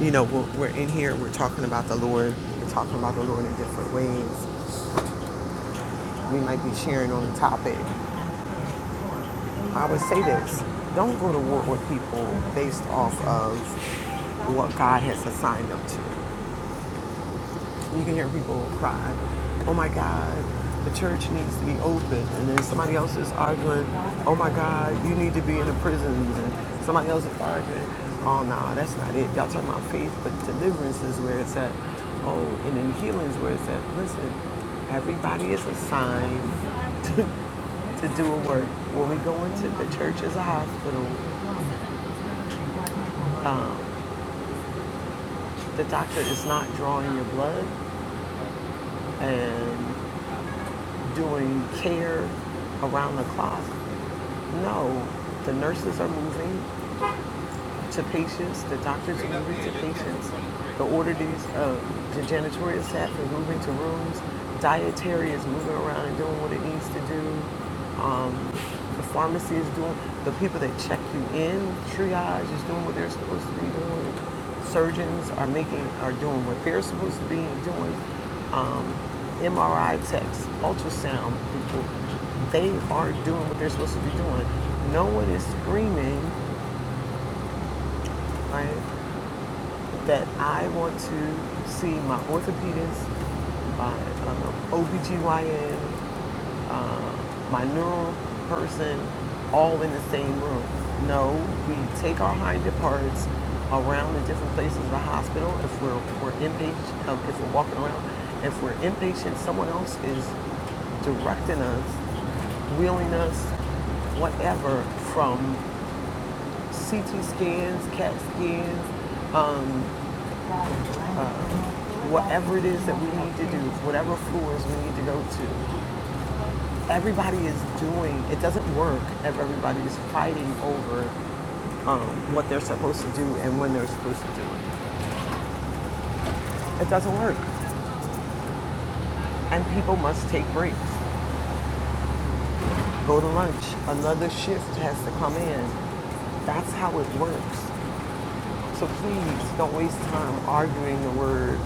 S2: you know, we're, we're in here, we're talking about the Lord, we're talking about the Lord in different ways. We might be sharing on the topic. I would say this don't go to war with people based off of what God has assigned them to. You can hear people cry. Oh my God, the church needs to be open. And then somebody else is arguing, oh my God, you need to be in the prisons. And somebody else is arguing, oh no, that's not it. Y'all talking about faith, but deliverance is where it's at. Oh, and then healing is where it's at. Listen, everybody is assigned to, to do a work. When we go into the church as a hospital, um, the doctor is not drawing your blood and doing care around the clock. No, the nurses are moving, to patients, the doctors are moving to patients, the orderlies, uh, the janitorial staff are moving to rooms, dietary is moving around and doing what it needs to do, um, the pharmacy is doing, the people that check you in, triage is doing what they're supposed to be doing, surgeons are making, are doing what they're supposed to be doing, um, MRI techs, ultrasound people, they are doing what they're supposed to be doing. No one is screaming, right? that I want to see my orthopedist, my uh, OBGYN, uh, my neuro person, all in the same room. No, we take our hind parts around the different places of the hospital. If we're, we're inpatient, um, if we're walking around, if we're inpatient, someone else is directing us, wheeling us, whatever, from CT scans, CAT scans, um, uh, whatever it is that we need to do, whatever floors we need to go to. Everybody is doing, it doesn't work if everybody is fighting over um, what they're supposed to do and when they're supposed to do it. It doesn't work. And people must take breaks, go to lunch. Another shift has to come in. That's how it works. So please don't waste time arguing the word,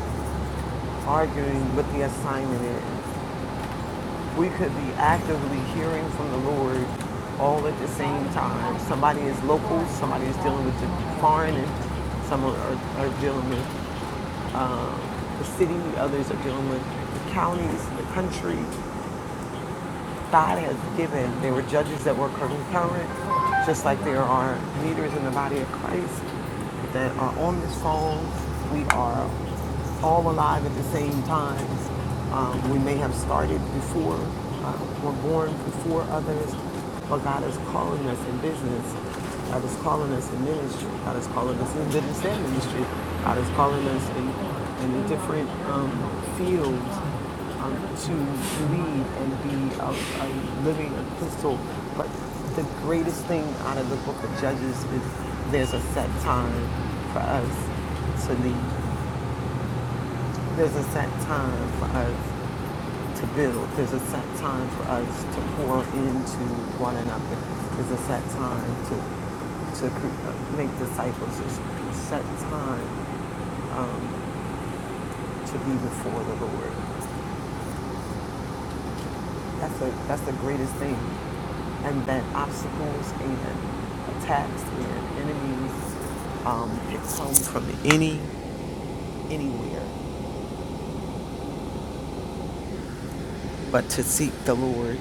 S2: arguing what the assignment is. we could be actively hearing from the Lord all at the same time. Somebody is local, somebody is dealing with the foreign, and some are, are dealing with uh, the city, others are dealing with the counties, the country. God has given. There were judges that were concurrent, just like there are leaders in the body of Christ that are on this phone. We are all alive at the same time. Um, we may have started before, uh, were born before others, but God is calling us in business. God is calling us in ministry. God is calling us in business and ministry. God is calling us in, in different um, fields um, to lead and be a, a living epistle. But the greatest thing out of the book of Judges is there's a set time for us to lead. There's a set time for us to build. There's a set time for us to pour into one another. There's a set time to to cre- uh, make disciples. There's a set time um, to be before the Lord. That's the that's the greatest thing. And then obstacles and attacks and enemies um, can come from any anywhere. But to seek the Lord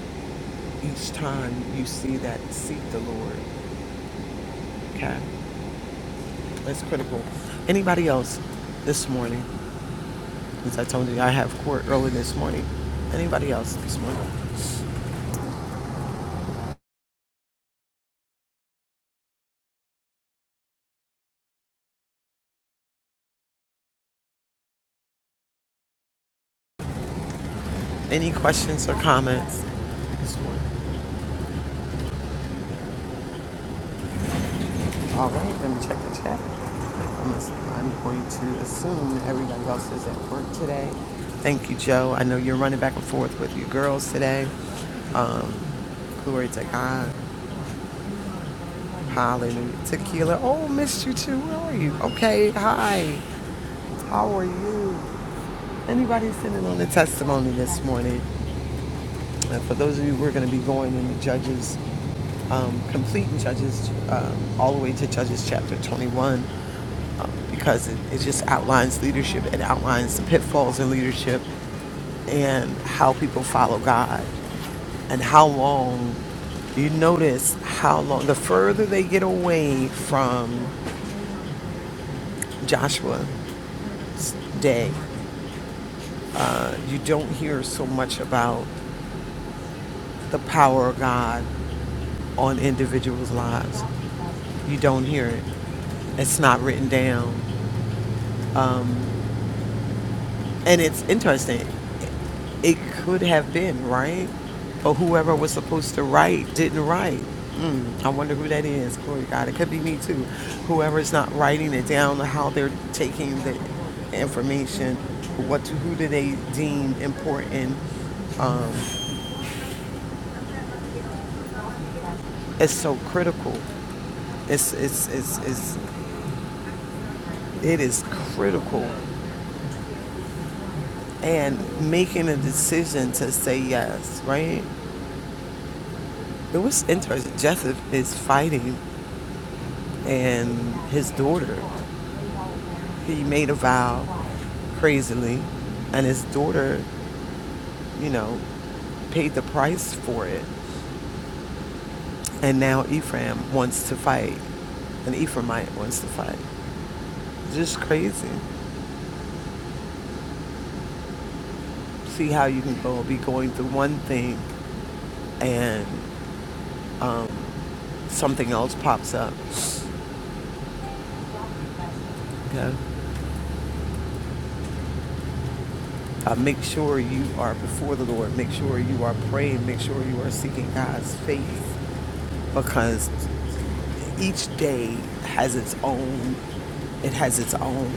S2: each time you see that, seek the Lord. Okay, that's critical. Anybody else this morning? As I told you, I have court early this morning. Anybody else this morning? Any questions or comments this morning? All right, let me check the chat. I'm, going to assume everybody else is at work today. Thank you, Joe. I know you're running back and forth with your girls today. Um, glory to God. Hallelujah. Tequila. Oh, missed you too. Where are you? Okay. Hi. How are you? Anybody sitting on the testimony this morning? Uh, for those of you, we're going to be going into Judges, um, completing Judges, um, all the way to Judges chapter 21. um, because it, it just outlines leadership. It outlines the pitfalls in leadership and how people follow God and how long you notice how long the further they get away from Joshua's day, uh, you don't hear so much about the power of God on individuals' lives. You don't hear it. It's not written down. Um, and it's interesting. it could have been right or whoever was supposed to write didn't write mm, i wonder who that is glory to god it could be me too whoever's not writing it down or how they're taking the information what to, who do they deem important um, it's so critical it's, it's it's it's it is critical and making a decision to say yes right it was interesting joseph is fighting and his daughter He made a vow crazily, and his daughter, you know, paid the price for it. And now Ephraim wants to fight, and Ephraimite wants to fight. Just crazy. See how you can go be going through one thing, and um, something else pops up. Okay. Uh, make sure you are before the Lord. Make sure you are praying. Make sure you are seeking God's face because Each day has its own, it has its own,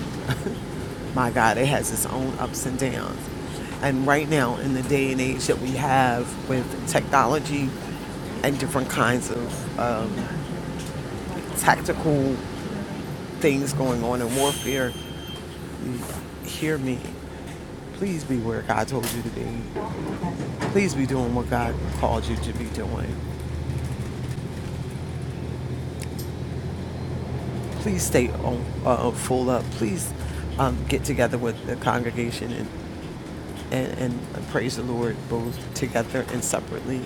S2: my God, it has its own ups and downs. And right now, in the day and age that we have with technology and different kinds of um, tactical things going on in warfare, hear me. Please be where God told you to be. Please be doing what God called you to be doing. Please stay on, uh, full up. Please um, get together with the congregation and. and, and praise the Lord both together and separately.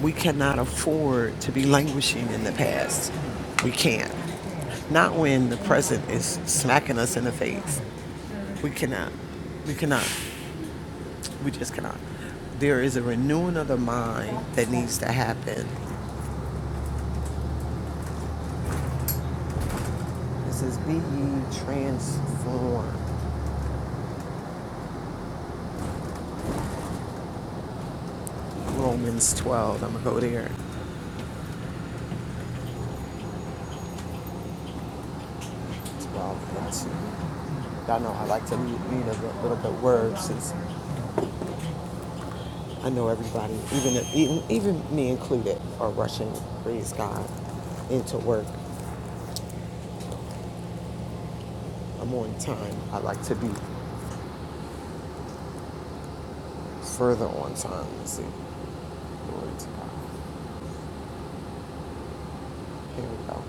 S2: We cannot afford to be languishing in the past. We can't. Not when the present is smacking us in the face. We cannot. We cannot. We just cannot. There is a renewing of the mind that needs to happen. It says, Be ye transformed. Romans 12. I'm going to go there. 12 Y'all know I like to read a little little bit of words since I know everybody, even even even me included, are rushing. Praise God, into work. I'm on time. I like to be further on time. Let's see. Glory to God. Here we go.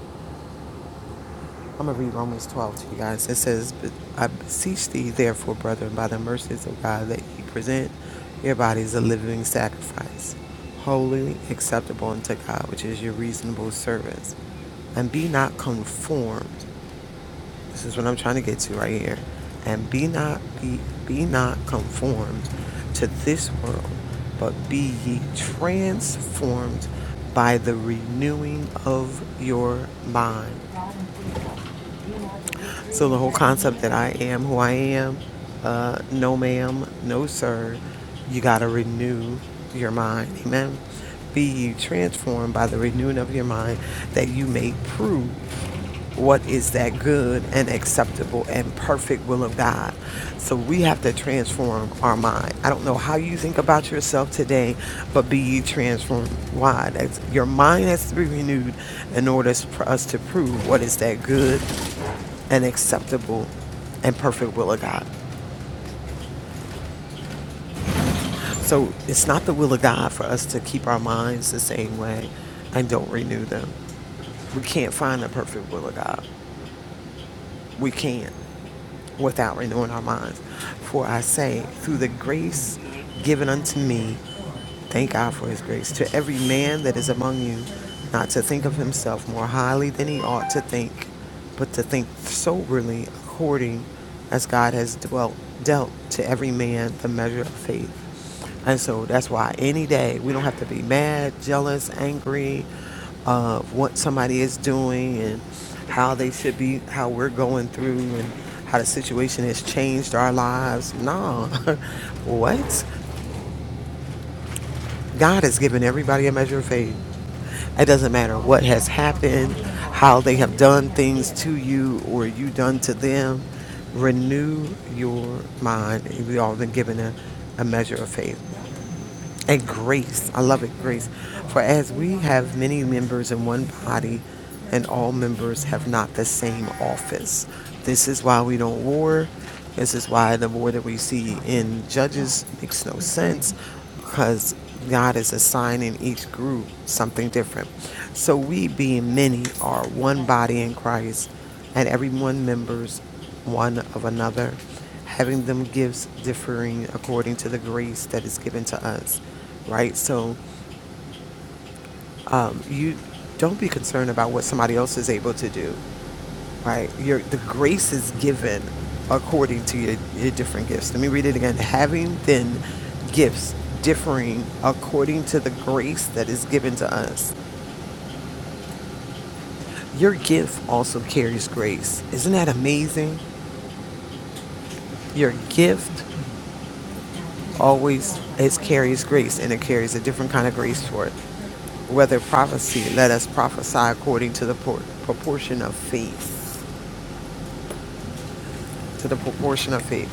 S2: I'm gonna read Romans 12 to you guys. It says, "But "I beseech thee, therefore, brethren, by the mercies of God, that ye present your bodies a living sacrifice, holy, acceptable unto God, which is your reasonable service, and be not conformed." This is what I'm trying to get to right here. And be not be, be not conformed to this world, but be ye transformed by the renewing of your mind. So the whole concept that I am who I am, uh, no ma'am, no sir, you gotta renew your mind. Amen. Be ye transformed by the renewing of your mind that you may prove what is that good and acceptable and perfect will of God. So we have to transform our mind. I don't know how you think about yourself today, but be ye transformed. Why? That's, your mind has to be renewed in order for us to prove what is that good and acceptable and perfect will of God. So it's not the will of God for us to keep our minds the same way and don't renew them. We can't find the perfect will of God. We can't. without renewing our minds. For I say, through the grace given unto me, thank God for his grace, to every man that is among you, not to think of himself more highly than he ought to think, but to think soberly according as God has dwelt, dealt to every man the measure of faith. And so that's why any day we don't have to be mad, jealous, angry of what somebody is doing and how they should be, how we're going through and how the situation has changed our lives. No. what? God has given everybody a measure of faith. It doesn't matter what has happened, how they have done things to you or you done to them. Renew your mind. We've all been given a, a measure of faith. And grace, I love it, grace. For as we have many members in one body, and all members have not the same office. This is why we don't war. This is why the war that we see in Judges makes no sense because God is assigning each group something different. So we, being many, are one body in Christ, and every one members one of another, having them gifts differing according to the grace that is given to us, right? So um, you don't be concerned about what somebody else is able to do, right? Your the grace is given according to your, your different gifts. Let me read it again. Having then gifts differing according to the grace that is given to us. Your gift also carries grace. Isn't that amazing? Your gift always it carries grace and it carries a different kind of grace for it. Whether prophecy, let us prophesy according to the por- proportion of faith to the proportion of it.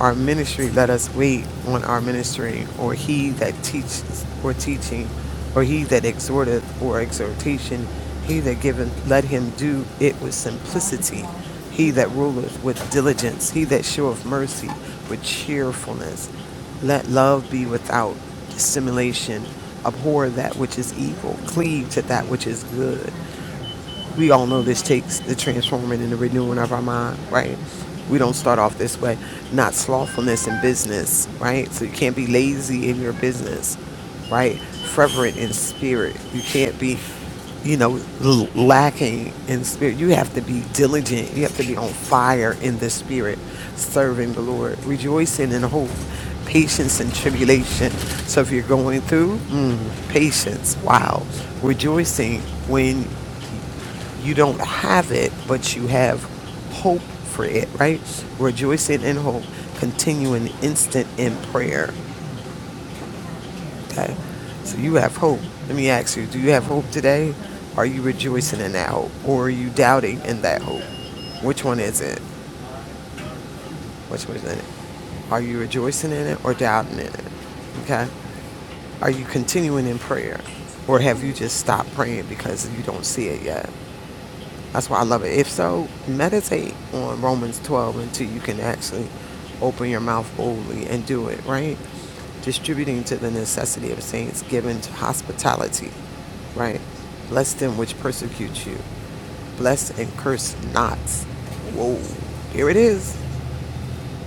S2: Our ministry, let us wait on our ministry, or he that teaches or teaching, or he that exhorteth or exhortation, he that giveth, let him do it with simplicity. He that ruleth with diligence, he that showeth mercy with cheerfulness. Let love be without dissimulation. Abhor that which is evil, cleave to that which is good we all know this takes the transforming and the renewing of our mind, right? We don't start off this way. Not slothfulness in business, right? So you can't be lazy in your business, right? Fervent in spirit. You can't be, you know, l- lacking in spirit. You have to be diligent. You have to be on fire in the spirit, serving the Lord, rejoicing in hope, patience in tribulation. So if you're going through, mm, patience, wow. Rejoicing when you don't have it, but you have hope for it, right? Rejoicing in hope, continuing instant in prayer. Okay. So you have hope. Let me ask you, do you have hope today? Are you rejoicing in that hope? Or are you doubting in that hope? Which one is it? Which one is it? Are you rejoicing in it or doubting in it? Okay. Are you continuing in prayer? Or have you just stopped praying because you don't see it yet? That's why I love it. If so, meditate on Romans 12 until you can actually open your mouth boldly and do it, right? Distributing to the necessity of saints, giving to hospitality, right? Bless them which persecute you. Bless and curse not. Whoa, here it is.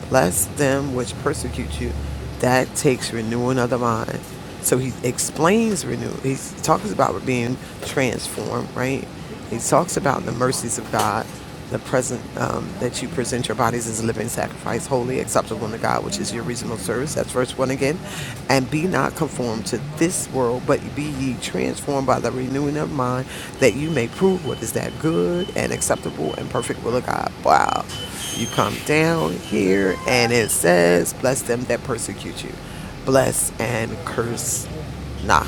S2: Bless them which persecute you. That takes renewing of the mind. So he explains renew. He talks about being transformed, right? He talks about the mercies of God, the present um, that you present your bodies as a living sacrifice, holy, acceptable unto God, which is your reasonable service. That's verse verse 1 again, and be not conformed to this world, but be ye transformed by the renewing of mind, that you may prove what is that good and acceptable and perfect will of God. Wow. You come down here, and it says, Bless them that persecute you, bless and curse Nah,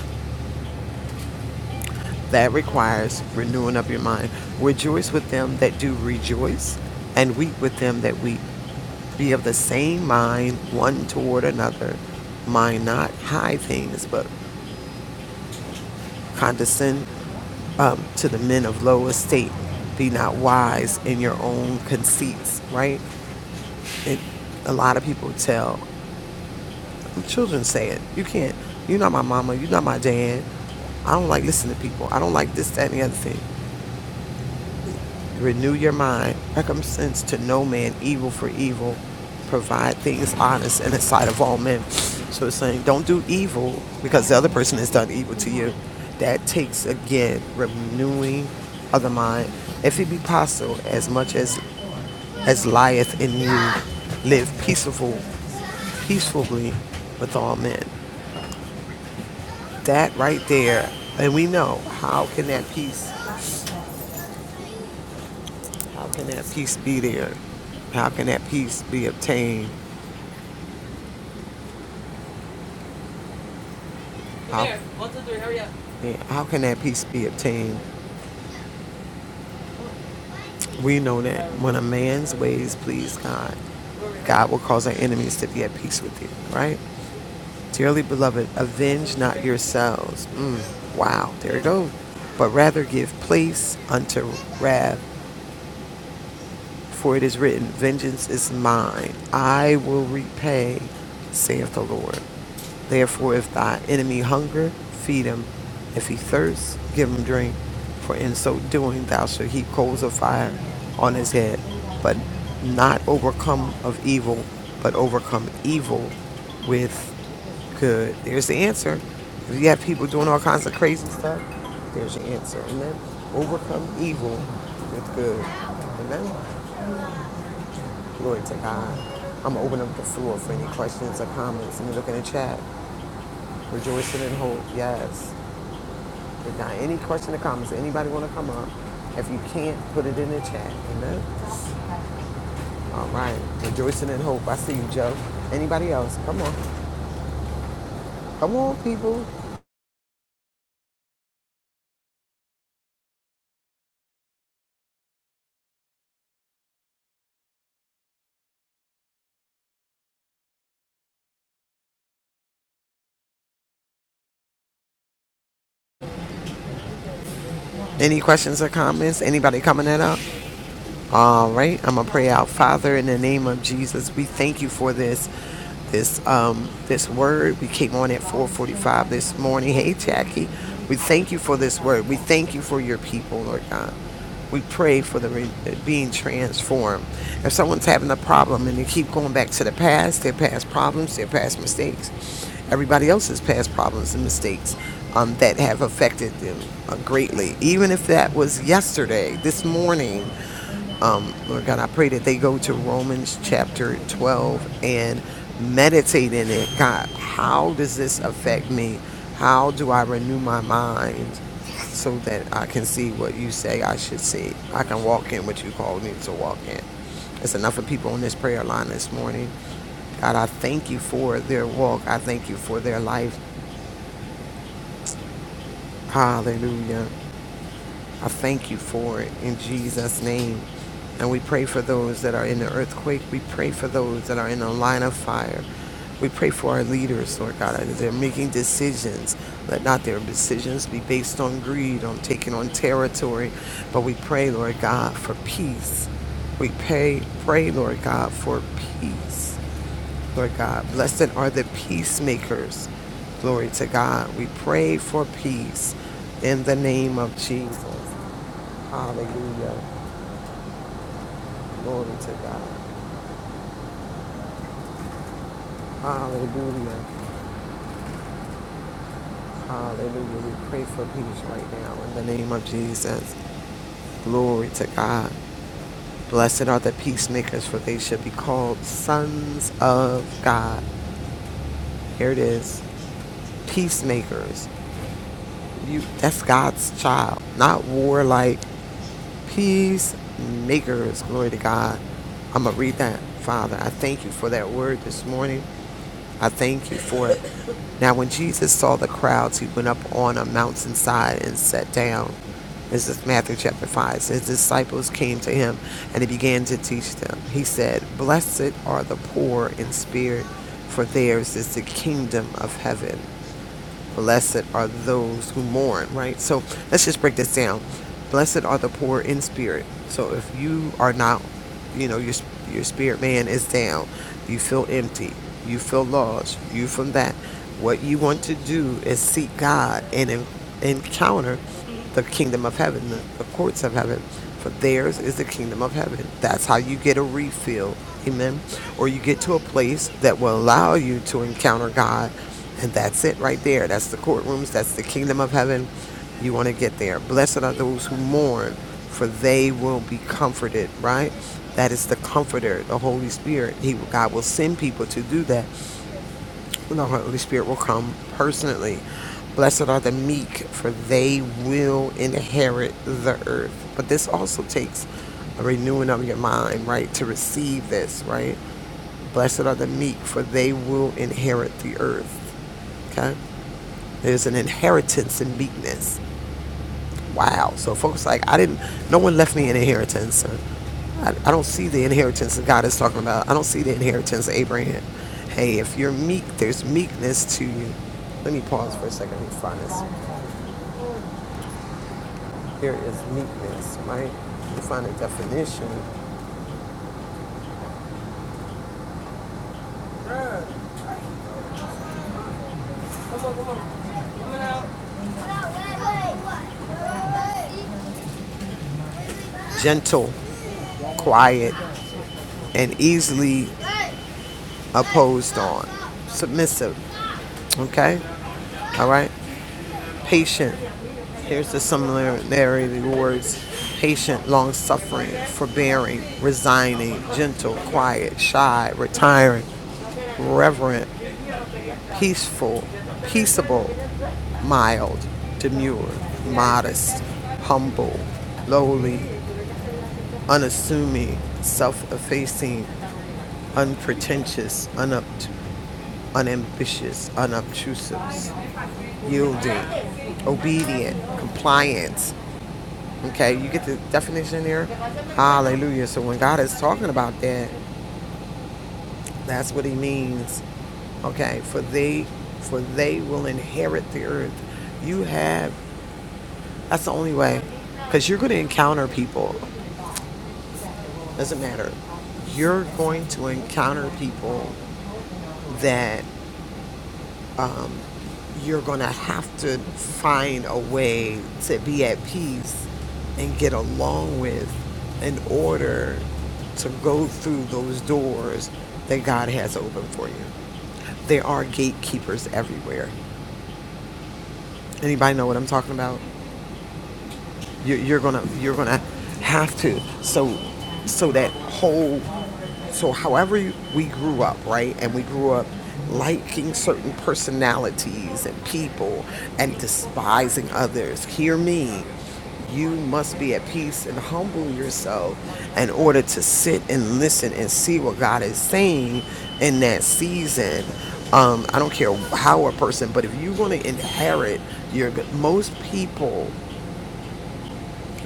S2: that requires renewing of your mind. Rejoice with them that do rejoice, and weep with them that weep. Be of the same mind one toward another. Mind not high things, but condescend um, to the men of low estate. Be not wise in your own conceits, right? It, a lot of people tell, children say it, you can't, you're not my mama, you're not my dad. I don't like listening to people. I don't like this, that, and the other thing. Renew your mind. Recompense to no man evil for evil. Provide things honest in the sight of all men. So it's saying don't do evil because the other person has done evil to you. That takes again renewing of the mind. If it be possible, as much as as lieth in you, live peaceful, peacefully with all men. That right there, and we know how can that peace, how can that peace be there? How can that peace be obtained? How Yeah, How can that peace be obtained? We know that when a man's ways please God, God will cause our enemies to be at peace with you, right? Dearly beloved, avenge not yourselves. Mm, wow, there it goes. But rather give place unto wrath. For it is written, Vengeance is mine. I will repay, saith the Lord. Therefore, if thy enemy hunger, feed him. If he thirst, give him drink. For in so doing, thou shalt heap coals of fire on his head. But not overcome of evil, but overcome evil with good. There's the answer. If you have people doing all kinds of crazy stuff, there's your answer. Amen. Overcome evil with good. Amen. Glory to God. I'm gonna open up the floor for any questions or comments. Let me look in the chat. Rejoicing in hope. Yes. If not any question or comments, anybody wanna come up? If you can't, put it in the chat. Amen. All right. Rejoicing in hope. I see you, Joe. Anybody else? Come on. Come on, people. Any questions or comments? Anybody coming that up? All right, I'm gonna pray out, Father, in the name of Jesus. We thank you for this, this, um, this word. We came on at 4:45 this morning. Hey, Jackie, we thank you for this word. We thank you for your people, Lord God. We pray for the re- being transformed. If someone's having a problem and they keep going back to the past, their past problems, their past mistakes, everybody else's past problems and mistakes um, that have affected them uh, greatly, even if that was yesterday, this morning um, Lord God, I pray that they go to Romans chapter 12 and meditate in it. God, how does this affect me? How do I renew my mind so that I can see what you say I should see? I can walk in what you called me to walk in. It's enough of people on this prayer line this morning. God, I thank you for their walk. I thank you for their life. Hallelujah. I thank you for it in Jesus' name. And we pray for those that are in the earthquake. We pray for those that are in the line of fire. We pray for our leaders, Lord God, as they're making decisions. Let not their decisions be based on greed, on taking on territory. But we pray, Lord God, for peace. We pray, pray, Lord God, for peace. Lord God, blessed are the peacemakers. Glory to God. We pray for peace in the name of Jesus. Hallelujah. Glory to God. Hallelujah. Hallelujah. We pray for peace right now in the name of Jesus. Glory to God. Blessed are the peacemakers, for they shall be called sons of God. Here it is. Peacemakers. You that's God's child. Not warlike. Peacemakers. Glory to God. I'm gonna read that. Father, I thank you for that word this morning. I thank you for it. Now, when Jesus saw the crowds, he went up on a mountainside and sat down. This is Matthew chapter 5. So His disciples came to him and he began to teach them. He said, Blessed are the poor in spirit, for theirs is the kingdom of heaven. Blessed are those who mourn, right? So let's just break this down. Blessed are the poor in spirit. So if you are not, you know, your your spirit man is down, you feel empty, you feel lost, you from that. What you want to do is seek God and en- encounter the kingdom of heaven, the, the courts of heaven. For theirs is the kingdom of heaven. That's how you get a refill. Amen. Or you get to a place that will allow you to encounter God. And that's it right there. That's the courtrooms. That's the kingdom of heaven. You want to get there. Blessed are those who mourn, for they will be comforted, right? That is the comforter, the Holy Spirit. He God will send people to do that the Holy Spirit will come personally. Blessed are the meek, for they will inherit the earth. But this also takes a renewing of your mind, right, to receive this, right? Blessed are the meek, for they will inherit the earth. Okay? There's an inheritance in meekness. Wow. So folks, like I didn't. No one left me an inheritance. Or, I, I don't see the inheritance that God is talking about. I don't see the inheritance of Abraham. Hey, if you're meek, there's meekness to you. Let me pause for a second. Let me find this. Here is meekness, right? Let me find a definition. Gentle, quiet, and easily opposed on. Submissive. Okay. All right. Patient, There's the similarity of the words patient, long suffering, forbearing, resigning, gentle, quiet, shy, retiring, reverent, peaceful, peaceable, mild, demure, modest, humble, lowly, unassuming, self effacing, unpretentious, unup- unambitious, unobtrusive, yielding, obedient, compliant, Okay, you get the definition there? Hallelujah. So when God is talking about that, that's what he means. Okay, for they for they will inherit the earth. You have that's the only way. Because you're gonna encounter people. Doesn't matter. You're going to encounter people that um, you're going to have to find a way to be at peace and get along with in order to go through those doors that God has opened for you. There are gatekeepers everywhere. Anybody know what I'm talking about? you, you're gonna you're gonna have to so so that whole so however you- we grew up right and we grew up liking certain personalities and people and despising others hear me you must be at peace and humble yourself in order to sit and listen and see what God is saying in that season. Um, I don't care how a person, but if you're going to inherit your, most people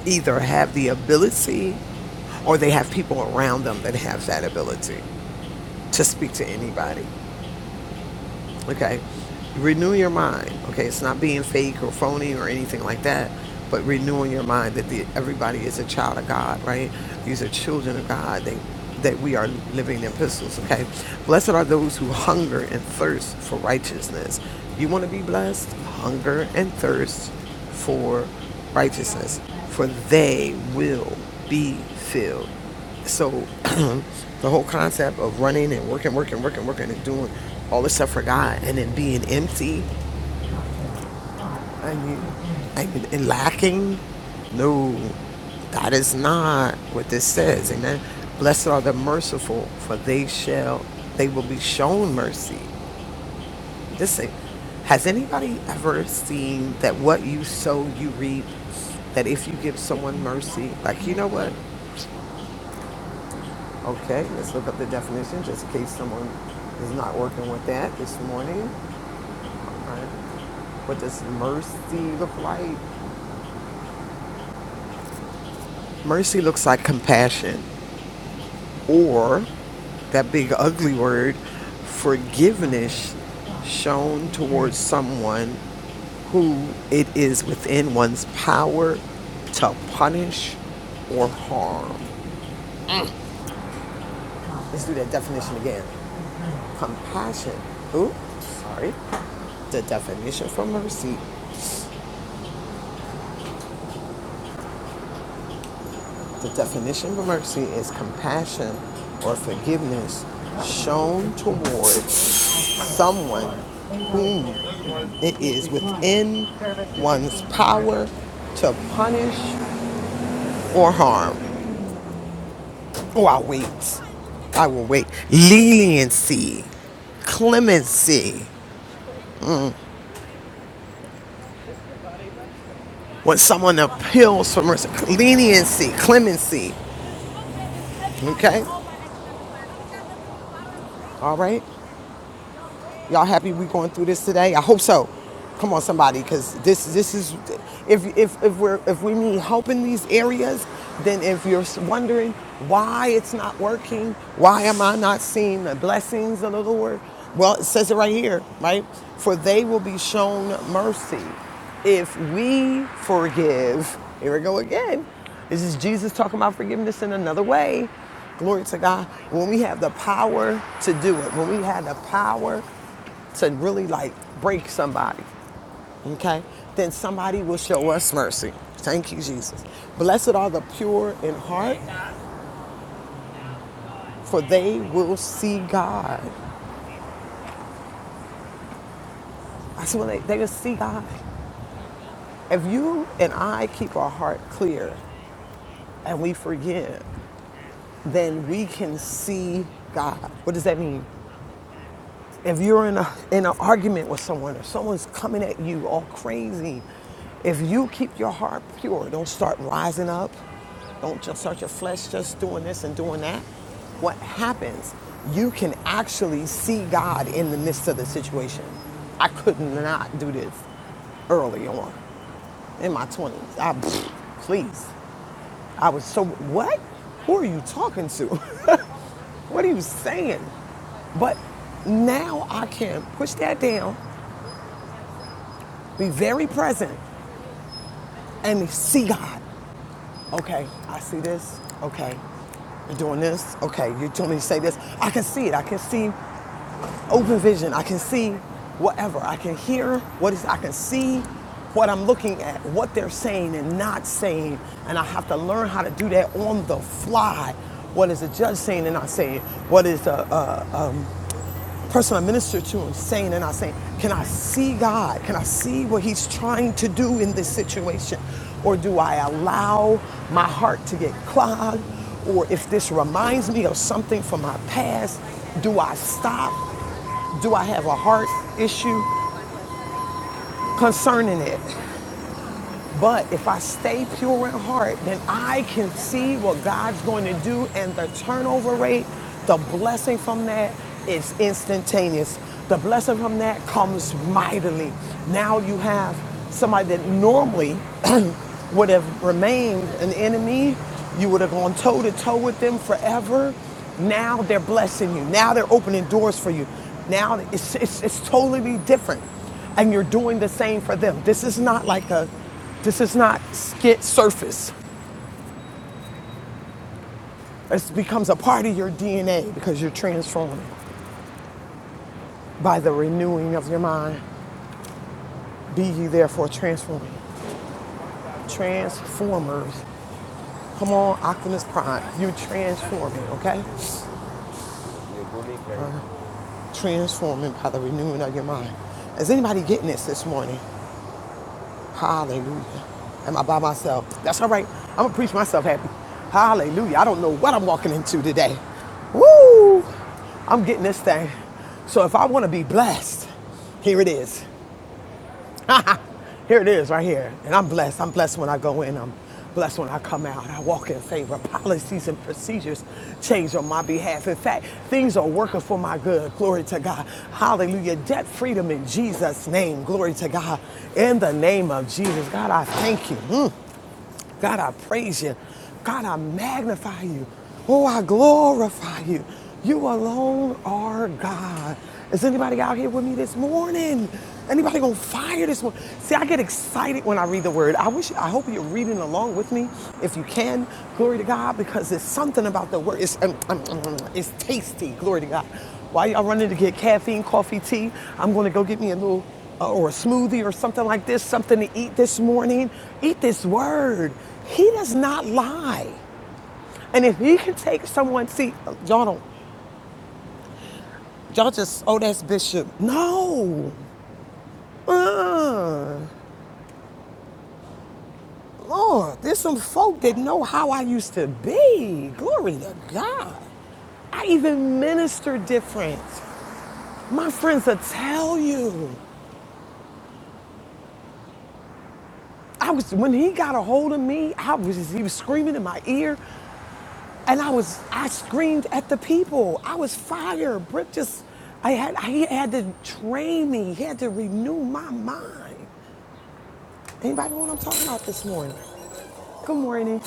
S2: either have the ability or they have people around them that have that ability to speak to anybody. Okay. Renew your mind. Okay. It's not being fake or phony or anything like that, but renewing your mind that the, everybody is a child of God, right? These are children of God. They, that we are living epistles. Okay. Blessed are those who hunger and thirst for righteousness. You want to be blessed? Hunger and thirst for righteousness, for they will be filled. So the whole concept of running and working, working, working, working, and doing all this stuff for God, and then being empty, I mean, I mean, and lacking, no, that is not what this says. Amen. Blessed are the merciful, for they shall, they will be shown mercy. This thing. Has anybody ever seen that what you sow, you reap? That if you give someone mercy, like, you know what? Okay, let's look up the definition just in case someone is not working with that this morning. All right. What does mercy look like? Mercy looks like compassion. or that big ugly word, forgiveness shown towards someone who it is within one's power to punish or harm. Let's do that definition again. Compassion. Ooh, sorry. The definition from a receipt The definition of mercy is compassion or forgiveness shown towards someone whom it is within one's power to punish or harm. Oh, I wait. I will wait. Leniency, clemency. When someone appeals for mercy, leniency, clemency. Okay? All right? Y'all happy we going through this today? I hope so. Come on, somebody, because this this is if if if we're if we need help in these areas, then if you're wondering why it's not working, why am I not seeing the blessings of the Lord? Well, it says it right here, right? For they will be shown mercy if we forgive. Here we go again. This is Jesus talking about forgiveness in another way. Glory to God. When we have the power to do it, when we have the power to really like break somebody, okay, then somebody will show us mercy. Thank you, Jesus. Blessed are the pure in heart, for they will see God. I said, well, they, they will see God. If you and I keep our heart clear and we forgive, then we can see God. What does that mean? if you're in a in an argument with someone or someone's coming at you all crazy, if you keep your heart pure, don't start rising up, don't just start your flesh just doing this and doing that. What happens? You can actually see God in the midst of the situation. I could not do this early on in my 20s. I, please. I was so, what? Who are you talking to? What are you saying? But now I can push that down, be very present, and see God. Okay, I see this. Okay, you're doing this. Okay, you told me to say this. I can see it. I can see open vision. I can see whatever. I can hear what is. I can see what I'm looking at, what they're saying and not saying, and I have to learn how to do that on the fly. What is the judge saying and not saying? What is the uh, person I minister to and saying and not saying, can I see God? Can I see what He's trying to do in this situation? Or do I allow my heart to get clogged? Or if this reminds me of something from my past, do I stop? Do I have a heart issue concerning it? But if I stay pure in heart, then I can see what God's going to do, and the turnover rate, the blessing from that is instantaneous. The blessing from that comes mightily. Now you have somebody that normally would have remained an enemy, you would have gone toe to toe with them forever. Now they're blessing you. Now they're opening doors for you. Now it's, it's, it's totally different and you're doing the same for them. This is not like a this is not skit surface. It becomes a part of your DNA because you're transformed by the renewing of your mind. Be ye therefore transformed. Transformers. Come on, Optimus Prime. You're transforming, okay? Transforming by the renewing of your mind. Is anybody getting this this morning? Hallelujah. Am I by myself? That's all right. I'm going to preach myself happy. Hallelujah. I don't know what I'm walking into today. Woo! I'm getting this thing. So if I want to be blessed, here it is. here it is right here. And I'm blessed. I'm blessed when I go in. I'm blessed when I come out. I walk in favor. Policies and procedures change on my behalf. In fact, things are working for my good. Glory to God. Hallelujah. Debt freedom in Jesus' name. Glory to God. In the name of Jesus. God, I thank you. Mm. God, I praise you. God, I magnify you. Oh, I glorify you. You alone are God. Is anybody out here with me this morning? Anybody on fire this morning? See, I get excited when I read the word. I wish, I hope you're reading along with me if you can. Glory to God, because there's something about the word. It's, um, um, um, um, it's tasty. Glory to God. While y'all running to get caffeine, coffee, tea, I'm going to go get me a little or a smoothie or something like this, something to eat this morning, eat this word. He does not lie. And if he can take someone, see, y'all don't, y'all just, oh, that's Bishop. No. Uh, Lord, there's some folk that know how I used to be. Glory to God. I even minister different. My friends will tell you. I was when he got a hold of me, I was he was screaming in my ear. And I was, I screamed at the people. I was fired. Brick just, I had, he had to train me. He had to renew my mind. Anybody know what I'm talking about this morning? Good morning.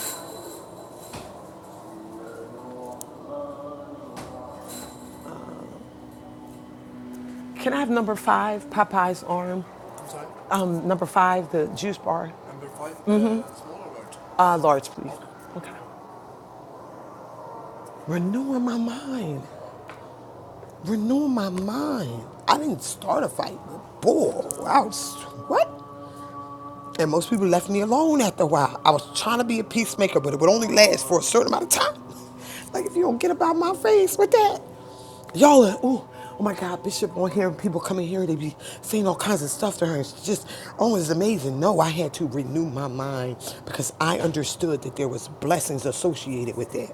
S2: Can I have number five, Popeye's arm? Um, number five, the juice bar. Uh, large, please. Renewing my mind. Renewing my mind. I didn't start a fight. with Bull. I was, what? And most people left me alone after a while. I was trying to be a peacemaker, but it would only last for a certain amount of time. Like if you don't get about my face with that. Y'all are, ooh, oh my God, Bishop on here and people coming here, they be saying all kinds of stuff to her. It's just, oh, it's amazing. No, I had to renew my mind because I understood that there was blessings associated with that.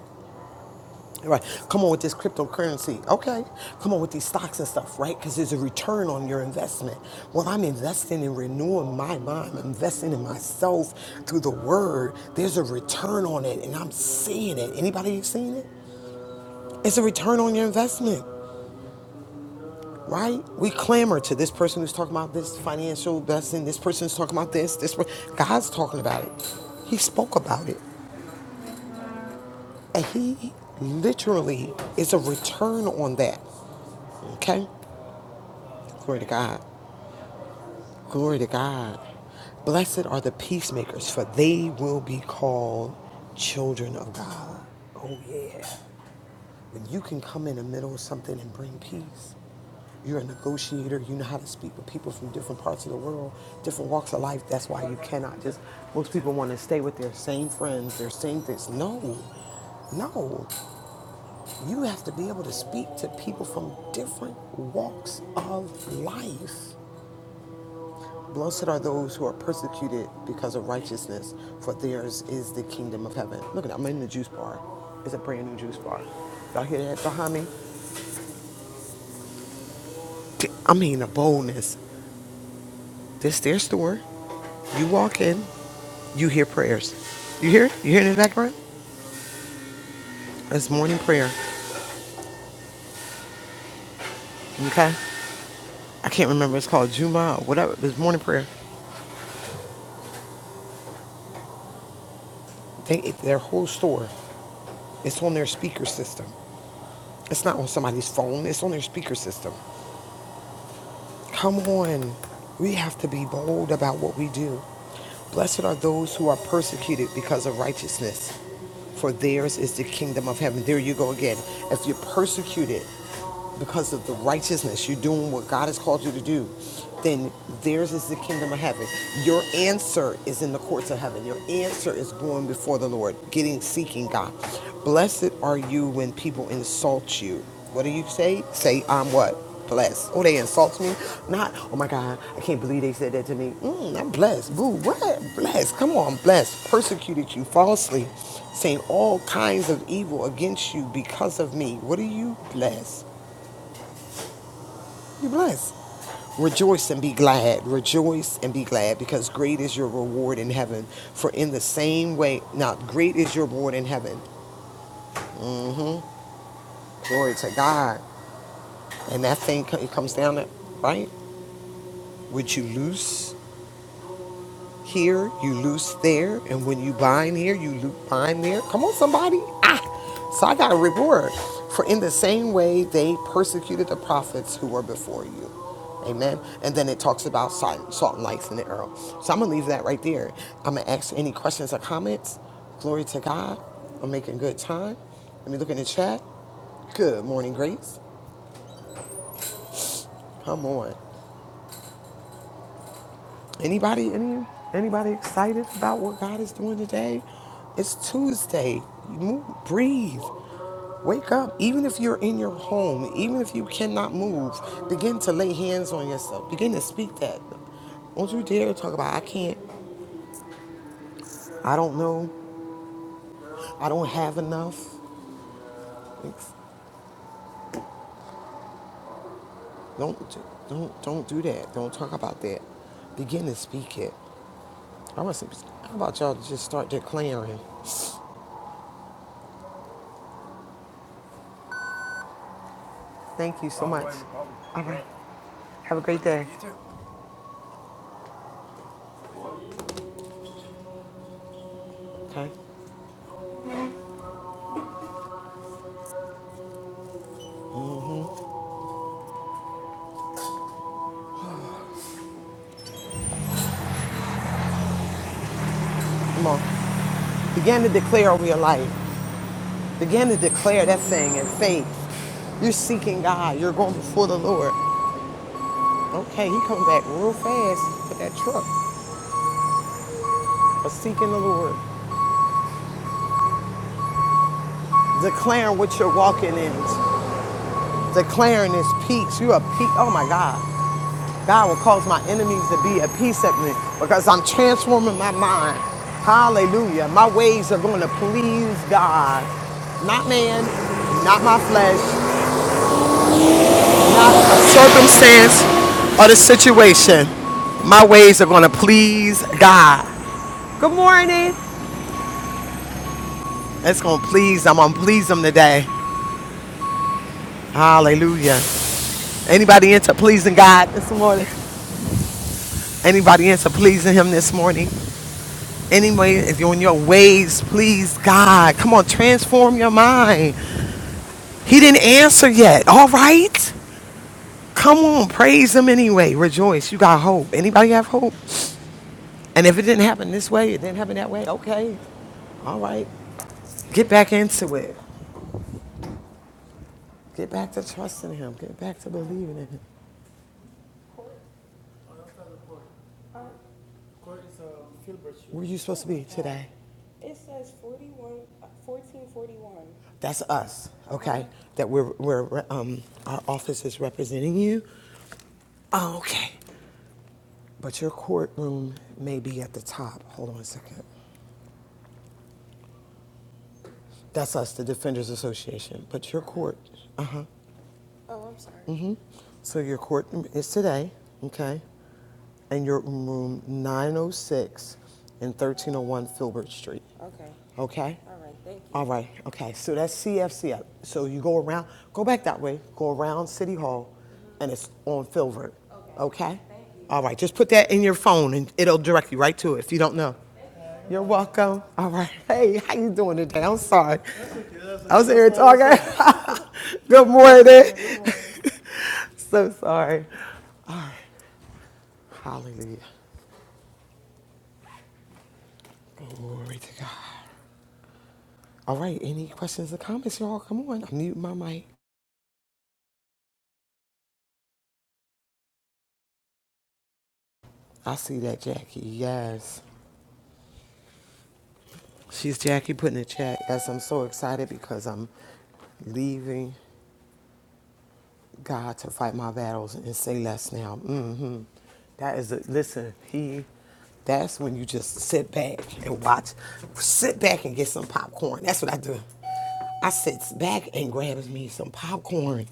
S2: Right. Come on with this cryptocurrency. Okay. Come on with these stocks and stuff, right? Because there's a return on your investment. Well, I'm investing in renewing my mind, I'm investing in myself through the word. There's a return on it, and I'm seeing it. Anybody seeing it? It's a return on your investment. Right? We clamor to this person who's talking about this financial blessing, this person's talking about this, this per- God's talking about it. He spoke about it. And he literally is a return on that. Okay? Glory to God. Glory to God. Blessed are the peacemakers, for they will be called children of God. Oh, yeah. When you can come in the middle of something and bring peace, you're a negotiator. You know how to speak with people from different parts of the world, different walks of life. That's why you cannot just, most people want to stay with their same friends, their same things. No, no. You have to be able to speak to people from different walks of life. Blessed are those who are persecuted because of righteousness, for theirs is the kingdom of heaven. Look at that, I'm in the juice bar. It's a brand new juice bar. Y'all hear that behind me? I mean, a boldness. This is their store. You walk in, you hear prayers. You hear? it? You hear it in the background? It's morning prayer. Okay? I can't remember. It's called Juma or whatever. It's morning prayer. They, their whole store, it's on their speaker system. It's not on somebody's phone. It's on their speaker system. Come on. We have to be bold about what we do. Blessed are those who are persecuted because of righteousness, for theirs is the kingdom of heaven. There you go again. If you're persecuted because of the righteousness, you're doing what God has called you to do, then theirs is the kingdom of heaven. Your answer is in the courts of heaven. Your answer is going before the Lord, getting, seeking God. Blessed are you when people insult you. What do you say? Say, I'm what? Blessed. Oh, they insult me? Not, oh my God, I can't believe they said that to me. Mm, I'm blessed. Boo, what? Blessed. Come on, blessed. Persecuted you falsely, saying all kinds of evil against you because of me. What are you blessed? be blessed. Rejoice and be glad. Rejoice and be glad because great is your reward in heaven. For in the same way, now great is your reward in heaven. Glory to God. And that thing it comes down to, right? Would you loose Here, you loose there, and when you bind here, you loo- bind there. Come on, somebody. Ah! So I got a reward. For in the same way they persecuted the prophets who were before you. Amen. And then it talks about salt, salt and lights in the earth. So I'm going to leave that right there. I'm going to ask any questions or comments. Glory to God. I'm making good time. Let me look in the chat. Good morning, Grace. Come on. Anybody, any, anybody excited about what God is doing today? It's Tuesday. Move, breathe. Wake up. Even if you're in your home, even if you cannot move, begin to lay hands on yourself. Begin to speak that. Don't you dare talk about I can't. I don't know. I don't have enough. It's- Don't don't don't do that. Don't talk about that. Begin to speak it. I want some. How about y'all just start declaring? Thank you so much. All right. Have a great day. Okay. Come on. Begin to declare over your life. Begin to declare that thing in faith. You're seeking God. You're going before the Lord. Okay, he come back real fast to that truck for seeking the Lord. Declaring what you're walking in. Declaring his peace. You're a peace. Oh my God. God will cause my enemies to be at peace at me because I'm transforming my mind. Hallelujah. My ways are going to please God. Not man, not my flesh, circumstance or the situation, my ways are gonna please God. Good morning. It's gonna please Him. I'm gonna please Him today. Hallelujah. Anybody into pleasing God this morning? Anybody into pleasing Him this morning? Anyway, if you're on your ways, please God. Come on, transform your mind. He didn't answer yet. All right. Come on, praise Him anyway. Rejoice. You got hope. Anybody have hope? And if it didn't happen this way, it didn't happen that way. Okay. All right. Get back into it. Get back to trusting Him. Get back to believing in Him. Where are you supposed to be today? That's us, okay? That we're, we're um, our office is representing you. Oh, okay. But your courtroom may be at the top. Hold on a second. That's us, the Defenders Association. But your court, uh, so your court is today, okay? And your room 906 and 1301 Filbert Street. Okay? right, okay, so that's CFCF. So you go around, go back that way, go around City Hall, mm-hmm. and it's on Filbert, okay? Okay? Thank you. All right, just put that in your phone, and it'll direct you right to it if you don't know. You're welcome. All right, hey, how you doing today? I'm sorry. That's okay, that's okay. I was here talking. Good morning. So sorry. Hallelujah. Glory to God. All right, any questions or comments, y'all? Come on, I mute my mic. I see that, Jackie, yes. She's Jackie putting a check. Yes, I'm so excited because I'm leaving God to fight my battles and say less now. hmm That is a listen. He, that's when you just sit back and watch. Sit back and get some popcorn. That's what I do. I sit back and grabs me some popcorn.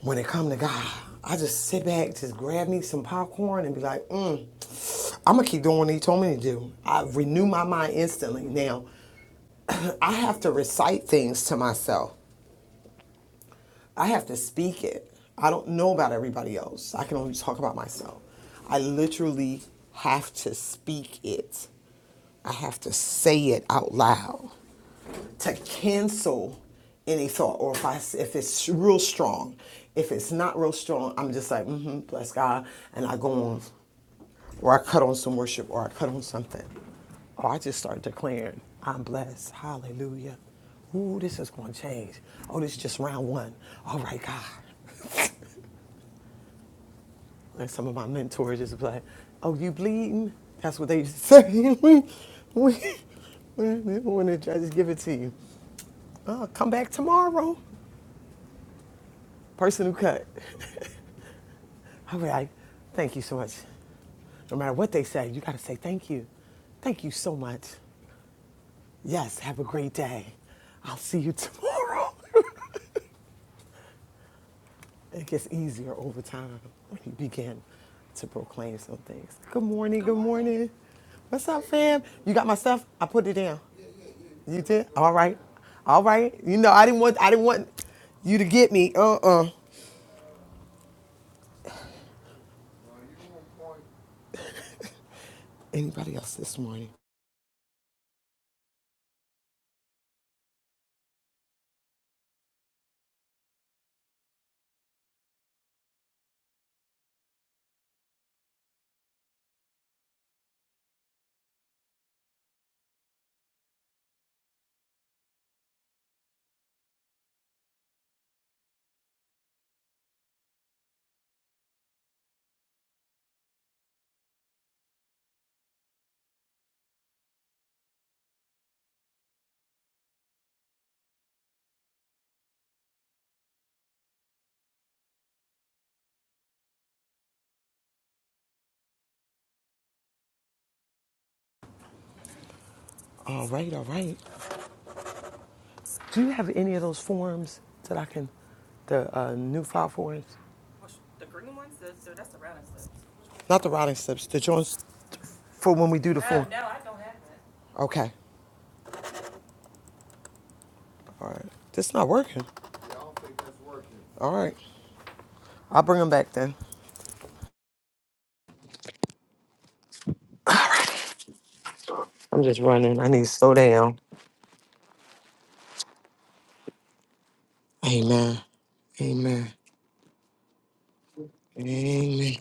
S2: When it come to God, I just sit back, just grab me some popcorn and be like, mm, I'm gonna keep doing what He told me to do. I renew my mind instantly now. I have to recite things to myself. I have to speak it. I don't know about everybody else. I can only talk about myself. I literally have to speak it. I have to say it out loud to cancel any thought or if I if it's real strong. If it's not real strong, I'm just like, mm-hmm, bless God, and I go on or I cut on some worship or I cut on something. Or I just start declaring, I'm blessed. Hallelujah. Ooh, this is going to change. Oh, this is just round one. All right, God. Like some of my mentors just be like, oh, you bleeding? That's what they used to say. when, when, when when the judges give it to you. Oh, come back tomorrow. Person who cut. I'll be like, thank you so much no matter what they say, you got to say thank you. Thank you so much. Yes, have a great day. I'll see you tomorrow. it gets easier over time when you begin to proclaim some things. Good morning, good morning. What's up, fam? You got my stuff? I put it down. You did? All right. All right. You know, I didn't want I didn't want you to get me. Uh-uh. Anybody else this morning? All right, all right. Do you have any of those forms that I can the uh, new file forms? Not the routing slips, the joints for when we do the form. Okay. All right. This not working. All right. I'll bring them back then. I'm just running. I need to slow down. Amen. Amen. Amen.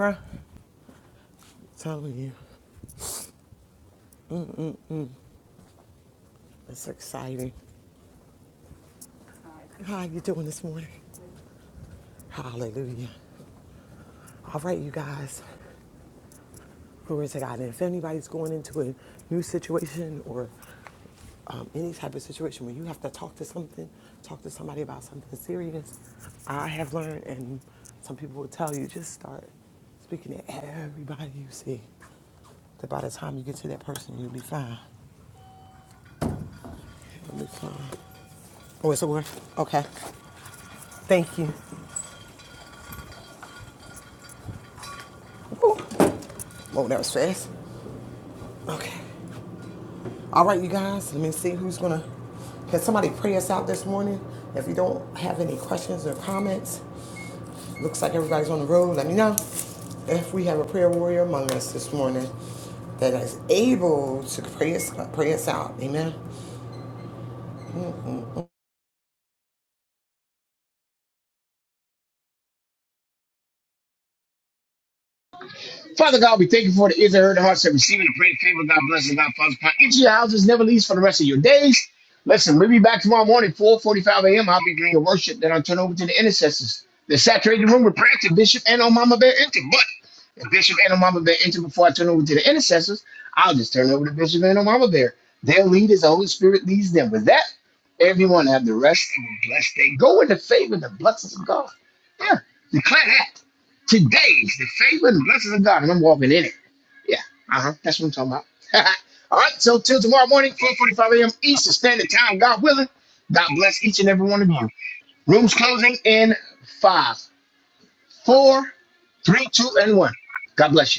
S2: Bruh, telling you, it's exciting. How you doing this morning? Hallelujah. All right, you guys. Glory to God. And if anybody's going into a new situation or um, any type of situation where you have to talk to something, talk to somebody about something serious, I have learned, and some people will tell you, just start speaking to everybody you see. That by the time you get to that person, you'll be fine. You'll be fine. Oh, it's over. Okay. Thank you. Oh, that was fast. Okay. All right, you guys. Let me see who's gonna. Can somebody pray us out this morning? If you don't have any questions or comments, Looks like everybody's on the road. Let me know if we have a prayer warrior among us this morning that is able to pray us, pray us out. Amen.
S7: Father God, we thank you for the ears that heard the hearts that received and the great favor. God bless us. God prosper into your houses, never leaves for the rest of your days. Listen, we'll be back tomorrow morning, 4.45 a.m. I'll be doing your worship. Then I'll turn over to the intercessors. They saturate the room with prayer to Bishop and on Mama Bear Enter. But if Bishop and on Mama Bear Enter before I turn over to the intercessors, I'll just turn over to Bishop and on Mama Bear. Their lead is the Holy Spirit leads them. With that, everyone have the rest of a blessed day. Go in the favor and the blessings of God. Yeah, declare that. Today's the favor and blessings of God, and I'm walking in it. Yeah, uh huh. That's what I'm talking about. All right, so till tomorrow morning, 4:45 a.m. Eastern Standard Time, God willing. God bless each and every one of you. Rooms closing in five, four, three, two, and one. God bless you.